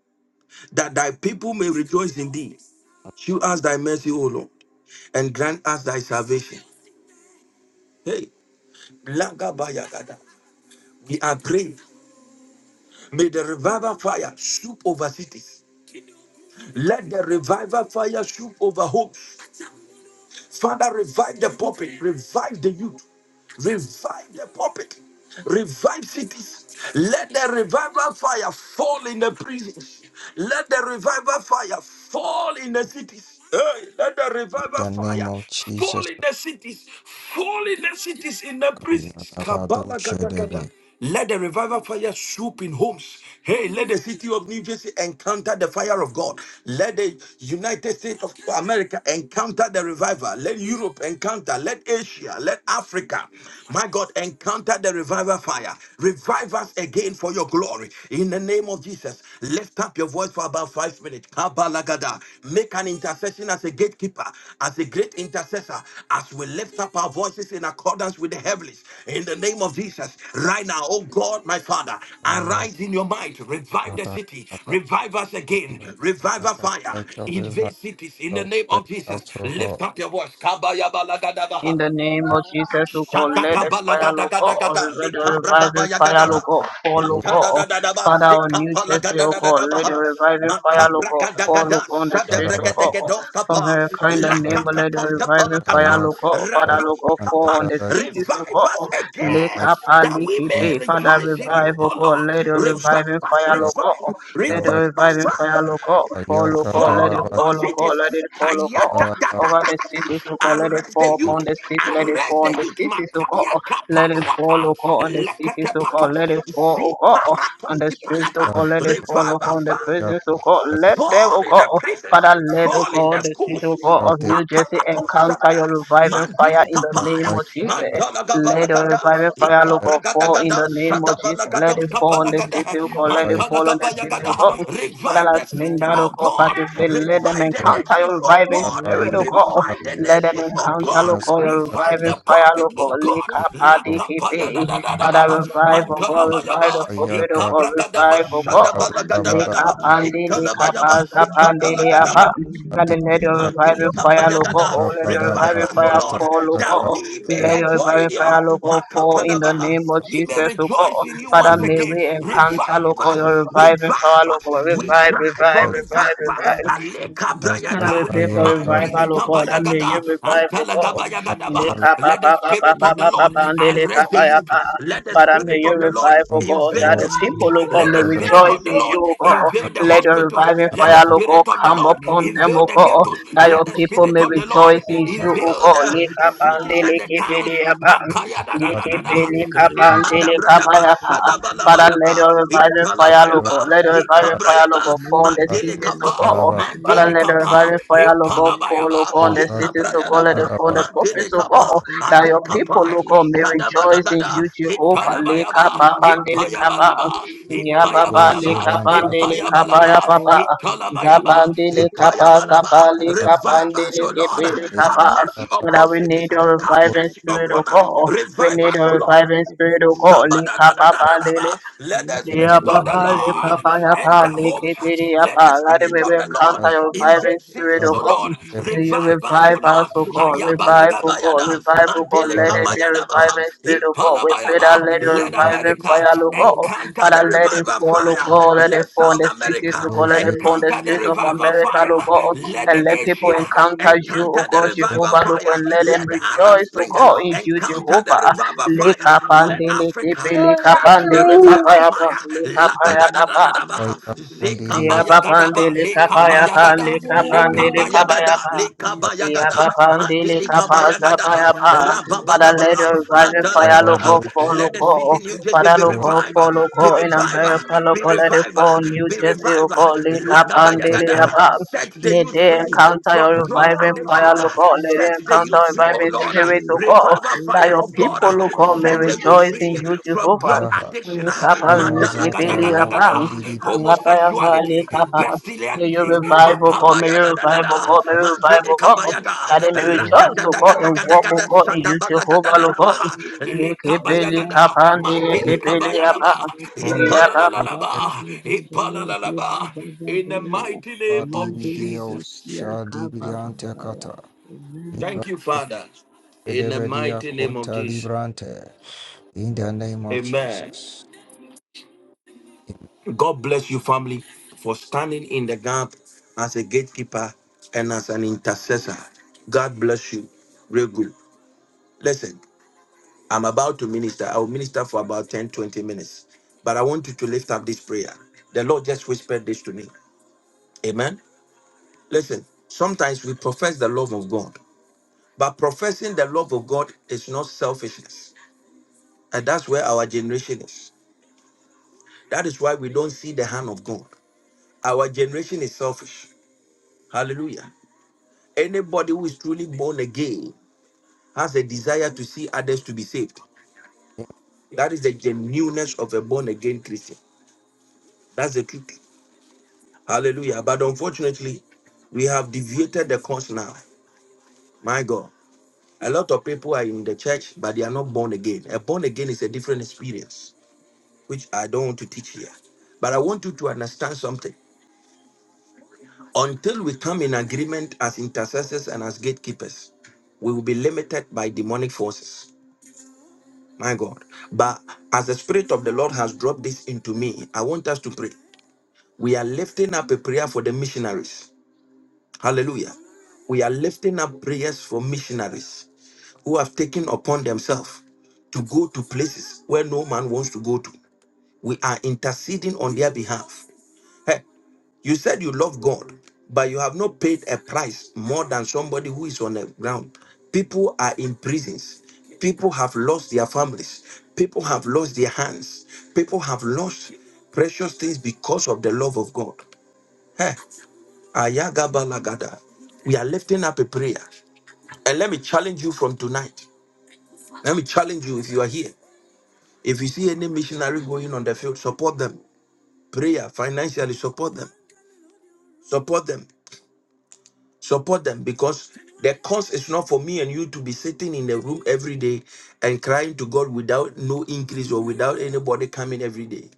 that thy people may rejoice in thee? Shew us thy mercy, O Lord, and grant us thy salvation. Hey, Lagabayagada. We are praying. May the revival fire swoop over cities. Let the revival fire swoop over homes. Father, revive the pulpit, revive the youth, revive the pulpit, revive cities. Let the revival fire fall in the prisons. Let the revival fire fall in the cities. Hey, let the
in
revival
the name
fire
of
fall
Jesus
in the cities, fall in the cities, in the
Christ
prisons.
Abadu
Kabbalah, gada, gada.
Sherebe
Let the revival fire swoop in homes. Hey, let the city of New Jersey encounter the fire of God. Let the United States of America encounter the revival. Let Europe encounter. Let Asia, let Africa, my God, encounter the revival fire. Revive us again for your glory. In the name of Jesus, lift up your voice for about five minutes. Kabalagada. Make an intercession as a gatekeeper, as a great intercessor, as we lift up our voices in accordance with the heavens. In the name of Jesus, right now, oh God, my Father, arise in your might, revive the
Ayakata
city, revive us again, revive our fire,
Let your
invade
revival
cities. In the name of
break
Jesus,
out, O
lift
God.
up your voice.
In
Kabayabalagadabaha.
the name of Jesus, O God,
Shaka
let
gada
us
gada
fire, O
gada,
God, or let the reviving
gada
fire, O God, fall, O God.
gada ba,
Father, on
seka
New
pala
Jersey,
gada
O
da da
God,
da
let the
ba. Shakakabalagadagadagada, likabrakabayagadaha, ikadadadadaba, sikapalagadadadadabaha,
reviving fire, O God, fall,
makabrakagadagada,
O God, on the streets, O God. From
shadebrekedegedosapa,
her kind of name, let the reviving
lakapatosapalakata,
fire, O God, Father, O God,
rakikikapa.
fall on the cities, O
Revive us
God. Lake
again
Apa,
that
Lake
we may
Bay, Father,
rejoice in
revive,
you,
O
O
God,
Lord.
let the reviving
Revive us,
fire, O
revive,
God. Let the
revive us,
reviving
ah.
fire, O God, fall, O God,
All
let it fall, O God, let
opposites.
it fall, O God over
Kayadadadadada.
the cities, oh God. Let it
Arrest
fall
the youth.
upon the city, let it
Arrest
fall on
the
the
youth.
cities, oh God.
Makaya
Let it fall,
kapaluata.
oh God, on the cities,
Lekete
oh
patos.
God. Let it fall, oh God, on
Ziparatos
the streets, oh
kipayata.
God. Let it fall
Revive our
upon the
fire.
prisons, oh God. Let them,
Fall
oh
in
God,
the prisons.
Father, let, oh
Fall in
God,
the
the cities, oh
schools.
God, of New Jersey encounter
Kapalatoshaka.
your reviving fire
Mandili
in the
kapaya.
name of Jesus. Let the
Mantalagabalagada.
reviving fire, oh God, fall in
Ikabragadagada.
the name of Jesus. Let
Sadabalagada.
it fall on the
Kapalagada.
city, oh God. Let it
Yakada
fall on the city, oh
Mantalagabayagada.
Thank
God. Father,
Revive
as
the
men
city,
that, O
oh
God,
God.
participate, let them
Revive the
encounter your
nations, oh
reviving
God.
spirit, O God.
Revive the
Let them
nations, oh
encounter,
God.
O God, your
Revive
reviving
the
fire, O
you.
prophet, oh
God.
God.
Lika
La
padi
kapaya da
kipe.
da da da
Father,
ba.
revive, O God, revive the
Mantalabayaba.
pulpit, O God,
Ikabragadaba.
revive, O God. Lika
Shadabalagada.
pandi, lika
Ikalabayaba,
paza pandi, liapa.
sikapalagadaha,
Let
Adi
the let your
mandili
reviving fire, O
kapayagada.
God. Let
Kataba
your
Revive
Daba
reviving
us, O
fire
Tata
Lord,
fall, O
that
Kaka
God.
we
Let
may
Kebe
your
enjoy in
reviving
you.
fire, O God, fall in the
Makapadabaha.
name of
We may
Jesus, O God.
rejoice in you
Father,
once
Divi
may
again.
we encounter, Lord
Revive
God, your
us,
reviving power,
revive
Lord
us.
God,
We
revive,
cry
revive,
for
Adia
revive,
revival.
revive.
Aleka
And I will
brayata,
Saita
pray for
Yakadu
mandili
revival, O God, and may you
kabayagada,
revive, O God.
antalagabayagadabaha.
Abadala
you.
Leka pa
Let
pa
the
pa pa
spirit
pa
of
Thank
the
pa pa
Lord
pa, and leka
arrest the
pa ya pa.
youth. Let the
Father, may
Spirit
you
of the Lord
revive, O
Kundi
God, that
invade
the
the
Voshi
schools.
people, O God,
Let
may
the
Abadi
Spirit
rejoice
of the
in you,
Lord
O God.
invade the
Let
Akasari
the
hospitals.
reviving
Let the
fire,
Akibu
O God,
Spirit of the
come
Lord
upon them, O
invade the
God,
ghettos.
that your
Let the
people
Spirit
may
of the Lord
rejoice in you,
Ati
O
invade
God.
the
Leka pa, and
cities and the
leke pe
towns.
de ya pa.
Makaya da da da
Leke
Ati
da
pe
da.
leka pa, and
Anta
leka pa
Likadabradaba,
ya pa. Father, let
sadabalabayaba,
your reviving fire, O
Abadala
God,
italabayaba,
let your reviving fire, O
likabrayaba,
God, fall on the
Katasu
cities, O God.
Kalaba
Father,
mandelikapa,
let the
kapa,
very fire, Lord God, fall, Lord
impalabayaba,
God,
Kato
on the
Kadi
cities, Lord God, let it
ikabrayadaba,
fall,
Kalaba
the
mantele
purpose, Lord God, oh,
kapa,
that
adi
your
Ati
people,
kapa,
Lord God, may rejoice
you.
in
sadabalagada,
you,
Kaya
Jehovah. Leka
impalabayaba,
ba bande, leka ba,
ipayabalaba,
ya ba ba,
Voshi
ipayabalaba,
leka
Vanta
bande, leka ba
ipayabalaba,
ya ba ba,
ikalabayaba,
zabande, leka ba,
ipayabalaba.
zaba, leka
Kadi
baba
Revive
bande,
ya
us,
he
O
leke
Lord.
be,
baba
leka
Have
ba.
mercy
Tata
That
upon
we
cities.
need your
Have
reviving
Voshi
mercy
spirit, O
upon us.
God. oh, We
Revive
need
us, O
your
Lord.
reviving spirit, O God. Leka ba ba,
Shabba-da-da-da-da-da-da-ba. Let the
yeah,
Spirit
Yasu
of the
Bahari,
Lord
Papaya,
enter
Pali,
homes.
Kipiri,
Let the
Apa, Lord,
Spirit
we
of
will
the Lord
counter your reviving
invade
spirit,
cities,
O
Azadu
O
God.
Lord.
Kebe
May you
Revive us,
revive
O
us,
Lord.
O God, revive, O God,
Ayabalagabayada,
revive, O God, let it
Kalaba
be a reviving
Mandelekabayadabaha,
spirit, O God. We pray that
Ipalabayaba.
let your
Let
reviving
Thank
America
fire, O God,
encounter the
Father, let it
revival
fall, O
fire.
you.
God, let it
Let
fall in
South
the cities, O
Thank
America
God, let it
Bullshit.
fall in the
encounter the
streets of
revival
America,
fire.
O God,
Let
and
the
let people
Asia
encounter you, O
encounter the
God,
revival
Jehovah, O God,
fire.
and let them
Let the Arab
rejoice, O
Spring
God, in you,
encounter the
Jehovah.
revival fire.
Lika
Let
pande leke pe
Africa
leka
catch
pande
the
pa
revival fire.
lika pa leka pa ya
Lagadadadadadaba.
pa
you.
pa ya pa
Zikabayagada,
lika leka pa ya
lekabayagada, lekabayagada,
pa
lekabayagada,
Yababandili kapaza
mandilikabayagada,
payapa. Father,
rababadaba,
let your reviving fire look up
mandalagada.
for
Let
look
the city
up.
New Jersey
Father,
be
look up
revived,
for look
be
up in
revived,
America, look
be
up, let it
revived,
fall.
Thank
New
be
Jersey,
revived.
look up, lick yapa.
Lagabayagada. Set the
May
youth
they
free
encounter
from
your
drug
reviving
addiction.
fire, look Let they
Set the youth
encounter
free, oh
reviving
Lord. Uh,
spirit, look up.
Revival
That
fire
your
of God. Uh,
people, look may
Set the youth
rejoice in
free
you,
from
Jehovah.
drug
You
addiction, uh,
can't keep
Lick
me
up,
down.
lick
mandala
up,
gada
Irazata
lick
gada
ya
up.
gada,
kondiri
Yapa, yapa,
homosexuality,
lick May your
bestiality,
revival come, may
makabaya
your
da da da
revival
da,
come, may your
mandile
revival come.
kabaya da,
That they may
to
rata
rejoice,
da
O
da
God,
gada
and
gada
walk, O
gada,
God, in
sata
you,
bala gada
Jehovah,
da
O
da ba,
God.
lekabaya
Lekepeli
gada,
kapande,
mandile
lekepeli
kabaya da ba,
kondi
ipala
apa.
la la la
oshepa
ba, ipala la la ba. In the mighty name of
dibidi
Jesus.
osha dibidiante kata
Thank
Amen.
you,
librante
Father. In the
bedebedia
mighty name of
kota
Jesus.
librante in the name of
Amen.
Jesus.
God bless you, family, for standing in the gap as a gatekeeper and as an intercessor. God bless you. Real good. Listen, I'm about to minister. I will minister for about 10, 20 minutes. But I want you to lift up this prayer. The Lord just whispered this to me. Amen. Listen, sometimes we profess the love of God, but professing the love of God is not selfishness. And that's where our generation is. That is why we don't see the hand of God. Our generation is selfish. Hallelujah. Anybody who is truly born again has a desire to see others to be saved. That is the genuineness of a born again Christian. That's the truth. Hallelujah. But unfortunately, we have deviated the course now. My God. A lot of people are in the church, but they are not born again. A born again is a different experience, which I don't want to teach here. But I want you to understand something. Until we come in agreement as intercessors and as gatekeepers, we will be limited by demonic forces. My God. But as the Spirit of the Lord has dropped this into me, I want us to pray. We are lifting up a prayer for the missionaries. Hallelujah. We are lifting up prayers for missionaries who have taken upon themselves to go to places where no man wants to go to. We are interceding on their behalf. Hey, You said you love God, but you have not paid a price more than somebody who is on the ground. People are in prisons. People have lost their families. People have lost their hands. People have lost precious things because of the love of God. Heh, ayagabalagada. We are lifting up a prayer. And let me challenge you from tonight. Let me challenge you if you are here. If you see any missionary going on the field, support them. Prayer, financially, support them. Support them. Support them because the cause is not for me and you to be sitting in the room every day and crying to God without no increase or without anybody coming every day.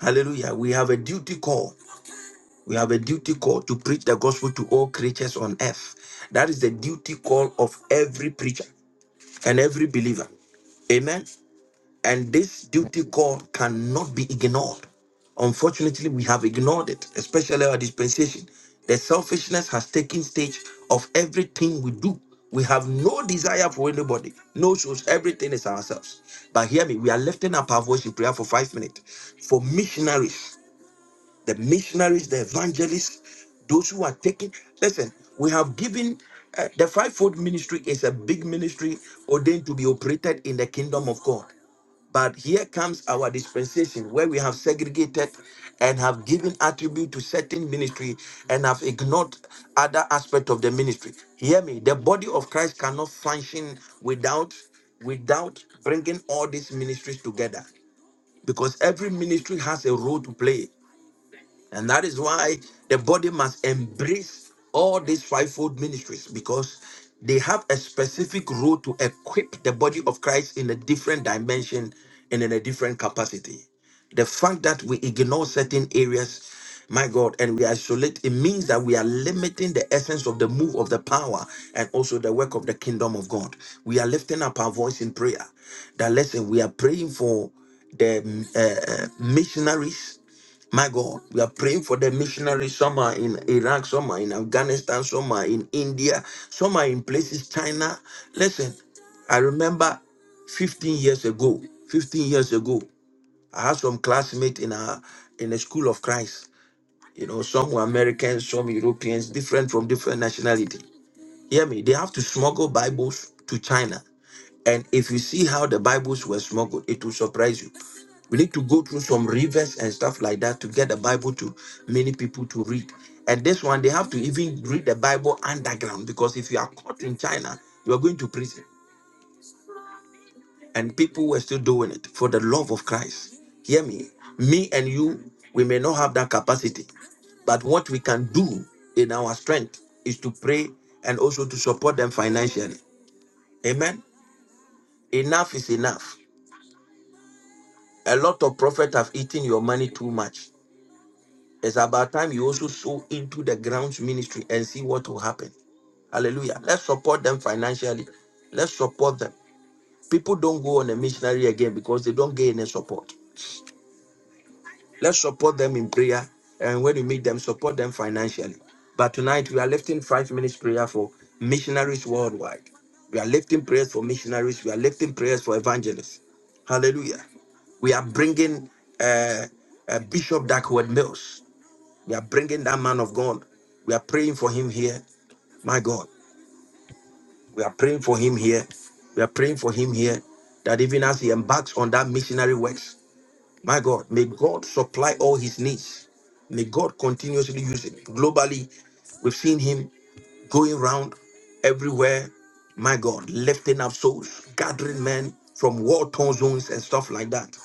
Hallelujah. We have a duty call. We have a duty call to preach the gospel to all creatures on earth. That is the duty call of every preacher and every believer. Amen. And this duty call cannot be ignored. Unfortunately, we have ignored it, especially our dispensation. The selfishness has taken stage of everything we do. We have no desire for anybody, no shows, everything is ourselves. But hear me, we are lifting up our voice in prayer for five minutes for missionaries, the missionaries, the evangelists, those who are taking. Listen, we have given uh, the fivefold ministry is a big ministry ordained to be operated in the kingdom of God. But here comes our dispensation where we have segregated and have given attribute to certain ministry and have ignored other aspect of the ministry. Hear me, the body of Christ cannot function without without bringing all these ministries together because every ministry has a role to play. And that is why the body must embrace all these fivefold ministries because they have a specific role to equip the body of Christ in a different dimension and in a different capacity. The fact that we ignore certain areas, my God, and we isolate, it means that we are limiting the essence of the move of the power and also the work of the kingdom of God. We are lifting up our voice in prayer. That listen, we are praying for the mm, uh, uh, missionaries my God, we are praying for the missionaries. Some are in Iraq, some are in Afghanistan, some are in India, some are in places, China. Listen, I remember 15 years ago, 15 years ago, I had some classmates in a in the school of Christ. You know, some were Americans, some Europeans, different from different nationality. Hear me, they have to smuggle Bibles to China and if you see how the Bibles were smuggled, it will surprise you. We need to go through some rivers and stuff like that to get the Bible to many people to read. And this one, they have to even read the Bible underground because if you are caught in China, you are going to prison. And people were still doing it for the love of Christ. Hear me. Me and you, we may not have that capacity. But what we can do in our strength is to pray and also to support them financially. Amen. Enough is enough. A lot of prophets have eaten your money too much. It's about time you also sow into the grounds ministry and see what will happen. Hallelujah. Let's support them financially. Let's support them. People don't go on a missionary again because they don't get any support. Let's support them in prayer. And when you meet them, support them financially. But tonight, we are lifting five minutes prayer for missionaries worldwide. We are lifting prayers for missionaries. We are lifting prayers for evangelists. Hallelujah. We are bringing uh, uh, Bishop Duckworth Mills. We are bringing that man of God. We are praying for him here. My God, we are praying for him here. We are praying for him here that even as he embarks on that missionary works. My God, may God supply all his needs. May God continuously use him. Globally, we've seen him going round everywhere. My God, lifting up souls, gathering men from war torn zones and stuff like that.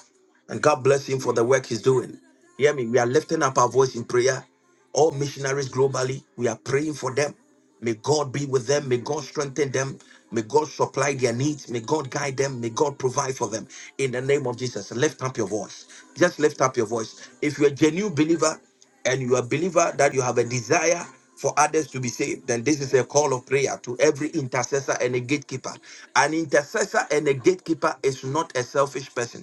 And God bless him for the work he's doing. Hear me? We are lifting up our voice in prayer. All missionaries globally, we are praying for them. May God be with them. May God strengthen them. May God supply their needs. May God guide them. May God provide for them. In the name of Jesus, lift up your voice. Just lift up your voice. If you're a genuine believer and you're a believer that you have a desire for others to be saved, then this is a call of prayer to every intercessor and a gatekeeper. An intercessor and a gatekeeper is not a selfish person.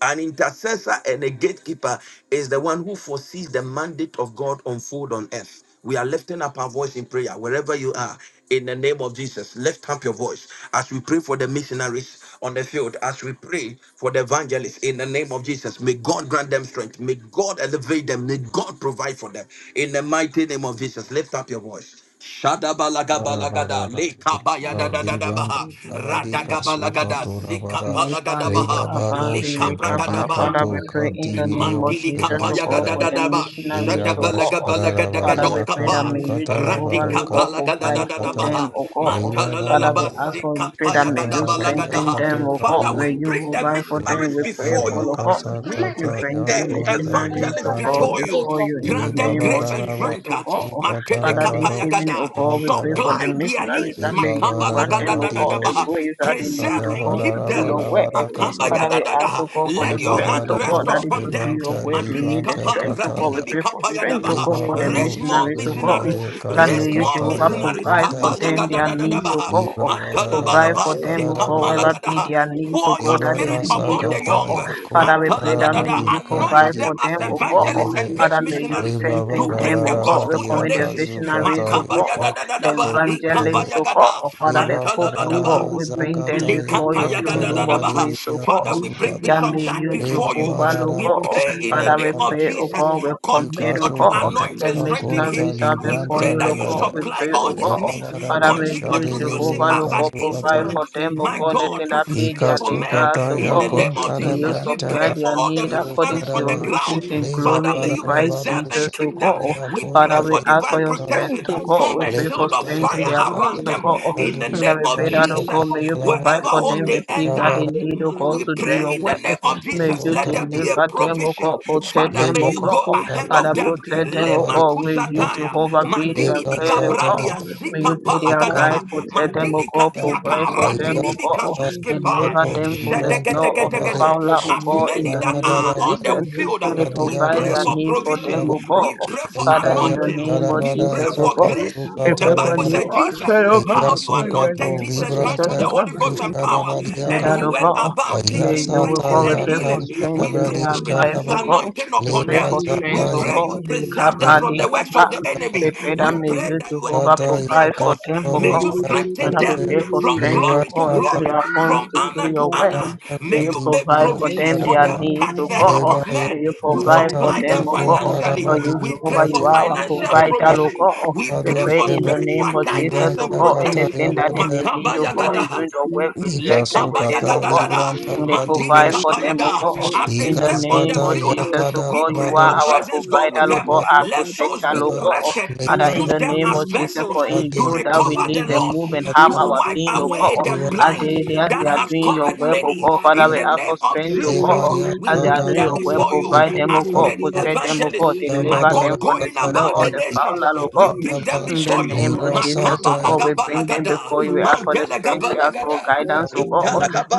An intercessor and a gatekeeper is the one who foresees the mandate of God unfold on earth. We are lifting up our voice in prayer wherever you are. In the name of Jesus, lift up your voice as we pray for the missionaries on the field, as we pray for the evangelists. In the name of Jesus, may God grant them strength. May God elevate them. May God provide for them. In the mighty name of Jesus, lift up your voice. Shadabalagabalagada,
Libranda
Lekabayadadadabaha,
Abadika
Radagabalagada,
Sukato
Father,
Labada
we
Zikapalagadabaha,
Rebabado
Father, we
Shebadika
Lekabragadaba.
to
pray in the name
Kadibidio
of
Mantili
Jesus,
Sheban
O
kapaya
God,
gada
for
da
Teleba
the
da ba
missionaries,
Shada
O
bala
God.
gada la gada
Father,
Lirabasharabadi
Shadabalagabalagadados
we pray that
kapa.
Akazu
may you,
Rati
Jehovah,
Katalabado
O God,
kapala gada da
provide
da
for
da ba
Kata
them,
ha.
O God.
mantala la la
Father, we
ba
Lirabada
ask for you,
gadadadadabaha.
pray that
Mantalalaba
may
gada
you
bala
Shalabarabadi
gada
strengthen
ha.
them,
Akato
O God.
Father,
Kadibid
May
we bring
you
the
provide for them.
missionaries
We pray
before
for,
Lirasaya
you.
O God.
Kasa
We
We
Kata
bring
bring the
the
Yakunta
missionaries,
evangelists
O God,
Librante
before you.
before you in the
Grant them
name of
grace and
Rebabada
Jesus,
strength.
O God.
Ikata
Matele
Father, this
kapaya
Labado
evening, O
gada.
God, we pray for the
Supply their
missionaries
needs.
that may
Riba
you
bara
Makabala
thank
grant
ra
you,
them,
ba
O
di
thank
God,
you,
o
the
gadadadadabaha.
she
we
grace that
thank
they
you,
need,
Preserve
the
O
kaya
and
God,
bara
keep
ra
to do
them.
your
bara
missionaries
work.
bara
before you,
kasaka.
Father, we
Lord.
ask, O God, for the
Let
Riba
your
You
strength,
don't
hand
bara
O
rest
God,
bo
that they
she
upon
could do
them.
your
banta
work. You
Madili
need the
ribanta
kapa,
strength, O God. We
radidi
kataya.
bi
pray for strength, O
let
kapayadabaha.
God,
Riba
for
your
the
Raise
bado
hand
she
more
missionaries,
wrestle
O
bere
from
God,
missionaries.
bere
devil
that may
Raise
God.
you,
kazaka
more
Jehovah,
I
taya
will
missionaries.
provide for
do
kuntala.
this
them
and
their
do
needs, O
your
Kapayagadadadabaha.
Riba
God.
wrestle
bara
God.
ra
Provide
ba
for
Mantalabalaba,
Let
them,
shada
your
O
ra
God,
ra
hand
whatever
wrestle
be
ba.
zikapalagadaha.
from
their
God.
needs, O
Pour your
God,
Let
that
Riba
they
your
ya
spirit
may
hand
need,
upon
O
the
wrestle
God.
sakata
from
young.
ya
God.
Father, we
Let
pray
Mantala
kuntala
your
da
that
da
hand
may
da.
bradi
you
wrestle from
provide
Anoint
kadiri
for
them
God.
as
them,
bo
O
Not
she
God.
evangelists
believe
and
debe.
is
great
Father, may
here.
you
Come
missionaries
on,
Riba
come
strengthen
to
bara
bring
them,
ra
the
O
ra
on,
ba
God. We
gospels
di
to
commit the
nations.
come
akazu
visionaries, O
kataya
God,
Makabaya da
kadiri
da da da
the
ba.
on.
bo
evangelists,
Likabaya
O God,
gada.
Father, the
Mantala
popes,
ba
O
da
Thank
ba.
God.
Libabaraba
We bring them
zakata
before your
yakonta
throne room of
Likatayagadadadabaha.
grace, O
labaribia
Father,
God.
we bring
kasukata.
That
Bishop
may
that
you,
before you.
Jehovah, O
We
Libabaraba
God.
pray in the
Father, we
name of
shataraba
pray, O
Jesus.
God, we
Continue
commit, O
to
God.
ikasukata
anoint
The
and strengthen him.
yakonta
missionaries are
We
before
libranta
pray
you,
that
O
you
God.
labare.
We
supply
pray, O
all his
God.
needs.
Father,
Libabaraba
may
Continue
you,
to use him
Jehovah,
shadiribiri
O
as an
God, provide
kasukata.
for
instrument,
them, O
my
God, anything
God, to
that be
fish
their
for men.
desires,
Ikasukata
O
In the
God.
name of
yakonta
And you
Jesus, we
labranta
supply
pray
ka.
for
their
all the
need according to
missionaries on
your
the
Yosharaba.
riches
ground.
and
Father,
glory
may
in
you
Christ
Libabaraba
preserve and
dosha
Jesus, O
keep them.
God.
We pray
Father,
yakonta
we
for
ask for
divine
your
libranta
strength,
protection.
laba.
O God.
Form
We
a
pray for
shield of
Libata
you.
strength in
fire
their
Let's say,
homes,
yasata
around
O
them.
God.
In the
listen
And
yadusha
that
name
to
we
of
pray
the
that, O
Lord.
God, may
Jesus
you provide
wherever
for
Every
home
them the
they
rise
peace
upon
enter.
that
the
they
Rabara
need, O
Man,
abandon,
God,
we
let
to
the
do
pray
other
your
in the
work.
rise
name
upon
of
the
May
Jesus.
Yokato
you
Mishnah
Let there
Kati
be a
itself.
deliver them, O
provision.
God.
Let them
Protect
Father,
them,
may
O
you
Librant
go
God.
strength up
Kati
ahead of
Father,
the
them.
protect them, O
Shabari
Lema
God.
Kababaya,
Will you,
Kato
kushataya,
Jehovah, be
Kababaya,
their
madini
Eka
guide, O
Zata
God?
bikabrandia,
May
zika
you
Kababaya,
be their guide,
Yakushevant
palagadaha,
protect them,
Kababaya,
O
madili
God.
Kata
kadiaka,
Provide for
Aya
Kababaya.
them, O
radini
God.
Let
Sata
your
bikazuske
hand
pai,
Deliver
rise
Kato
them
upon
from the
the
Librant
snare of the
Rabare
Provide
shedegedegetegede.
for
fowler,
the
O
As
God,
neighbor,
in
many
the
that
name
Libavada
of
are
protect
on
the
the
Jesus.
Rabatu
field,
Really
neighbor,
we
and
Vadia
provide
pray
give
their
it
Kasu
for
to
needs for them,
provision.
Rabara
O
them,
God.
We pray for
Thank
Father, in
Libaya
the
anointing.
name of
We
Tarabara
pray
Jesus, O
for
God.
Yakasu
grace.
We
The
pray for
Bible
Katarabara
new
said, Jesus,
usher, O God.
how you
Ayasu
In the
anointed
Kato
name of
Jesus
Librant
Christ with
Jesus,
the
O
Katu
God
Holy Holy Ghost and power.
Sharabaria
And
Kata
that,
he
oh
went
God.
about
May
teaching,
you, oh
preaching,
Ayasata
God, we
and
pray for
healing.
Yakant
strength
We
in
pray
their
you
life,
release
Rabari
oh
your
God.
anointing
We
upon
pray
Lira
for
them.
zata
strength,
We
oh
ya
pray you
God. They
preserve them
kappa,
from
they
shibata
the works
kappa.
of the
We
enemy.
pray that
We
may
pray
you,
that you
Jehovah,
zata
enlarge their
ya
provide for
cause.
them, oh
May
kadobo
you
God. And
strengthen
I will
them
shadabade.
pray for
from
strength, oh
Lira
glory to
God, into
zata
glory,
their hands
from
to do
honor to
your work.
honor.
kanta
May
May
you
you make
provide
kadibio
for them
provisions for
their
them.
shadaba.
needs,
Touch
oh
the heart
God.
Leba
of
ya
May
men
you
to
provide for
kukata
supply
them,
them
ya
oh God.
financially.
For
kondaraba
you,
We
Jehovah,
pray
you
for
dibiate.
are our
financial
you,
provider, oh
provision.
Lord.
God.
We
We
pray
Ayabado
pray
for
in
sheba
Thank
the
spiritual
name of Jesus,
guidance
oh
and
libranta
God,
kata
protection.
anything
ya
that they
badaya.
may need, oh
Makabaya
God, in
gadaha.
doing the work, we bless
Ika
them with it,
Lekabaya
oh
sukata
gadadada,
libranta
God, and they
mandili
provide
kadibo sh.
for them, oh
kapayada.
God,
As they
in the
Ika
step on
name
the
zata
of
field,
ya
Jesus, oh
we
God,
pray
you are
kadarabado
your
our
presence go with
provider, oh
them.
God,
shadakadaba.
our
Let souls
protector,
be
oh God,
arrested.
Father, in
Use
Leba
the
them
name
as
of Jesus,
vessels
for in
to
you that we
recover the
live and
lost,
move and have
to
our
wipe
being, oh God,
away the
as
blind
they, they, as
that
they are
has
doing your
covered
work, oh
many.
God, Father,
In
we
the
ask for
name of
strength, oh God,
Jesus, we
as they are
bring
doing
them
your work,
before you
provide them, oh
as
God,
many
you.
protect them, oh
evangelists.
God,
Thank
My
deliver them
God,
from the
going
snow
about
of
the
the foul,
nations,
oh God,
we bring them
in the
before you.
name of Jesus, O God, we bring them
Makabalagabalagada,
before you. We ask for the
mandelegaba.
strength. We ask for
Gabalagada.
guidance, O God.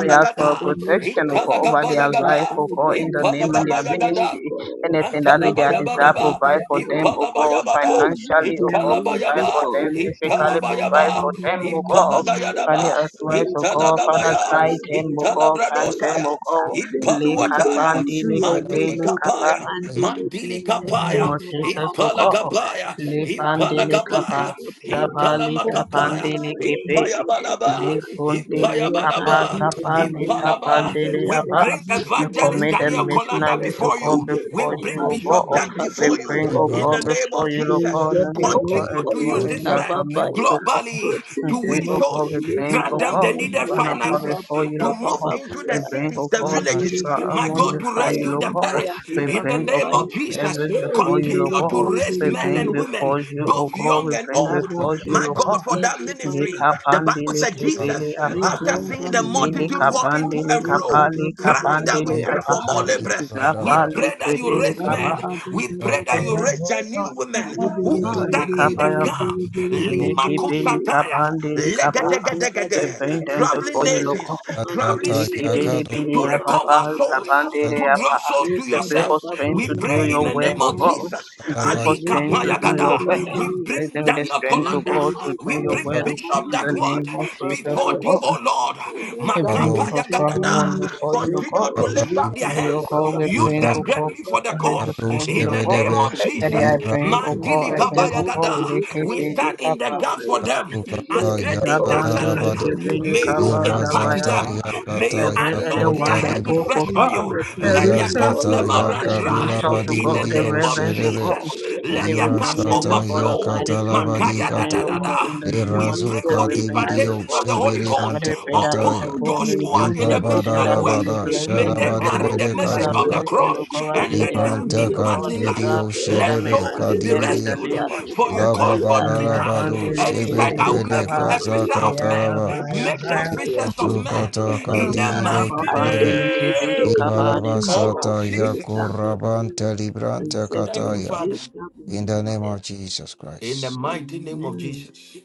We ask for protection, O God, over their life,
Italagabayagada.
O God, in the name of their
Ipalagabayagada.
ministry. Anything that be their desire,
Antalabayabadaba,
provide for them, O God,
Ipalabayabada,
financially, O God, provide for
Italabayaba,
them, physically, provide
Italabayaba,
for them, O God. Father,
Ipalagayadaba,
advise, O God, Father,
Italagabaya,
guide them, O God, guide
Libra
you
them,
Italabradosaya,
O God.
as they
Le
Ipaluataya,
diligently
kapandi,
do
le
your work,
Mandili
kibeli,
O
kapa
God,
Kapaya,
and they look there,
Mandili
in the name
Kapaya,
mama,
of
mama, mama,
Jesus,
mama,
O
ma- ma-
God.
ma- ma.
Ipalagabaya,
Ba-
Le
ba- ba- ya,
pandele
he-
kapa,
ba-
Ipalagabaya,
ba- ba-
zabali
ya, ba- ba-
Italamakapaya,
ba-
tapandele
ba- ya,
kepe,
he- ba- ba- ba-
le
Ipayabalaba,
ya. Let
pondele
your
kapa,
hand
Ipayabalaba,
be upon
zabali
them, and the
Ipalaba.
tapandele
We
evangelist,
we
let
apa.
it
bring
be
You
on the
evangelist
commit the
Daniel
missionaries, O
Colanda
missionaries, O
God.
before
God,
you.
Let
We
before
your
bring
you,
ba-
O
ba- ba-
Bishop
God.
ba-
Dan
ba-
We
before
ba-
you.
bring,
ba-
O
In
God,
the name
ya.
before
of
you, O
Jesus,
God,
Preserve
and
them,
O
O
God,
continue to
God,
everyone
use
in
this
later,
your
man
ba- ba-
commitments, O
ya.
God.
globally
And
Protect
to
say,
them,
win
O
oh
souls,
God,
God,
we bring,
later,
grant
oh
ya,
them
God,
the
mama,
it's
needed
ma-
an
ya,
upon
he-
finances
ba-
before
ba-
you,
to
Lord
ba- ba-
move
God.
ba- ba-
into the
We
ya.
bring,
cities,
oh
the
God, to
villages.
Mandiri
My
Shraman
bosia
God, to
before
kaya
you,
rescue
Lord
the
mama
God.
ya
parish.
We
riba
In the
bring, oh
baba
name
God,
of
ya
Jesus,
David
eh
before you,
ribe
continue
Lord
ribe
God.
to
ribe
raise
We
ribe
men
bring
and
ribe
women,
before you, oh
both
God, we
young and
bring
old.
kaba
before you,
My
Lord God.
God, for
baba
that
baba ya
ministry,
Lika
the Bible
pandile
said.
kepele
Jesus,
ne
apa.
after
kaya
seeing the
mama mama
Zili
multitude
ya
walking to
kapandile
and
ne
fro,
kaba
kapali
cry
baba
that we
baba
kapandile
pray
apa.
for
baba
more
ya
laborers. We
Zapali
pray that you
ne
kepele
raise
kaba
kapa.
men.
baba
We pray
baba
that
ya
you raise a new women
ribe
who will
ribe ribe
stand
Lika
in
ribe
the
ribe
payapa.
gap.
ribe ribe ribe
Lima
Liki pili
ribe
Kosataya,
kapandile
ne
kapa
kaba baba
legedegedegede.
repent and
traveling
before
baba
you, Lord
ya
nations,
God.
mandiri
traveling
Azata
bosia
cities
Yakado
Yikibiribiri
to
kaba baba
recover
yababa
baba ya
souls
zabandere
to draw
yaba.
souls
ne
to
We pray
kaba
for
yourself.
baba
strength
We
to do
pray in
your
baba
the
work,
name
O
baba
of
God.
ya
Jesus.
We pray for
Ali
Alabadika
strength to
Kapaya
do your
Gada.
work.
We
Nibbidi-bidi-bidi-bidi.
Bless
bring
them with the
Daniel
strength, O
Kolanda.
God, to
We
do your
bring
word, O God,
Bishop
in the
Dagwood
name of Jesus, O
before
Yandidibusiyankabayakubabababaya.
thee,
God.
O Lord.
Father, grant
Event
them
Kado
your
Makapaya
Shebede
strong
traveling
one
Gadada.
before you, O God.
Continue to lift up their
May, O
hands.
God, we
Use
bring,
Iras
O
them
God,
greatly for the
every
cause.
Kado
before you,
In
O
the
Yes,
God.
name
Shebedebe
of
That I
Jesus.
Lira
bring,
Lord,
O God,
Mandili
I bring, O
Kabaya
God,
Gada. We
Likibiri
stand in the
kapa.
gap for them
Sukata
as great intercessors.
Zabandele
around
Yakadarabadi
them we
kibiri
May
pray,
you
Lira
cover
impact
kaba
Zata
them,
them.
cover
May you
Yakata
them. Let
the
anoint their
Yakota
your
head with
Libra
wonderful for
fresh
family
oil
God,
be
you.
upon
the
Let
them,
their
we
reason
cups
call
for
Ayazata
never
you,
God,
call
the
run
your mama,
dry.
submission to
Yakadurabadi
In
we
God,
the
the
name
Video
pray,
of
cover
reverence
them,
of
Shedebe
God,
cover
Jesus,
and
let
they
their
them.
Lira
repent
cups
them
Sata
Deliver
before the
them
overflow.
from
mighty
the
throne this
Makaya
Yakata
da
evening,
unreasonable
da
O
da
and
God,
the
in
da.
the name
evil,
We
of
we
pray
Jesus,
call
for
Lirazuka
we
you,
bring them
call your
impartation
dividio
before
of the
you.
Holy
papa.
shibiri
And
Ghost
we
ante
pray that
Your
upon
kataya.
hand be
those
intercede
who are
upon
in
intercede
Libra
the
them,
for
O
them,
bada
missionary
that
la
God.
may you
works.
bada
Let
bless
your
May
them, O
they
shadaba
hand
God.
be
carry the
debede
upon
message
them,
Father,
of
O
the
kazuka.
bless
God.
them,
cross
O God,
Let
be
and
your
let it
their
Libra
have
hand be
needs, O
antaka
impact
God,
upon
in
them, O
lives.
desire.
dividio
Pray
God.
Let
that may you
shedebe
souls
bless
be
Mandere
them in the
kadividia.
rescued.
botia
name of
For you
Jesus.
Laba
called
kababaya.
for
bada
Peter
la badu
Yabandele
and he
Kababaya
said,
shebede
I
kepele
will
heba
make
kaba,
you a fisher
babaya.
kazaka
of men.
taraba.
Make
yababa,
them
Kababaya
Libra
fishers of men.
heba
zuka taka
In
babaya.
the mighty
As
shedebe.
Bandele
there is
kebiri
name
souls
Libra
in the
kabadi
laba
of
kingdom,
sata
kabashi.
let
yako
Jesus.
kababaya.
rabante
Preserve
Thank
them.
you,
kataya.
Let
Father.
In the name
kababaya.
of Jesus
In the
Christ.
mighty name of
Amen.
Jesus.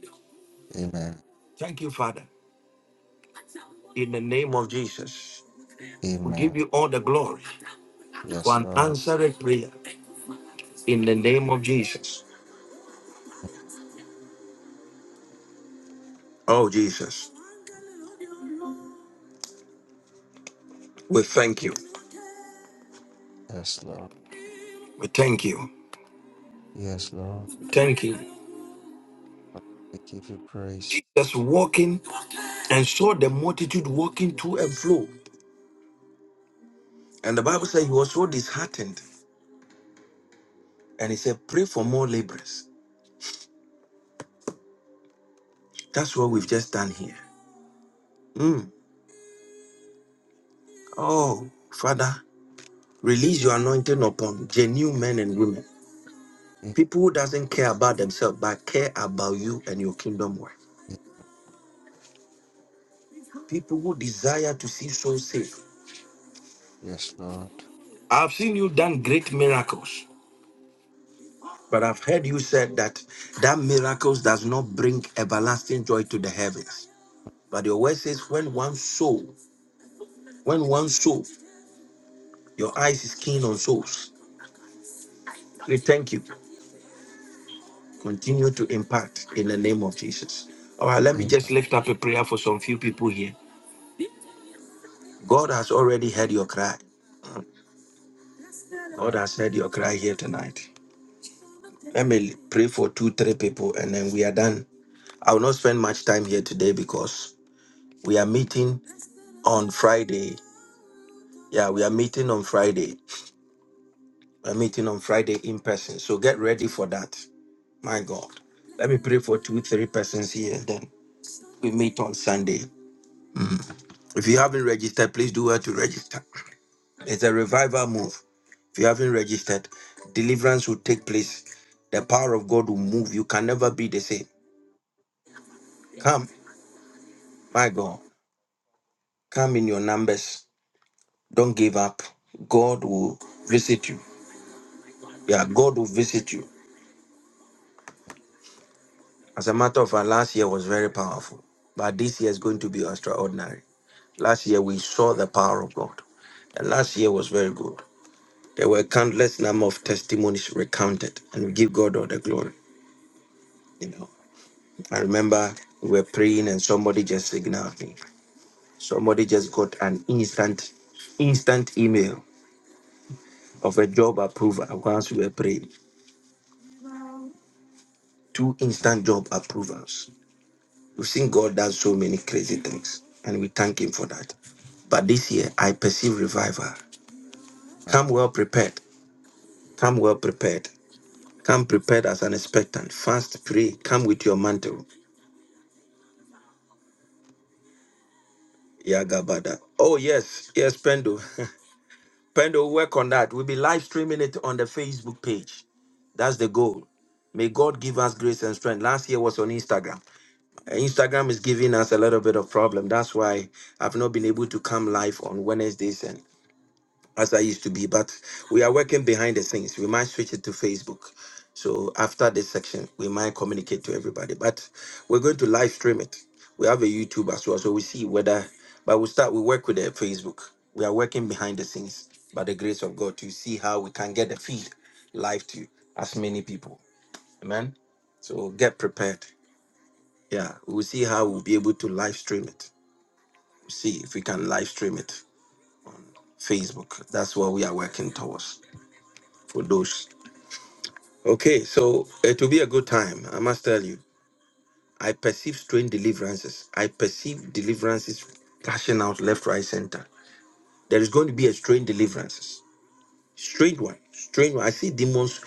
Amen.
Thank you, Father. In the name of Jesus. We
Amen.
give you all the glory for
Yes,
an
Lord.
answered prayer. In the name of Jesus. Oh, Jesus. We thank you.
Yes, Lord.
We thank you.
Yes, Lord,
Thank you.
we give you praise.
Jesus walking and saw the multitude walking to and fro. And the Bible said he was so disheartened. And he said, Pray for more laborers. That's what we've just done here. Mm. Oh, Father. Release your anointing upon genuine men and women.
Amen.
People who doesn't care about themselves but care about you and your kingdom work. People who desire to see souls saved.
Yes, Lord.
I've seen you done great miracles, but I've heard you said that that miracles does not bring everlasting joy to the heavens. But your word says, when one soul, when one soul, your eyes is keen on souls. We thank you. Continue to impact in the name of Jesus. All right, let me just lift up a prayer for some few people here. God has already heard your cry. God
Amen.
has heard your cry here tonight. Let me pray for two, three people and then we are done. I will not spend much time here today because we are meeting on Friday. Yeah, we are meeting on Friday. We're meeting on Friday in person. So get ready for that. My God. Let me pray for two, three persons here. and Then we meet on Sunday. If you haven't registered, please do well to register. It's a revival move. If you haven't registered, deliverance will take place. The power of God will move. You can never be the same. Come, my God, come in your numbers. Don't give up. God will visit you. Yeah, God will visit you. As a matter of fact, last year was very powerful, but this year is going to be extraordinary. Last year we saw the power of God, and last year was very good. There were countless number of testimonies recounted, and we give God all the glory. You know, I remember we were praying, and somebody just signaled me. Somebody just got an instant, instant email of a job approval once we were praying. Two instant job approvals. We've seen God does so many crazy things, and we thank Him for that. But this year, I perceive revival. Come well prepared. Come well prepared. Come prepared as an expectant. Fast, pray. Come with your mantle. Yagabada. Oh, yes. Yes, Pendo. Pendo, work on that. We'll be live streaming it on the Facebook page. That's the goal. May God give us grace and strength. Last year was on Instagram. Uh, Instagram is giving us a little bit of problem. That's why I've not been able to come live on Wednesdays and as I used to be. But we are working behind the scenes. We might switch it to Facebook. So after this section, we might communicate to everybody. But we're going to live stream it. We have a YouTube as well, so we see whether. But we start. We work with the Facebook. We are working behind the scenes by the grace of God to see how we can get the feed live to as many people. Amen. So get prepared. Yeah, we'll see how we'll be able to live stream it. We'll see if we can live stream it. Facebook. That's what we are working towards for those. Okay, so it will be a good time. I must tell you. I perceive strange deliverances. I perceive deliverances cashing out left, right, center. There is going to be a strange deliverances. Strange one. Strange one. I see demons,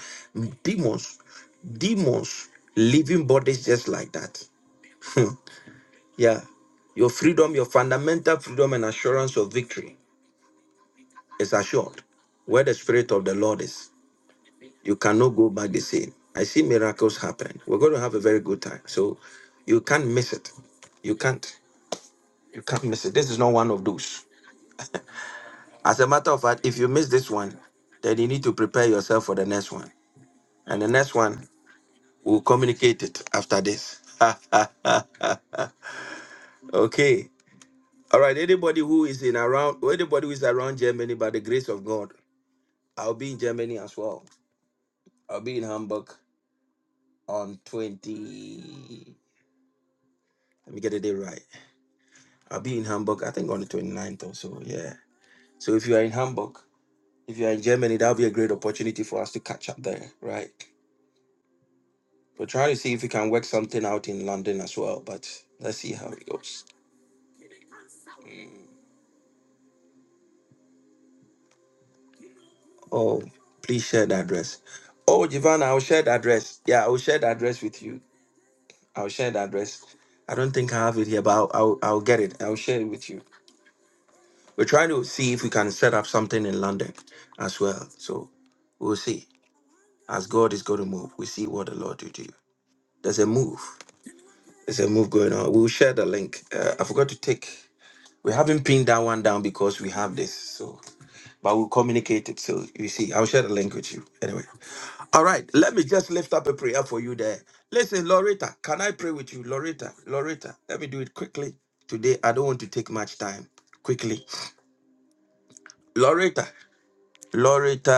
demons, demons leaving bodies just like that. Yeah. Your freedom, your fundamental freedom and assurance of victory is assured. Where the Spirit of the Lord is, you cannot go back the same. I see miracles happen. We're going to have a very good time. So you can't miss it. You can't. You can't miss it. This is not one of those. As a matter of fact, if you miss this one, then you need to prepare yourself for the next one. And the next one, we'll communicate it after this. okay. All right. Anybody who is in around, anybody who is around Germany, by the grace of God, I'll be in Germany as well. I'll be in Hamburg on 20. Let me get the day right. I'll be in Hamburg, I think on the twenty ninth or so. Yeah. So if you are in Hamburg, if you are in Germany, that'll be a great opportunity for us to catch up there, right? We're trying to see if we can work something out in London as well, but let's see how it goes. Oh, please share the address. Oh, Giovanna, I'll share the address. Yeah, I'll share the address with you. I'll share the address. I don't think I have it here, but I'll, I'll, I'll get it. I'll share it with you. We're trying to see if we can set up something in London as well. So we'll see. As God is going to move, we see what the Lord will do. There's a move. There's a move going on. We'll share the link. Uh, I forgot to take. We haven't pinned that one down because we have this. So, but we'll communicate it. So you see, I'll share the link with you. Anyway, all right. Let me just lift up a prayer for you there. Listen, Loretta, can I pray with you, Loretta? Loretta, let me do it quickly today. I don't want to take much time. Quickly, Loretta. Loretta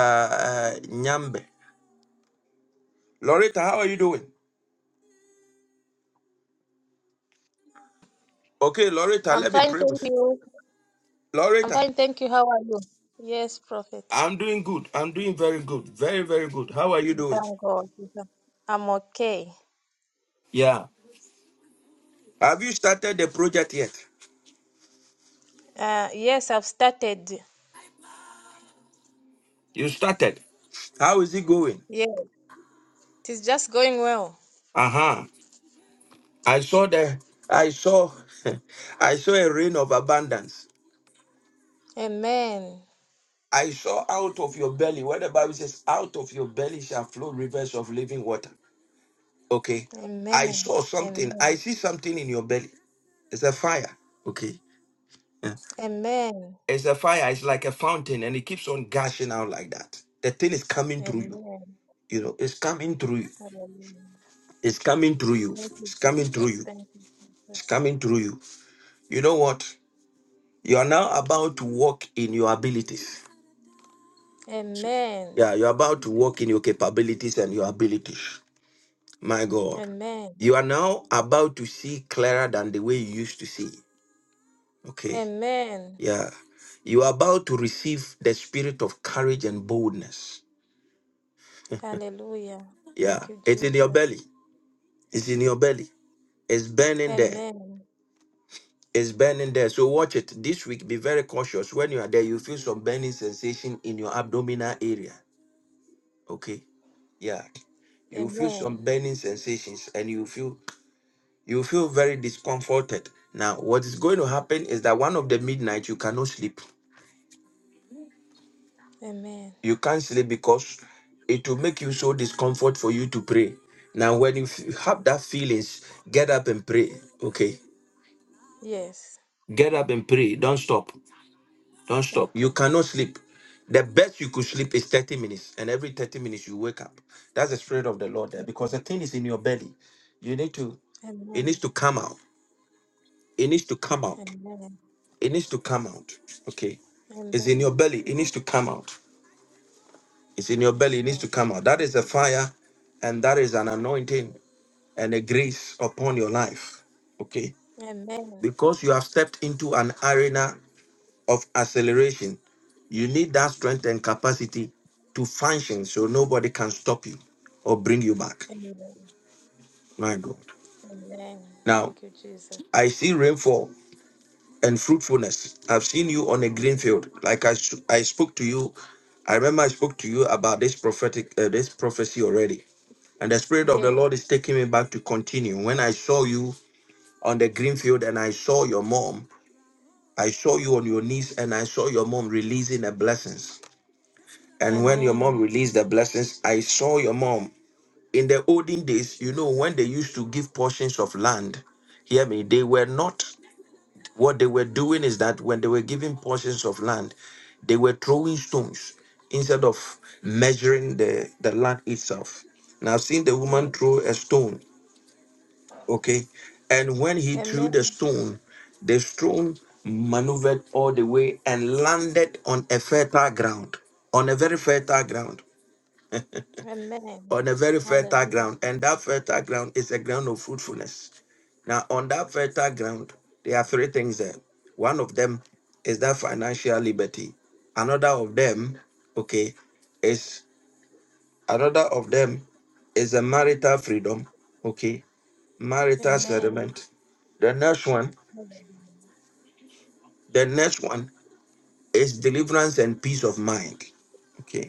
uh, Nyambe. Loretta, how are you doing? Okay, Loretta,
I'm
let me
fine,
pray
thank
with
you.
you.
I'm
Loretta,
fine, thank you. How are you? Yes, Prophet.
I'm doing good. I'm doing very good. Very, very good. How are you
We
doing?
Thank God. We thank- I'm okay.
Yeah. Have you started the project yet?
Uh, yes, I've started.
You started. How is it going?
Yes, it is just going well.
Uh-huh. I saw the I saw I saw a rain of abundance.
Amen.
I saw out of your belly, where the Bible says, out of your belly shall flow rivers of living water. Okay. I
Amen.
saw something. I
Amen.
see something in your belly. It's a fire. Okay. Yeah.
Amen.
It's a fire. It's like a fountain and it keeps on gushing out like that. The thing is coming through you.
Amen.
You know, it's coming through you.
Hallelujah.
It's coming through you.
Thank you,
It's coming through
Jesus.
you.
Thank you,
It's
Jesus.
coming through you. You know what? You are now about to walk in your abilities.
Amen.
Yeah, you're about to walk in your capabilities and your abilities. My God.
Amen.
You are now about to see clearer than the way you used to see. Okay.
Amen.
Yeah. You are about to receive the spirit of courage and boldness
Hallelujah.
Yeah,
Thank you,
it's in your
Jesus.
belly. It's in your belly. It's burning there.
Amen.
It's burning there. So watch it this week. Be very cautious. When you are there, you feel some burning sensation in your abdominal area. Okay. Yeah. You feel
Amen.
some burning sensations, and you feel you feel very discomforted. Now, what is going to happen is that one of the midnight you cannot sleep.
Amen.
You can't sleep because it will make you so discomfort for you to pray. Now, when you f- have that feelings, get up and pray. Okay
Yes.
Get up and pray. Don't stop. Don't stop. You
Okay.
cannot sleep. The best you could sleep is 30 minutes, and every 30 minutes you wake up. That's the spirit of the Lord there because
Amen.
the thing is in your belly. You need to, it needs to come out. It needs to come out.
Amen.
It needs to come out. Okay. It's in your
Amen.
belly. It needs to come out. It's in your belly.
Yes,
It needs to
Lord.
come out. That is a fire, and that is an anointing and a grace upon your life. Okay.
Amen.
Because you have stepped into an arena of acceleration You need that strength and capacity to function so nobody can stop you or bring you back.
Amen.
My God.
Amen.
Now,
Thank you, Jesus.
I see rainfall and fruitfulness. I've seen you on a green field. Like I, s- I spoke to you, I remember I spoke to you about this prophetic, uh, this prophecy already. And the Spirit of the
Yes.
Lord is taking me back to continue. When I saw you on the green field and I saw your mom, I saw you on your knees and I saw your mom releasing the blessings. And when your mom
Amen.
released the blessings, I saw your mom in the olden days, you know, when they used to give portions of land, hear me, they were not, what they were doing is that when they were giving portions of land, they were throwing stones instead of measuring the, the land itself. Now, I've seen the woman
Yes.
throw a stone, okay? And when he threw the
Amen.
stone, the stone maneuvered all the way and landed on a fertile ground, on a very fertile ground
Amen.
on a very fertile ground,
Hallelujah.
and that fertile ground is a ground of fruitfulness. Now, on that fertile ground, there are three things there. One of them is that financial liberty. Another of them, okay, is another of them is a marital freedom, okay, marital
Amen.
settlement. The next one, the next one is deliverance and peace of mind. Okay,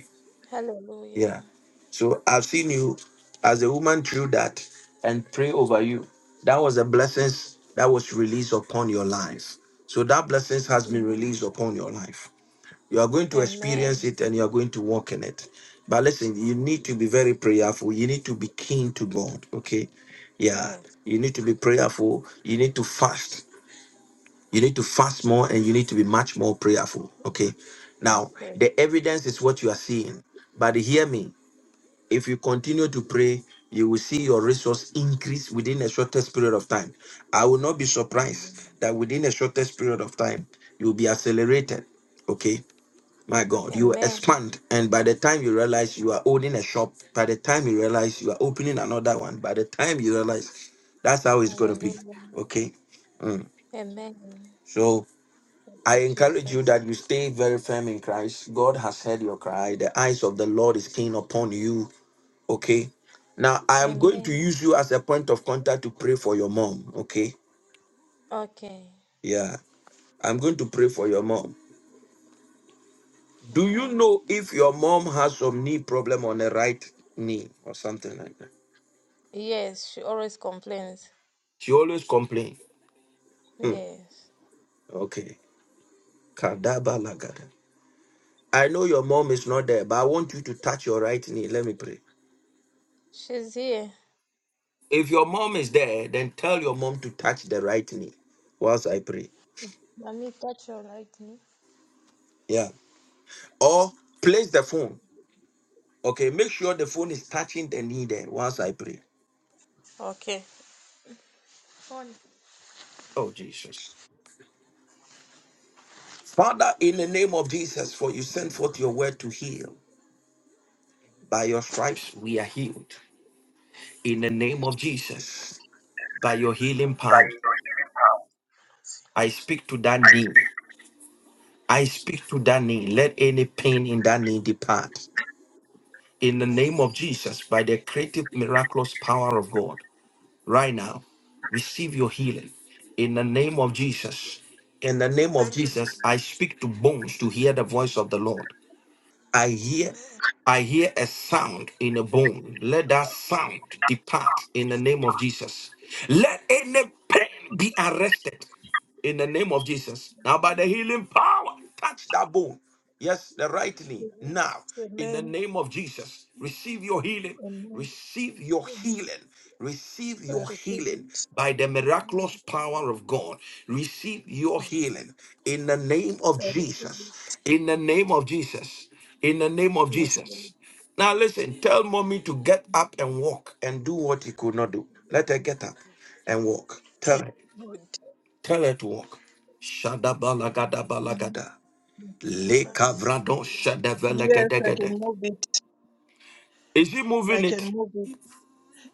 Yeah.
Hallelujah.
So I've seen you as a woman through that and pray over you. That was a blessings that was released upon your life. So that blessings has been released
Amen.
upon your life. You are going to experience
Amen.
it and you are going to walk in it. But listen, you need to be very prayerful. You need to be keen to God. Okay. Yeah.
Yes.
You need to be prayerful. You need to fast. You need to fast more and you need to be much more prayerful. Okay. Now,
Okay.
the evidence is what you are seeing. But hear me if you continue to pray, you will see your resource increase within a shortest period of time. I will not be
Amen.
surprised that within a shortest period of time, you'll be accelerated. Okay, my God, you will
Amen.
expand, and by the time you realize you are owning a shop, by the time you realize you are opening another one, by the time you realize that's how it's going to be.
Hallelujah.
Okay,
Amen.
so
Thank
I
you,
encourage you
Jesus.
that you stay very firm in Christ. God has heard your cry. The eyes of the Lord is keen upon you Okay. Now I am going to
Amen.
use you as a point of contact to pray for your mom. Okay.
Okay.
Yeah. I'm going to pray for your mom. Do you
Amen.
know if your mom has some knee problem on the right knee or something like that?
Yes, she always complains.
She always complain. Hmm.
Yes.
Okay. Kadaba lagada. I know your mom is not there, but I want you to touch your right knee. Let me pray.
She's here.
If your mom is there, then tell your mom to touch the right knee whilst I pray.
Let me touch your right knee.
Yeah. Or place the phone. Okay, make sure the phone is touching the knee there once I pray.
Okay. On.
Oh, Jesus. Father, in the name of Jesus, for you send forth your word to heal by your stripes. We are healed. In the name
Amen.
of Jesus, by your
Yes, Lord.
healing power, I speak to that knee. I
Yes,
speak to
Lord.
that knee. Let any pain in that knee depart. In the
And then
name of Jesus, by the creative, miraculous power of God. right now. Receive your healing in the name of Jesus. In the name
amen.
of
Thank you.
Jesus, I speak to bones to hear the voice of the Lord. I hear, I hear a sound in a bone. Let that sound depart in the name of Jesus. Let any pain be arrested in the name of Jesus. Now, by the healing power, touch that bone. Yes, the right knee. Now, in the
Amen.
name of Jesus, receive your healing.
Amen. Amen.
Receive your
Amen.
healing. Receive
I
your
receive
healing
it.
by the
I
miraculous power of God. Receive your healing in the name of
I receive
Jesus.
it.
In the name of Jesus. In the name of
Yes, Lord.
Jesus. Now, listen, tell mommy to get up and walk and do what he could not do. Let her get up and walk. Tell her.
Lord,
Tell it to walk. Shadabalagada balagada.
Thank you, Jesus. yes.
Lekavrado
Yes, I
shadavelagadagada.
can move it.
Is she
I
moving
can
it?
move it.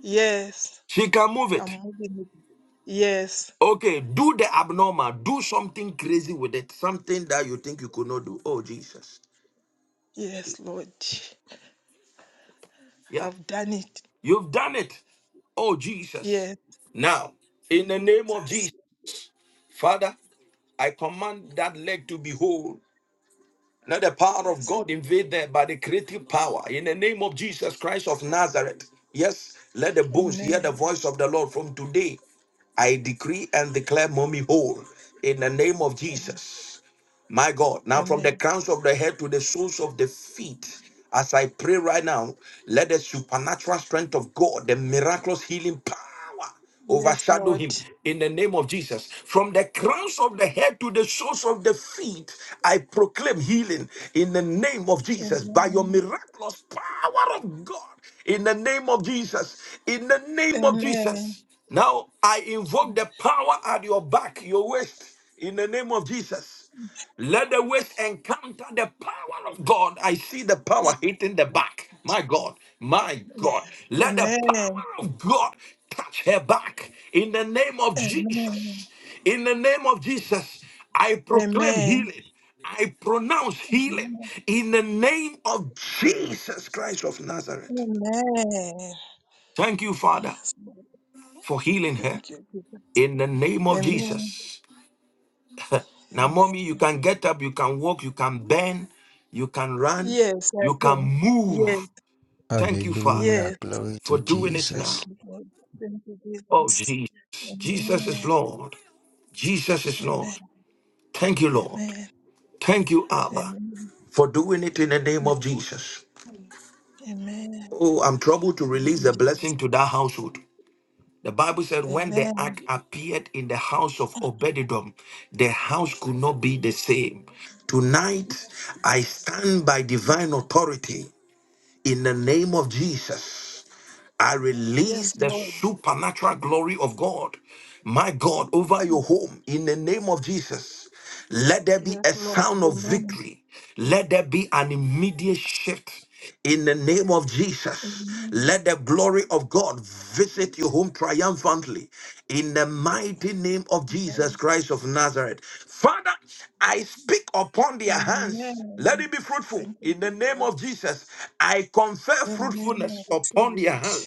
Yes,
She can move
I'm
it.
moving it. Yes,
Okay, do the abnormal. Do something crazy with it. Something that you think you could not do. Oh, Jesus.
yes, Lord.
Yeah,
I've done it.
you've done it. Oh, Jesus.
Yes.
Now, in
Thank
the
you,
name of
Jesus.
Jesus, Father, I command that leg to be whole. Let the power of
Yes,
God invade them by the creative power in the name of Jesus Christ of Nazareth. Yes, let the bones hear the
Amen.
voice of the Lord from today. I decree and declare mommy whole in the name of Jesus. My God, now from
Amen.
the crowns of the head to the soles of the feet, as I pray right now, let the supernatural strength of God, the miraculous healing power,
Yes,
overshadow
Lord.
him in the name of Jesus. From the crowns of the head to the soles of the feet, I proclaim healing in the name of Jesus by your
Amen.
miraculous power of God. In the name of Jesus. In the name of
Amen.
Jesus. Now I invoke the power at your back, your waist, in the name of Jesus. Let
Lord.
the waist encounter the power of God. I see the power hitting the back. My God, my God. Let the power
Amen.
of God touch her back in the name of
Amen.
Jesus. In the name of Jesus, I proclaim
Amen.
healing. I pronounce healing in the name of Jesus Christ of Nazareth.
Amen. Amen.
Thank you, Father, for healing her
Thank you. Jesus.
in the name of
Amen.
Jesus. Now,
Amen.
mommy, you can get up, you can walk, you can bend, you can run,
Yes, I
you can
can. Yes.
move. Thank you, Father,
Hallelujah.
Yes.
Glory
for
to
doing it
Thank
Jesus.
now.
you, Lord. Thank you,
Oh,
Jesus.
Jesus. Jesus is
Amen.
Lord. Jesus is
Amen.
Lord. Thank you, Lord.
Amen.
Thank you, Abba,
Amen.
for doing it in the name of Jesus.
Amen.
Oh, I'm troubled to
Thank
release
you,
the
Jesus.
blessing to that household. The Bible said when the ark
Amen.
appeared in the house of Obededom, the house could not be the same. Tonight, I stand by divine authority in the name of Jesus. I release
Yes,
the
Lord.
supernatural glory of God, my God, over your home in the name of Jesus. Let there be
Yes,
a
Lord.
sound of
Amen.
victory. Let there be an immediate shift in the name of Jesus.
Amen.
Let the glory of God visit your home triumphantly in the mighty name of Jesus
Amen.
Christ of Nazareth. Father, I speak upon their hands. Let
Amen.
it be fruitful
Thank you,
in the name of
Jesus.
Jesus. I confer
Amen. I
fruitfulness
receive
upon their
it.
hands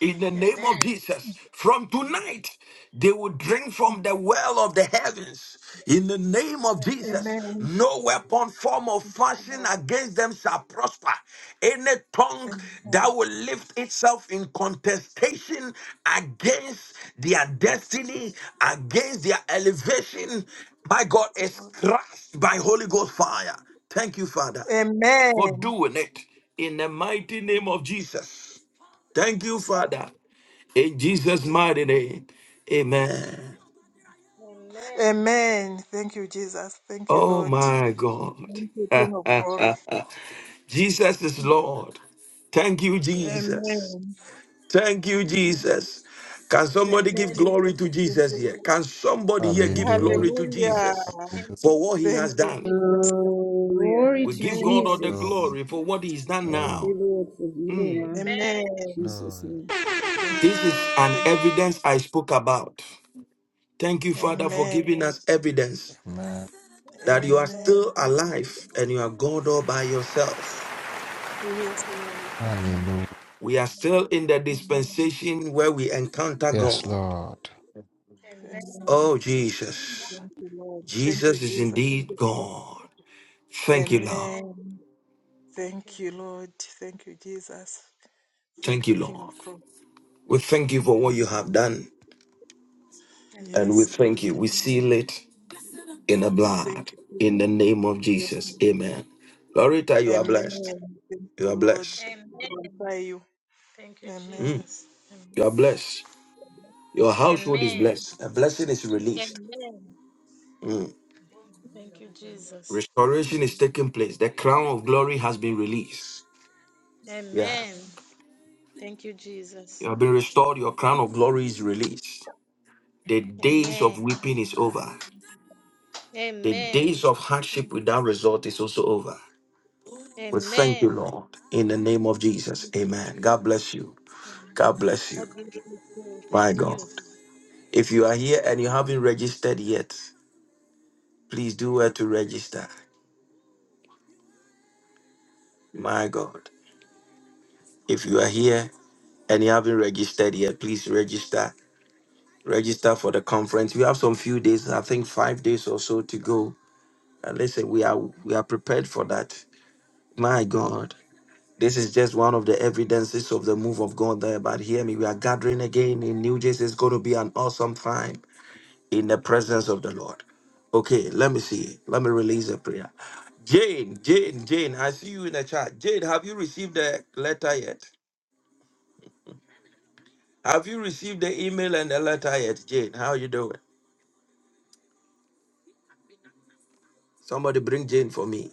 in the name
Amen.
of Jesus. From tonight, they will drink from the well of the heavens in the name of
Amen.
Jesus. No weapon, form, or
Amen.
fashion
Lord.
against them shall prosper. Any tongue that
Amen.
will lift itself in contestation against their destiny, against their elevation, my God,
Yes,
is
Lord.
crushed by Holy Ghost fire. Thank you, Father, for
Amen.
doing it in the mighty name of Jesus. Thank you,
Yes, Lord.
Father. In Jesus'
Thank you,
mighty
Lord.
name. Amen.
Amen. Amen. Thank you, Jesus. Thank you,
Oh
Lord.
my God.
Thank you, King of Glory.
Jesus is Lord. Thank you,
Amen.
Jesus. Thank you, Jesus. Can
Thank
somebody
you, Amen.
give glory
Jesus.
to
Thank
Jesus
you,
here? Can somebody here
Lord.
give
Hallelujah.
glory to
Hallelujah.
Jesus
Hallelujah.
for what
Thank you,
he
Thank
has done?
you, Jesus.
Hallelujah.
Glory
We
to
give God all the
Amen. Thank
Jesus.
Glory,
glory
you,
for what
Lord.
he's done
Thank
glory,
you,
now.
Lord, for healing
Mm.
Amen.
man.
Amen.
Jesus'
glory.
name.
Thank
This
you, Lord.
is
Thank you,
an
Thank you.
evidence I spoke about. Thank you,
Jesus.
Father, for
Amen.
giving us evidence
Amen.
Amen.
that
Yes,
you are
Lord. Amen.
still
Thank you, Jesus.
alive and you are God all by yourself.
Yes, Lord.
Hallelujah.
We are still in the dispensation where we encounter
Yes,
God.
Lord.
Amen. Amen. Amen.
Oh, Jesus.
Thank you, Lord. Thank you,
Jesus is
Jesus. Thank
indeed
you, King of
God.
Glory.
Thank you, Lord.
Amen. Amen. Thank you, Lord. Thank you, Jesus.
Thank
Thank you,
you,
King
Lord.
of Glory.
We thank you for what you have done. And we
Yes, Amen. Lord.
thank you. We
Amen.
seal it in the
Thank
blood.
you,
In the
Jesus.
name of Jesus. Amen. Lorita, you are
Amen.
blessed.
Amen. Thank
You
you,
are
Lord.
blessed.
Thank you, Amen. Glorify you. Thank you, Amen.
Mm,
Jesus.
you are blessed. Your household is
Amen.
blessed. A blessing is released.
Amen. Thank you, Jesus.
Restoration is taking place. The crown of glory has been released. Yeah.
Amen. Thank you, Jesus.
You have been restored. Your crown of glory is released. The days of
Amen.
weeping is over. The
Amen.
days of hardship without result is also over. We thank
Amen.
you, Lord, in the name of Jesus. Amen. God bless you. God bless you.
God bless you. too.
My
Thank
God.
you.
If you are here and you haven't registered yet, please do well to register. My God. If you are here and you haven't registered yet, please register register for the conference. We have some few days, I think five days or so to go. And listen, we are we are prepared for that. My God. This is just one of the evidences of the move of God there. But hear me, we are gathering again in New Jersey. It's going to be an awesome time in the presence of the Lord. Okay, let me see. Let me release a prayer. Jane, Jane, Jane, I see you in the chat. Jane, have you received the letter yet? Have you retired? Have you received the email and the letter yet, Jane? How you doing? Somebody bring Jane for me.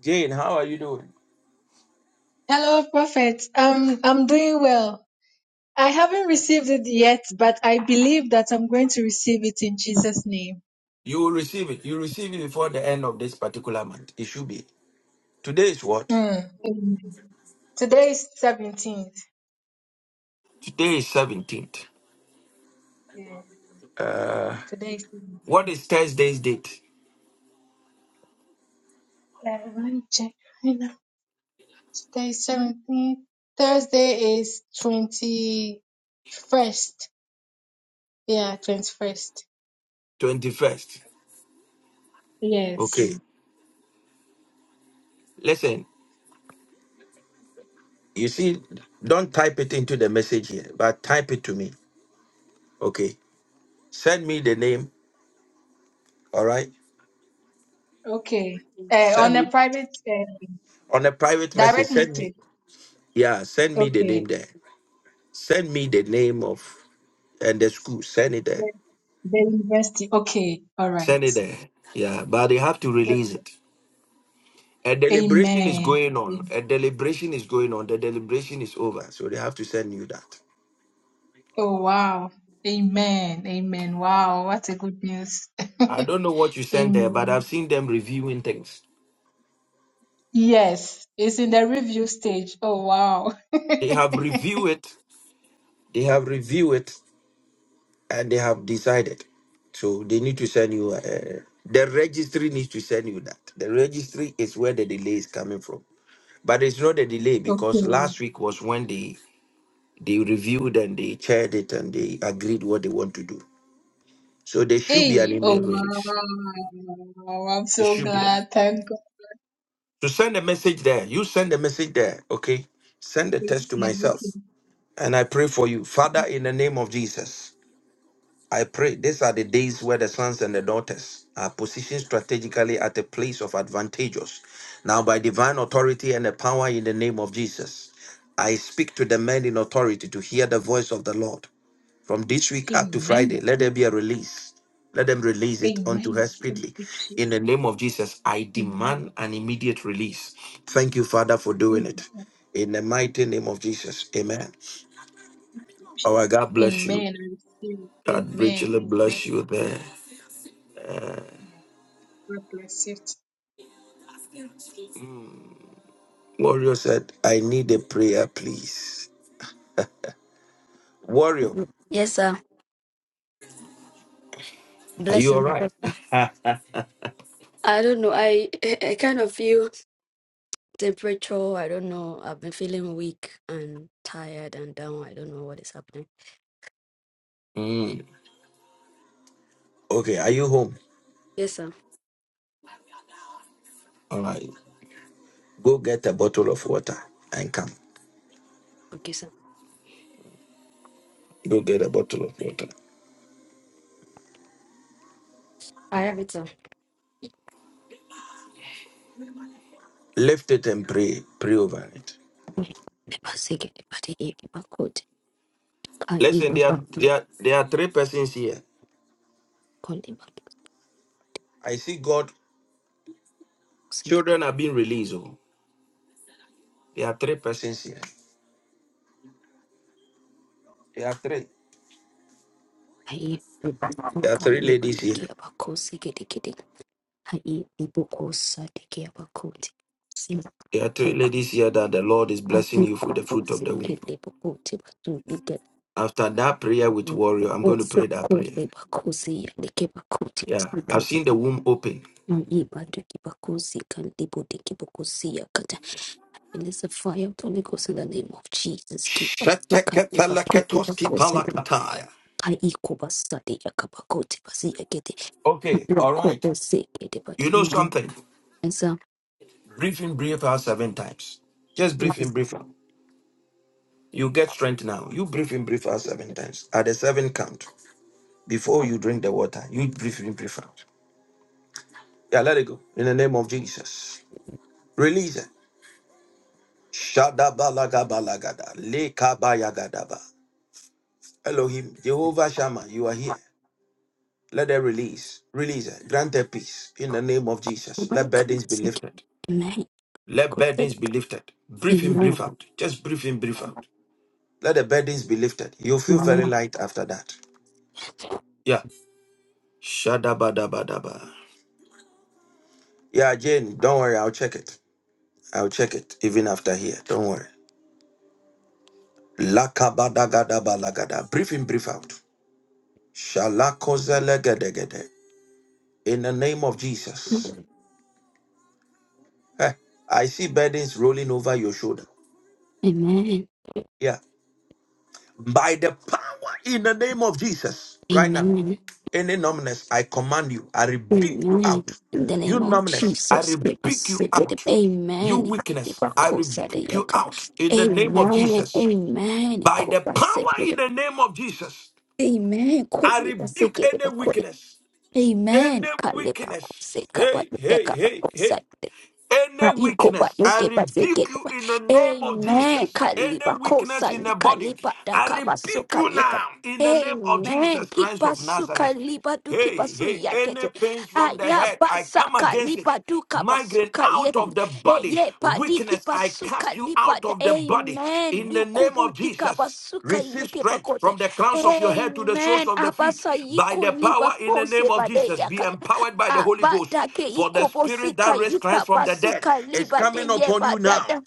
Jane, how are you doing?
Hello, Prophet. Um, I'm doing well. I haven't received it yet, but I believe that I'm going to receive it in Jesus' name.
You will receive it. You receive it before the end of this particular month. It should be. Today is what?
Mm. Amen. Today is 17th.
Today is 17th.
Yeah,
Uh,
today is
What
17th.
is Thursday's date?
Uh, let me check right now. Today is 17th. Thursday is 21st. Yeah, 21st.
21st.
Yes.
Okay. Listen, you see, don't type it into the message here, but type it to me. Okay. Send me the name. All right.
Okay. Uh,
Send
on a
me
private uh,
on a private message.
direct
Send me.
message.
Yeah, send me the name
Okay.
there. Send me the name of and the school. Send it there.
The, the university. Okay. All right.
Send it there. Yeah, but they have to release it. A deliberation is
Amen.
going on. A deliberation is going on. The deliberation is over. So they have to send you that.
Oh, wow. Amen. Amen. Wow. What a good news.
I don't know what you sent there, but I've
Amen.
seen them reviewing things.
Yes, it's in the review stage. Oh, wow.
They have reviewed it. They have reviewed it and they have decided. So they need to send you. Uh, the registry needs to send you that. The registry is where the delay is coming from. But it's not a delay because
Okay.
last week was when they they reviewed and they chaired it and they agreed what they want to do. So there should be an
Hey, oh,
email release.
wow. I'm
There
so
should be an.
glad. Thank God.
So send a message there. You send a message there. Okay. Send a text to
Amen.
myself.
Okay.
And I pray for you. Father, in the name of Jesus, I pray. These are the days where the sons and the daughters are positioned strategically at a place of advantageous. Now, by divine authority and the power in the name of Jesus, I speak to the men in authority to hear the voice of the Lord. From this week up to
Amen.
Friday, let there be a release. Let them release it unto
Amen.
her
Thank
speedily.
you,
In
Jesus.
the name of Jesus, I
Amen.
demand an immediate release. Thank you, Father, for doing it.
Amen.
In the mighty name of Jesus. Amen.
Thank you,
Our
Jesus.
God bless you.
Amen. I receive. it.
God
Amen.
richly
Amen.
bless you there.
Amen. God bless you.
Warrior said, I need a prayer, please. Warrior,
Yes, sir.
are you all
Blessing.
right?
blessing. I don't know. I I kind of feel temperature. I don't know. I've been feeling weak and tired and down. I don't know what is happening.
Mm. Okay, are you home?
Yes, sir.
All right. Go get a bottle of water and come.
Okay, sir.
Go get a bottle of water.
I have it, sir.
Lift it and pray. Pray over it. Listen, there are, there are, there are three persons here. I see God. Children are being released. Oh. There are three persons here. There are three. There are three ladies here. There are three ladies here that the Lord is blessing you for the fruit of the womb. After that prayer with warrior, I'm going to pray that prayer.
Usukuti bakusi yandike bakuti
Yeah. I've
yandike
seen the womb open.
ibadiki bakusi kandi budiki bakusi yakata. It is the fire of the Holy Ghost in the name of Jesus. Keep kandi bakuti bakusi
Shetekepeleketoskipalakataya.
kai ikubasadi yakabakoti basi yakete.
Okay. All right.
Bakuti sekete
You know something?
badi.
Breathe in, breathe out seven times. Just breathe in, breathe out. You get strength now. You breathe in, breathe out seven times. At the seven count, before you drink the water, you breathe in, breathe out. Yeah, let it go. In the name of Jesus. Release it. Shadabalagabalagada. Lekabayagadaba. Elohim, Jehovah Shammah, you are here. Let it release. Release it. Grant a peace. In the name of Jesus. Let
Amen.
burdens be lifted. Let burdens be lifted. Breathe in, breathe
Amen.
out. Just breathe in, breathe out. Let the burdens be lifted. You'll feel very
Amen.
light after that. Yeah. Shadabadabadaba. Yeah, Jane, don't worry. I'll check it. I'll check it even after here. Don't worry. Lakabadagadaba Brief in, brief out. Shalakozelegedegede. In the name of Jesus.
Amen.
Eh, I see burdens rolling over your shoulder.
Amen.
Yeah. By the power in the name of Jesus. Right now. Any numbness, I command you. I rebuke you
Amen.
out.
In the
You
name of
numbness, I
Jesus, give us
rebuke you
secret.
out. You
Amen. Give
weakness,
us
I
cause at
rebuke
the
you
echo.
out in the name of
Amen.
Jesus.
Amen.
By the power
Cover
in the name of Jesus,
Amen.
I
Kuli
rebuke
basike de
any
bakuri.
weakness,
Amen.
any
Kale bako
weakness.
seka ba
Hey, hey,
yaka
hey,
bako
hey.
sa. Ah,
Any
you go back,
weakness,
you
I
get back, you
rebuke
get
you
back.
in the name of
Amen.
Jesus. Any
Kaliba
weakness
kosa,
in
you
the body,
kaliba
I
dakaba
rebuke
suka
you
yeka.
now in the name of
Amen.
Jesus Christ
Kipa
of
suka
Nazareth.
liba du kipa
Hey,
su
hey, any
yakete.
pains from the
Aya
head, I
basa
come against it
kaliba du kapa
migraine
suka
out of
yen.
the
E
body.
ye padi
Weakness,
kipa
I
suka
cast you
liba.
out
da-
of the body
Amen.
in the name
Lukubu
of
di kapa
Jesus.
suka
Receive
yeke
strength
pakote.
from the crowns of your head to the soles
Amen.
of the feet
Abasa
by
yiku
the power
liba
in the name
kose
of
bade
Jesus. Be
yakata.
empowered by the Holy Ghost.
Abadake
For the spirit that
ikobosika
raised Christ from the dead
ikabasuka
is
liba de
coming upon you now.
yebadada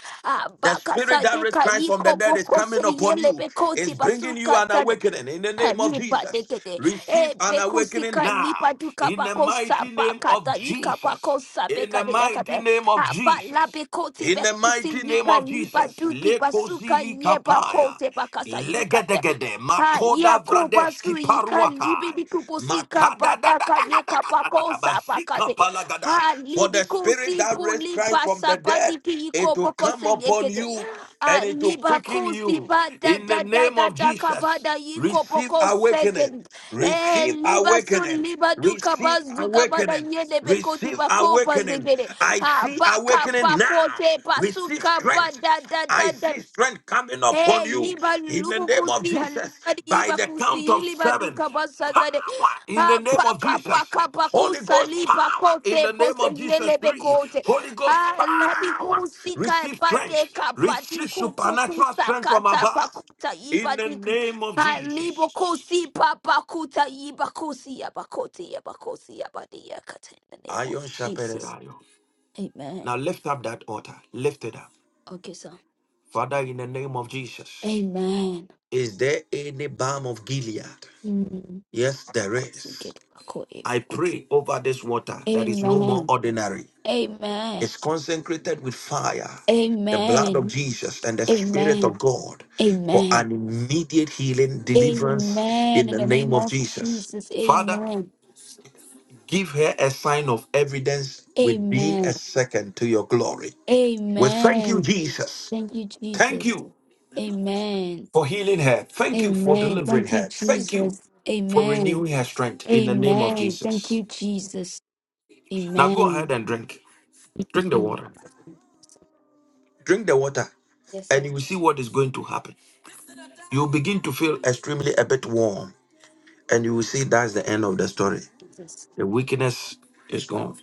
The spirit
abakasa
that raised
deka
Christ from the dead is
ikobokose
coming upon you,
yelebekoti
is bringing you
basuka
an
tada
awakening in the name of
Kanipa
Jesus.
tekete. E
Receive an
beku
awakening
sika
now
nipa duka
in the
pako
mighty
saba
name of
kata nika
Jesus.
pako sabe
In the
kade
mighty
yakate.
name of
Aba la
Jesus.
beko ti
In the
beku si
mighty name
nika
of
nipa
Jesus.
duki basuka
Lekozili
ye bako
kapaya.
te bakasa yikate.
Legedegede.
Ha
Makoda
yako
vradesh
basu yika libi
kiparuatai.
di kupusika
Makada da da da
bataka
da da
ye
da da da
kosa
da.
saba
Bazika
kade.
palagada.
Ha
For
libi
the spirit
kusi
that raised
puli
Christ from
basa
the dead
badiki
it
yiko
will
boko
come
se
upon
yekete.
you and
Ah,
it will quicken
kusi
you
ba da
in the
da da
name
da
of
da
Jesus.
kabada yiko
Receive
poko
awakening.
second. Eh,
Receive
liba sun
awakening.
liba du
Receive
kabaz du kabada
awakening.
yene bekoti
Receive
bako
awakening.
bazegere.
I
Ah,
see
baka
awakening
bako
now.
te
Receive
basuka ba
strength.
da da da
I
da.
see strength coming upon
Hey,
you
iba
in the
lubu
name of
haladi
Jesus, by
iba
the count
kusi
of seven,
basagade.
power in the name
Apa
of
kapa
Jesus.
kapa
Holy
kusa
Ghost power in the name
bose
of Jesus.
yelebe
Three. Holy Ghost
Ah, ladi
power.
kusi ka
Receive strength.
pate
Receive supernatural strength from
kata
above.
pakuta
In
iba
the name of
Ah, libo
Jesus.
kusi papa kuta iba kusi kata in the name of
Iron sharpened
Jesus.
iron.
Amen.
Now lift up that altar. Lift it up.
Okay, so.
Father, in the name of Jesus.
Amen.
Is there any balm of Gilead?
Mm.
Yes,
Amen.
there is. I pray over this water that is no more
Amen.
ordinary.
Amen.
It's consecrated with fire, the blood of
Amen.
Jesus, and the Spirit of
Amen.
God for an immediate healing, deliverance
Amen.
in
In
the
the
name
name
of
of
Jesus.
Jesus.
Father,
Amen.
give her a sign of evidence with being a
Amen.
second to your glory. We thank you,
Amen.
Jesus.
Thank you,
Thank
Jesus.
you
Amen.
for healing her. Thank you for
Amen.
delivering
Thank you,
her. Thank you
Jesus.
for
Amen.
renewing her strength in the name of
Amen. Thank
Jesus.
you, Jesus.
Now go
Amen.
ahead and drink.
Thank
Drink the
you.
water. Drink the water
Yes,
and
sir.
you will see what is going to happen. You'll begin to feel extremely a bit warm, and you will see that's the end of the story.
Jesus.
The weakness is gone.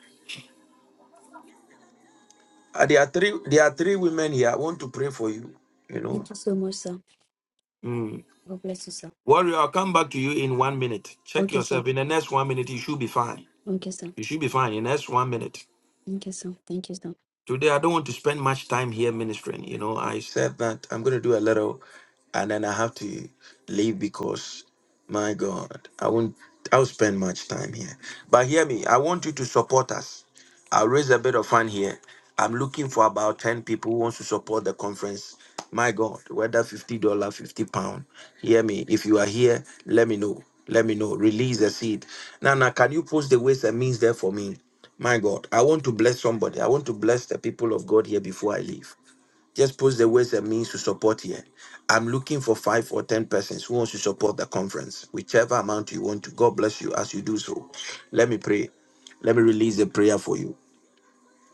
Uh, there are three. There are three women here. I want to pray for you. You know,
Thank you so much, sir.
mm.
God bless you, sir.
warrior. I'll come back to you in one minute. Check
Okay, sir.
yourself. In the next one minute, you should be fine.
Okay, sir.
You should be fine. In the next one minute.
Thank you so. Thank you so
Today, I don't want to spend much time here ministering. You know, I said that I'm going to do a little and then I have to leave because, my God, I won't, I'll spend much time here. But hear me, I want you to support us. I'll raise a bit of fun here. I'm looking for about 10 people who wants to support the conference. My God, whether $50, dollar, 50 pound. Hear me. If you are here, let me know. Let me know. Release a seed. Nana, can you post the ways and means there for me? My God, I want to bless somebody. I want to bless the people of God here before I leave. Just post the ways and means to support here. I'm looking for five or ten persons who wants to support the conference, whichever amount you want to. God bless you as you do so. Let me pray. Let me release a prayer for you.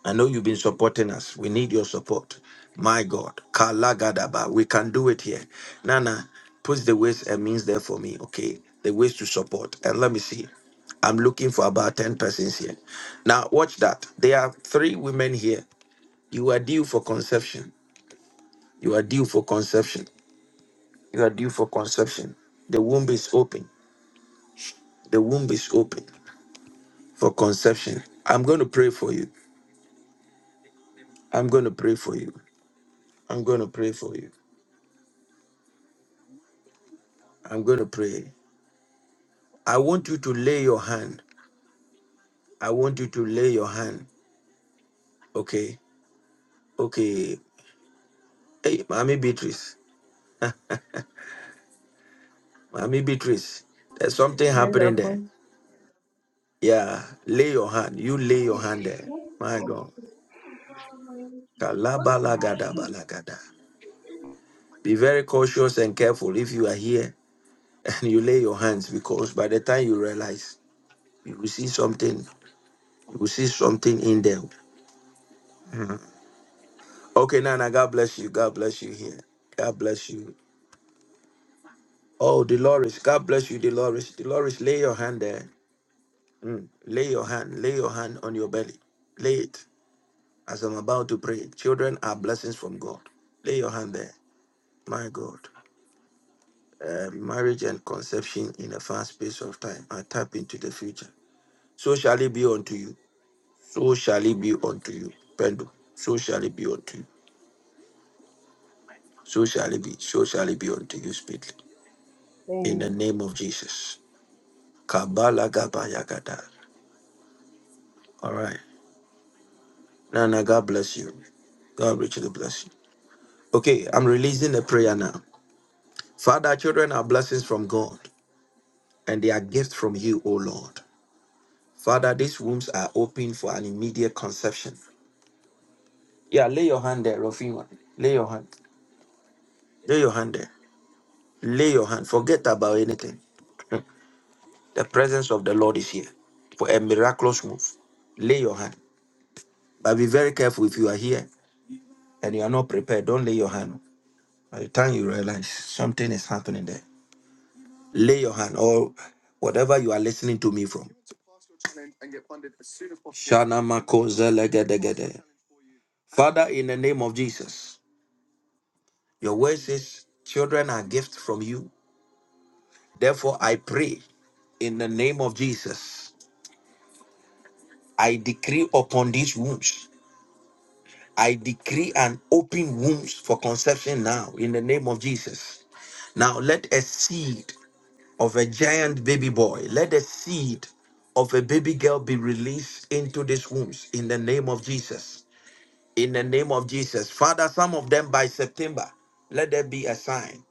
I know you've been supporting us. We need your support. My God. Kalagadaba. We can do it here. Nana, put the ways and means there for me, okay? The ways to support. And let me see. I'm looking for about 10 persons here. Now, watch that. There are three women here. You are due for conception. You are due for conception. You are due for conception. The womb is open. The womb is open for conception. I'm going to pray for you. I'm going to pray for you. I'm going to pray for you. I'm going to pray. I want you to lay your hand. I want you to lay your hand. Okay. Okay. Hey, Mommy Beatrice. Mommy Beatrice. There's something
Yes,
happening there.
upon
Yeah. Lay your hand. You lay your hand there. My God. Kalabalagadabalagadaba. Be very cautious and careful if you are here and you lay your hands because by the time you realize, you will see something. You will see something in there. Okay, Nana, God bless you. God bless you here. God bless you. Oh, Dolores, God bless you, Dolores. Dolores, lay your hand there. Mm. Lay your hand, lay your hand on your belly. Lay it as I'm about to pray. Children are blessings from God. Lay your hand there. My God. Uh, marriage and conception in a fast space of time. I tap into the future. So shall it be unto you. So shall it be unto you. Pendle. So shall it be unto you. So shall it be. So shall it be unto you speedily. In the
Amen.
name of Jesus. Kabbalah Gabayagada. All right. Nana, God bless you. God richly bless you. Okay, I'm releasing a prayer now. Father, children are blessings from God and they are gifts from you, O Lord. Father, these wombs are open for an immediate conception. Yeah, lay your hand there, Rofima. Lay your hand. Lay your hand there. Lay your hand. Forget about anything. The presence of the Lord is here for a miraculous move. Lay your hand. But be very careful if you are here and you are not prepared. Don't lay your hand. By the time you realize something is happening there, lay your hand or whatever you are listening to me from. Shanamako zelegedegede. Father, in the name of Jesus, your word says children are gifts from you. Therefore, I pray in the name of Jesus, I decree upon these wombs. I decree an open wombs for conception now in the name of Jesus. Now let a seed of a giant baby boy, let a seed of a baby girl be released into these wombs in the name of Jesus. in the name of Jesus. Father, some of them by September, let there be a sign.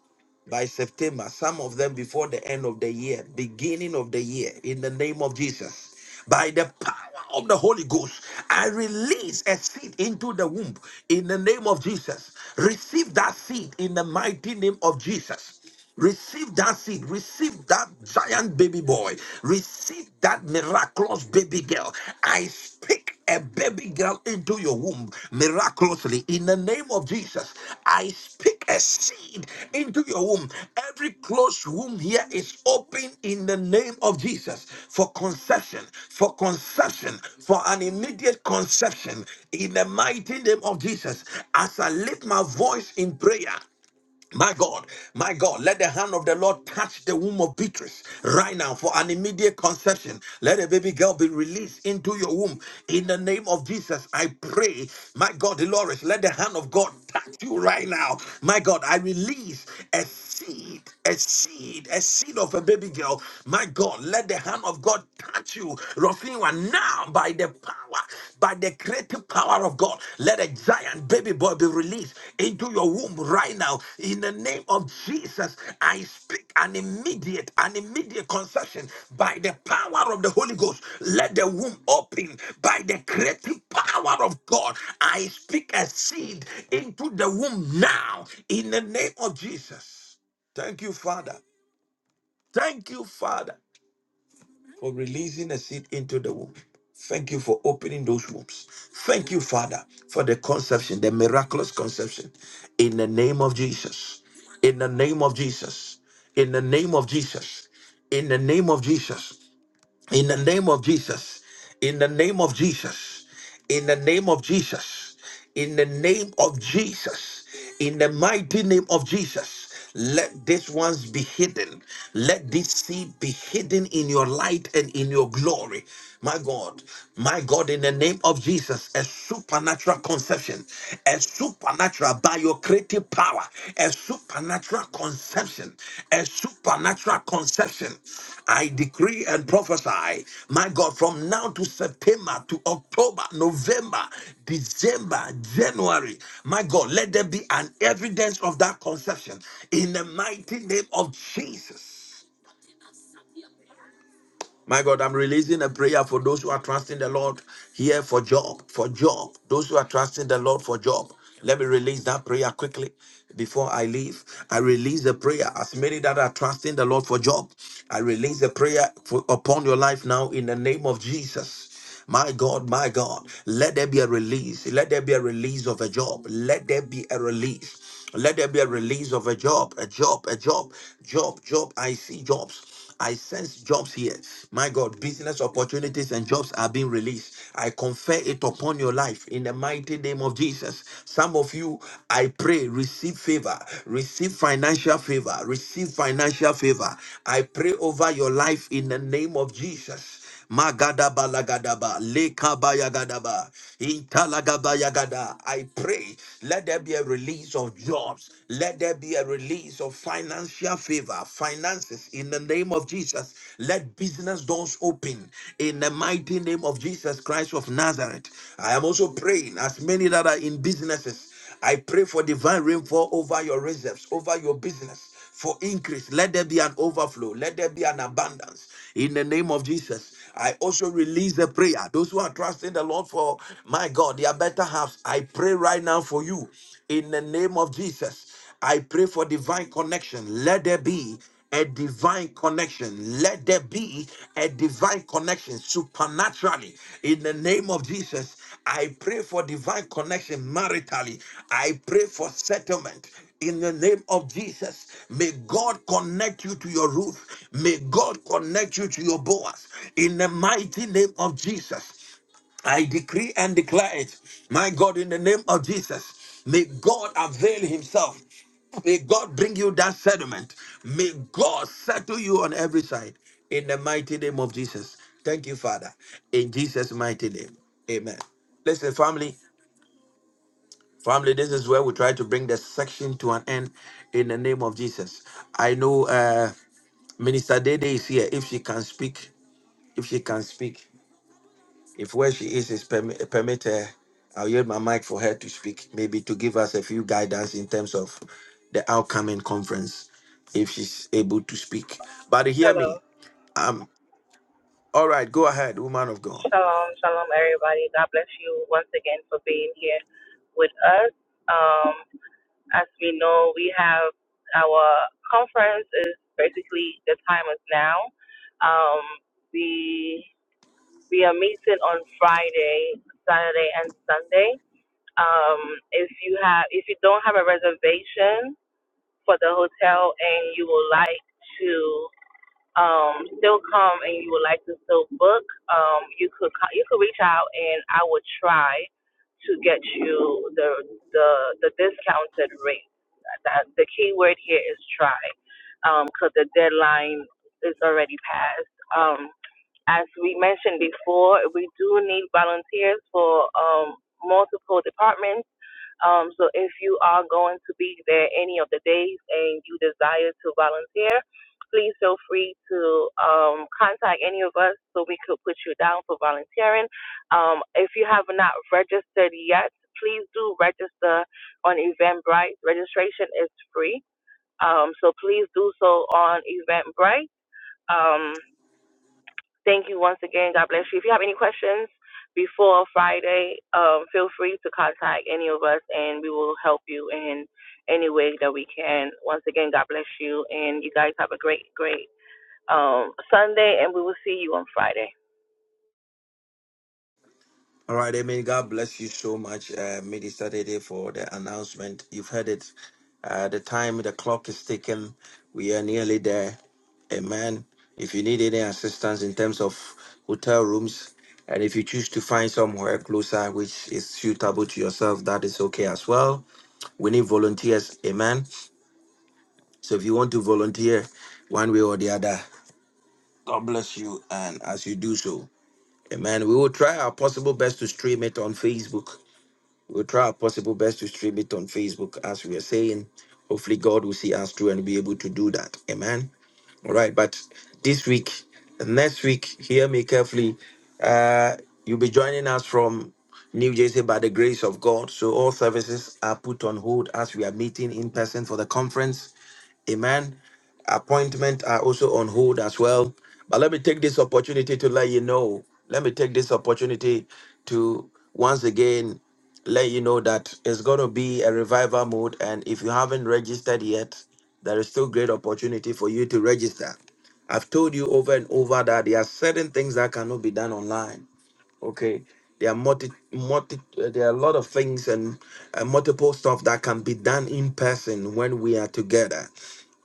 By September, some of them before the end of the year, beginning of the year, in the name of Jesus. By the power of the Holy Ghost, I release a seed into the womb in the name of Jesus. Receive that seed in the mighty name of Jesus. Receive that seed. Receive that giant baby boy. Receive that miraculous baby girl. I speak a baby girl into your womb miraculously in the name of Jesus. I speak a seed into your womb. Every closed womb here is open in the name of Jesus for conception, for conception, for an immediate conception in the mighty name of Jesus. As I lift my voice in prayer, my God, my God, let the hand of the Lord touch the womb of Beatrice right now for an immediate conception. Let a baby girl be released into your womb. In the name of Jesus, I pray, my God, Dolores, let the hand of God touch you right now. My God, I release a seed, a seed, a seed of a baby girl. My God, let the hand of God touch you. Rofina, now by the power, by the creative power of God. Let a giant baby boy be released into your womb right now. In the name of Jesus, I speak an immediate, an immediate conception by the power of the Holy Ghost. Let the womb open by the creative power of God. I speak a seed into the womb now. In the name of Jesus. Thank you, Father. Thank you, Father for releasing a seed into the womb. Thank you for opening those wombs. Thank you, Father, for the conception, the miraculous conception. In the name of Jesus. In the name of Jesus. In the name of Jesus. In the name of Jesus. In the name of Jesus. In the name of Jesus. In the name of Jesus. In the name of Jesus. In the mighty name of Jesus. Let these ones be hidden. Let this seed be hidden in your light and in your glory. My God, my God, in the name of Jesus, a supernatural conception, a supernatural by your creative power, a supernatural conception, a supernatural conception. I decree and prophesy, my God, from now to September, to October, November, December, January, my God, let there be an evidence of that conception in the mighty name of Jesus. My God, I'm releasing a prayer for those who are trusting the Lord here for job, for job. Those who are trusting the Lord for job. Let me release that prayer quickly before I leave. I release a prayer as many that are trusting the Lord for job. I release a prayer for, upon your life now in the name of Jesus. My God, my God, let there be a release. Let there be a release of a job. Let there be a release. Let there be a release of a job, a job, a job, job, job. I see jobs. I sense jobs here. My God, business opportunities and jobs are being released. I confer it upon your life in the mighty name of Jesus. Some of you, I pray, receive favor, receive financial favor, receive financial favor. I pray over your life in the name of Jesus. Magadaba lagadaba, lekabayagadaba, italagabayagada. I pray, let there be a release of jobs. Let there be a release of financial favor, finances in the name of Jesus. Let business doors open in the mighty name of Jesus Christ of Nazareth. I am also praying as many that are in businesses. I pray for divine rainfall over your reserves, over your business, for increase. Let there be an overflow. Let there be an abundance. In the name of Jesus, I also release the prayer. Those who are trusting the Lord for, my God, their better halves, I pray right now for you. In the name of Jesus. I pray for divine connection. Let there be a divine connection. Let there be a divine connection supernaturally. In the name of Jesus, I pray for divine connection maritally. I pray for settlement. In the name of Jesus, may God connect you to your roof. May God connect you to your boas. In the mighty name of Jesus, I decree and declare it. My God, in the name of Jesus, may God avail himself. May God bring you that settlement. May God settle you on every side in the mighty name of Jesus. Thank you, Father. In Jesus' mighty name. Amen. Listen, family, family, this is where we try to bring the section to an end in the name of Jesus. I know uh Minister Dede is here. If she can speak, if she can speak. If where she is is perm- permit her, I'll yield my mic for her to speak, maybe to give us a few guidance in terms of the upcoming conference, if she's able to speak. But hear
Hello.
me, um, all right, go ahead, woman of God.
Shalom, shalom, everybody. God bless you once again for being here with us. Um, as we know, we have our conference is basically the time is now. Um, we we are meeting on Friday, Saturday, and Sunday. Um, if you have, if you don't have a reservation for the hotel and you would like to. um, still come and you would like to still book, um, you could co- you could reach out and I would try to get you the the the discounted rate. That the key word here is try, because the deadline is already passed. Um, as we mentioned before, we do need volunteers for um, multiple departments um, so if you are going to be there any of the days and you desire to volunteer, please feel free to um, contact any of us so we could put you down for volunteering. Um, if you have not registered yet, please do register on Eventbrite. Registration is free. Um, so please do so on Eventbrite. Um, Thank you once again. God bless you. If you have any questions before Friday, um, feel free to contact any of us and we will help you in any way that we can. Once again, God bless you. And you guys have a great, great um, Sunday and we will see you on Friday.
All right, Amen. God bless you so much, uh, Minister Dede, for the announcement. You've heard it. Uh, the time, the clock is ticking. We are nearly there. Amen. If you need any assistance in terms of hotel rooms, and if you choose to find somewhere closer which is suitable to yourself, that is okay as well. We need volunteers. Amen. So if you want to volunteer one way or the other, God bless you. And as you do so, amen, we will try our possible best to stream it on Facebook. We'll try our possible best to stream it on Facebook, as we are saying. Hopefully, God will see us through and be able to do that. Amen. All right. But this week, next week, hear me carefully. Uh, you'll be joining us from New Jersey by the grace of God. So all services are put on hold as we are meeting in person for the conference Amen. Appointment are also on hold as well. But let me take this opportunity to let you know. Let me take this opportunity to once again let you know that it's going to be a revival mode. And if you haven't registered yet, there is still great opportunity for you to register. I've told you over and over that there are certain things that cannot be done online okay there are multi, multi uh, there are a lot of things and uh, multiple stuff that can be done in person when we are together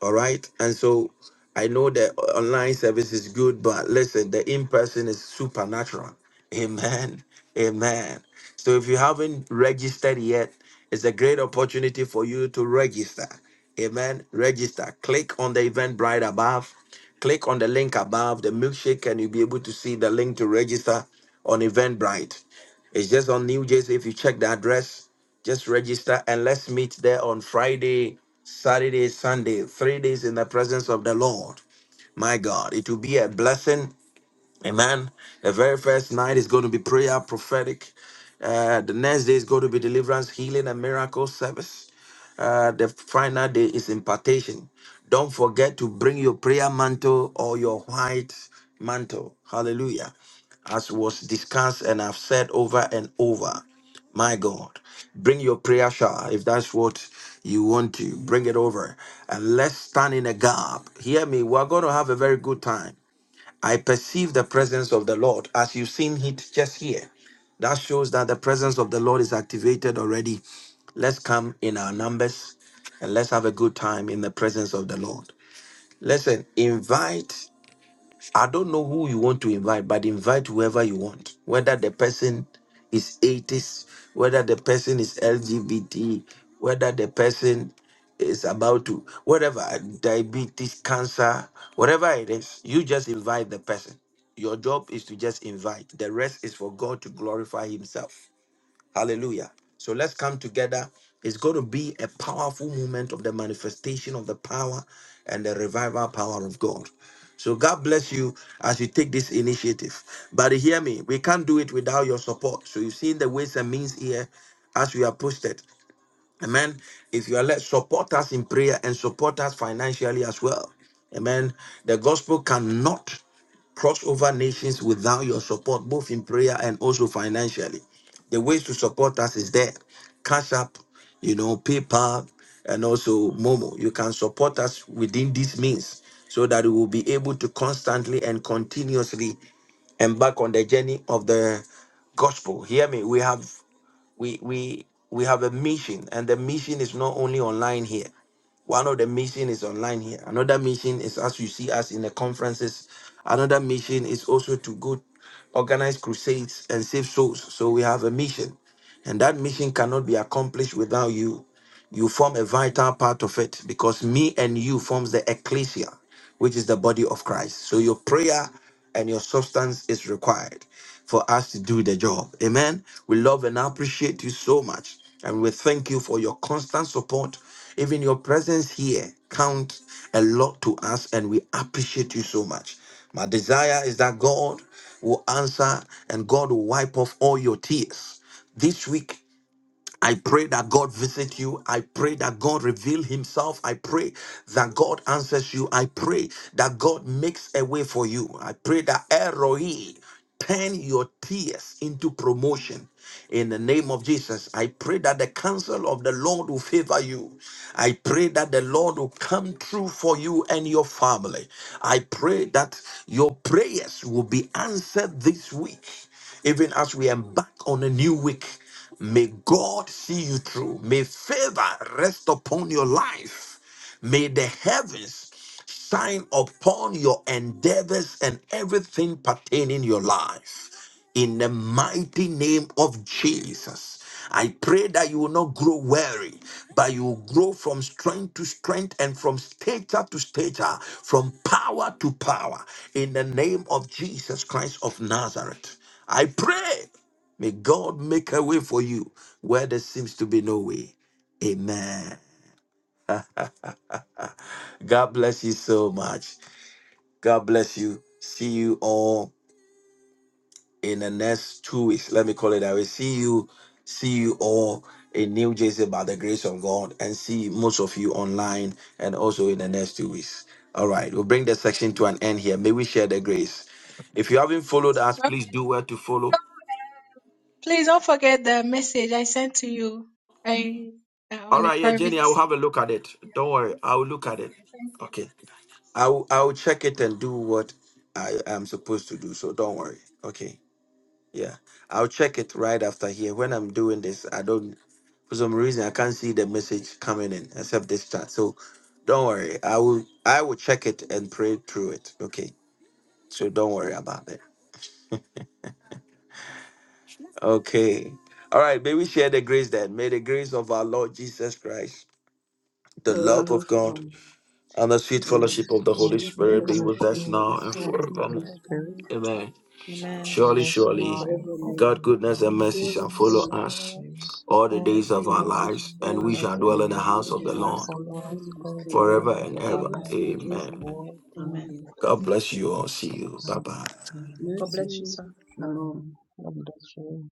all right and so I know the online service is good, but listen, the in person is supernatural. Amen. Amen. So if you haven't registered yet, it's a great opportunity for you to register. Amen. Register. Click on the event right above. Click on the link above the milkshake, and you'll be able to see the link to register on Eventbrite. It's just on New Jersey. If you check the address, just register and let's meet there on Friday, Saturday, Sunday, three days in the presence of the Lord. My God, it will be a blessing. Amen. The very first night is going to be prayer, prophetic. Uh, the next day is going to be deliverance, healing, and miracle service. Uh, the final day is impartation. Don't forget to bring your prayer mantle or your white mantle. Hallelujah. As was discussed and I've said over and over. My God, bring your prayer shawl if that's what you want to. Bring it over and let's stand in a gap. Hear me, we're going to have a very good time. I perceive the presence of the Lord as you've seen it just here. That shows that the presence of the Lord is activated already. Let's come in our numbers and let's have a good time in the presence of the Lord. Listen, invite I don't know who you want to invite, but invite whoever you want. Whether the person is atheist, whether the person is LGBT, whether the person is about to, whatever, diabetes, cancer, whatever it is, you just invite the person. Your job is to just invite. The rest is for God to glorify Himself. Hallelujah. So let's come together. It's going to be a powerful moment of the manifestation of the power and the revival power of God. So God bless you as you take this initiative. But hear me, we can't do it without your support. So you've seen the ways and means here as we are posted. Amen. If you are let support us in prayer and support us financially as well. Amen. The gospel cannot cross over nations without your support, both in prayer and also financially. The ways to support us is there. Cash App, you know, PayPal, and also Momo. You can support us within these means so that we will be able to constantly and continuously embark on the journey of the gospel. Hear me. We have we we we have a mission and the mission is not only online here one of the mission is online here another mission is as you see us in the conferences another mission is also to go organize crusades and save souls so we have a mission and that mission cannot be accomplished without you you form a vital part of it because me and you forms the ecclesia, which is the body of Christ. So your prayer and your substance is required for us to do the job. Amen. We love and appreciate you so much. And we thank you for your constant support. Even your presence here counts a lot to us, and we appreciate you so much. My desire is that God will answer and God will wipe off all your tears. This week, I pray that God visit you. I pray that God reveal himself. I pray that God answers you. I pray that God makes a way for you. I pray that Eroi turn your tears into promotion. In the name of Jesus, I pray that the counsel of the Lord will favor you. I pray that the Lord will come true for you and your family. I pray that your prayers will be answered this week, even as we embark on a new week. May God see you through. May favor rest upon your life. May the heavens shine upon your endeavors and everything pertaining your life. In the mighty name of Jesus. I pray that you will not grow weary, but you will grow from strength to strength and from stature to stature, from power to power, in the name of Jesus Christ of Nazareth. I pray. May God make a way for you where there seems to be no way. Amen. God bless you so much. God bless you. See you all in the next two weeks. Let me call it that way. See you. See you all in New Jersey by the grace of God and see most of you online and also in the next two weeks. All right. We'll bring the section to an end here. May we share the grace. If you haven't followed us, please do where to follow.
Please don't forget the message I sent to you I, uh, on
All
the
right. Yeah, Jenny,
private.
I will have a look at it.
Yeah,
Don't worry. I will look at it.
okay, thank you.
Okay. I'll I'll check it and do what I am supposed to do. So don't worry. Okay. Yeah. I'll check it right after here. When I'm doing this, I don't for some reason I can't see the message coming in except this chat. So don't worry. I will I will check it and pray through it. Okay. So don't worry about that. Okay. All right, may we share the grace then. May the grace of our Lord Jesus Christ, the
The
love
love
of
of
God,
God
and the
the
sweet
and the
fellowship of the
and
Holy
the
fellowship of
sweet
the
sweet
Spirit
Holy
be
fellowship
with
of
Spirit
the
us
fellowship
Holy
now and
be
of
with
Spirit
the
us now and
Holy
forevermore.
Spirit
forevermore.
Amen.
Amen.
with
Surely,
us
Surely
be
now
surely,
and
forever
the
live.
God' goodness and
goodness
mercy
forevermore.
and
Surely,
shall
mercy
follow
shall
surely,
us
follow
Amen.
us
all the
all
days
goodness
of
the
and
our
days of
Surely
mercy
our
shall
lives, and
follow
we
lives.
us
goodness
shall
and
dwell
all
in
We
the
the
shall
house
mercy
days
dwell
of
of
in
the
the
our
shall
house
lives.
Lord
of the
follow
Lord
us
and We bless
all
the
the
Lord
forever
days
forever.
and
of our
ever.
forever
In
life. We
and
shall
Jesus'
Amen.
name.
dwell
ever.
in the house
Amen.
Amen.
of the
God
Lord.
bless you all. See you. Bye bye.
Have
God
Amen.
bless you,
mercy.
sir.
Shalom.
Amen. God bless you.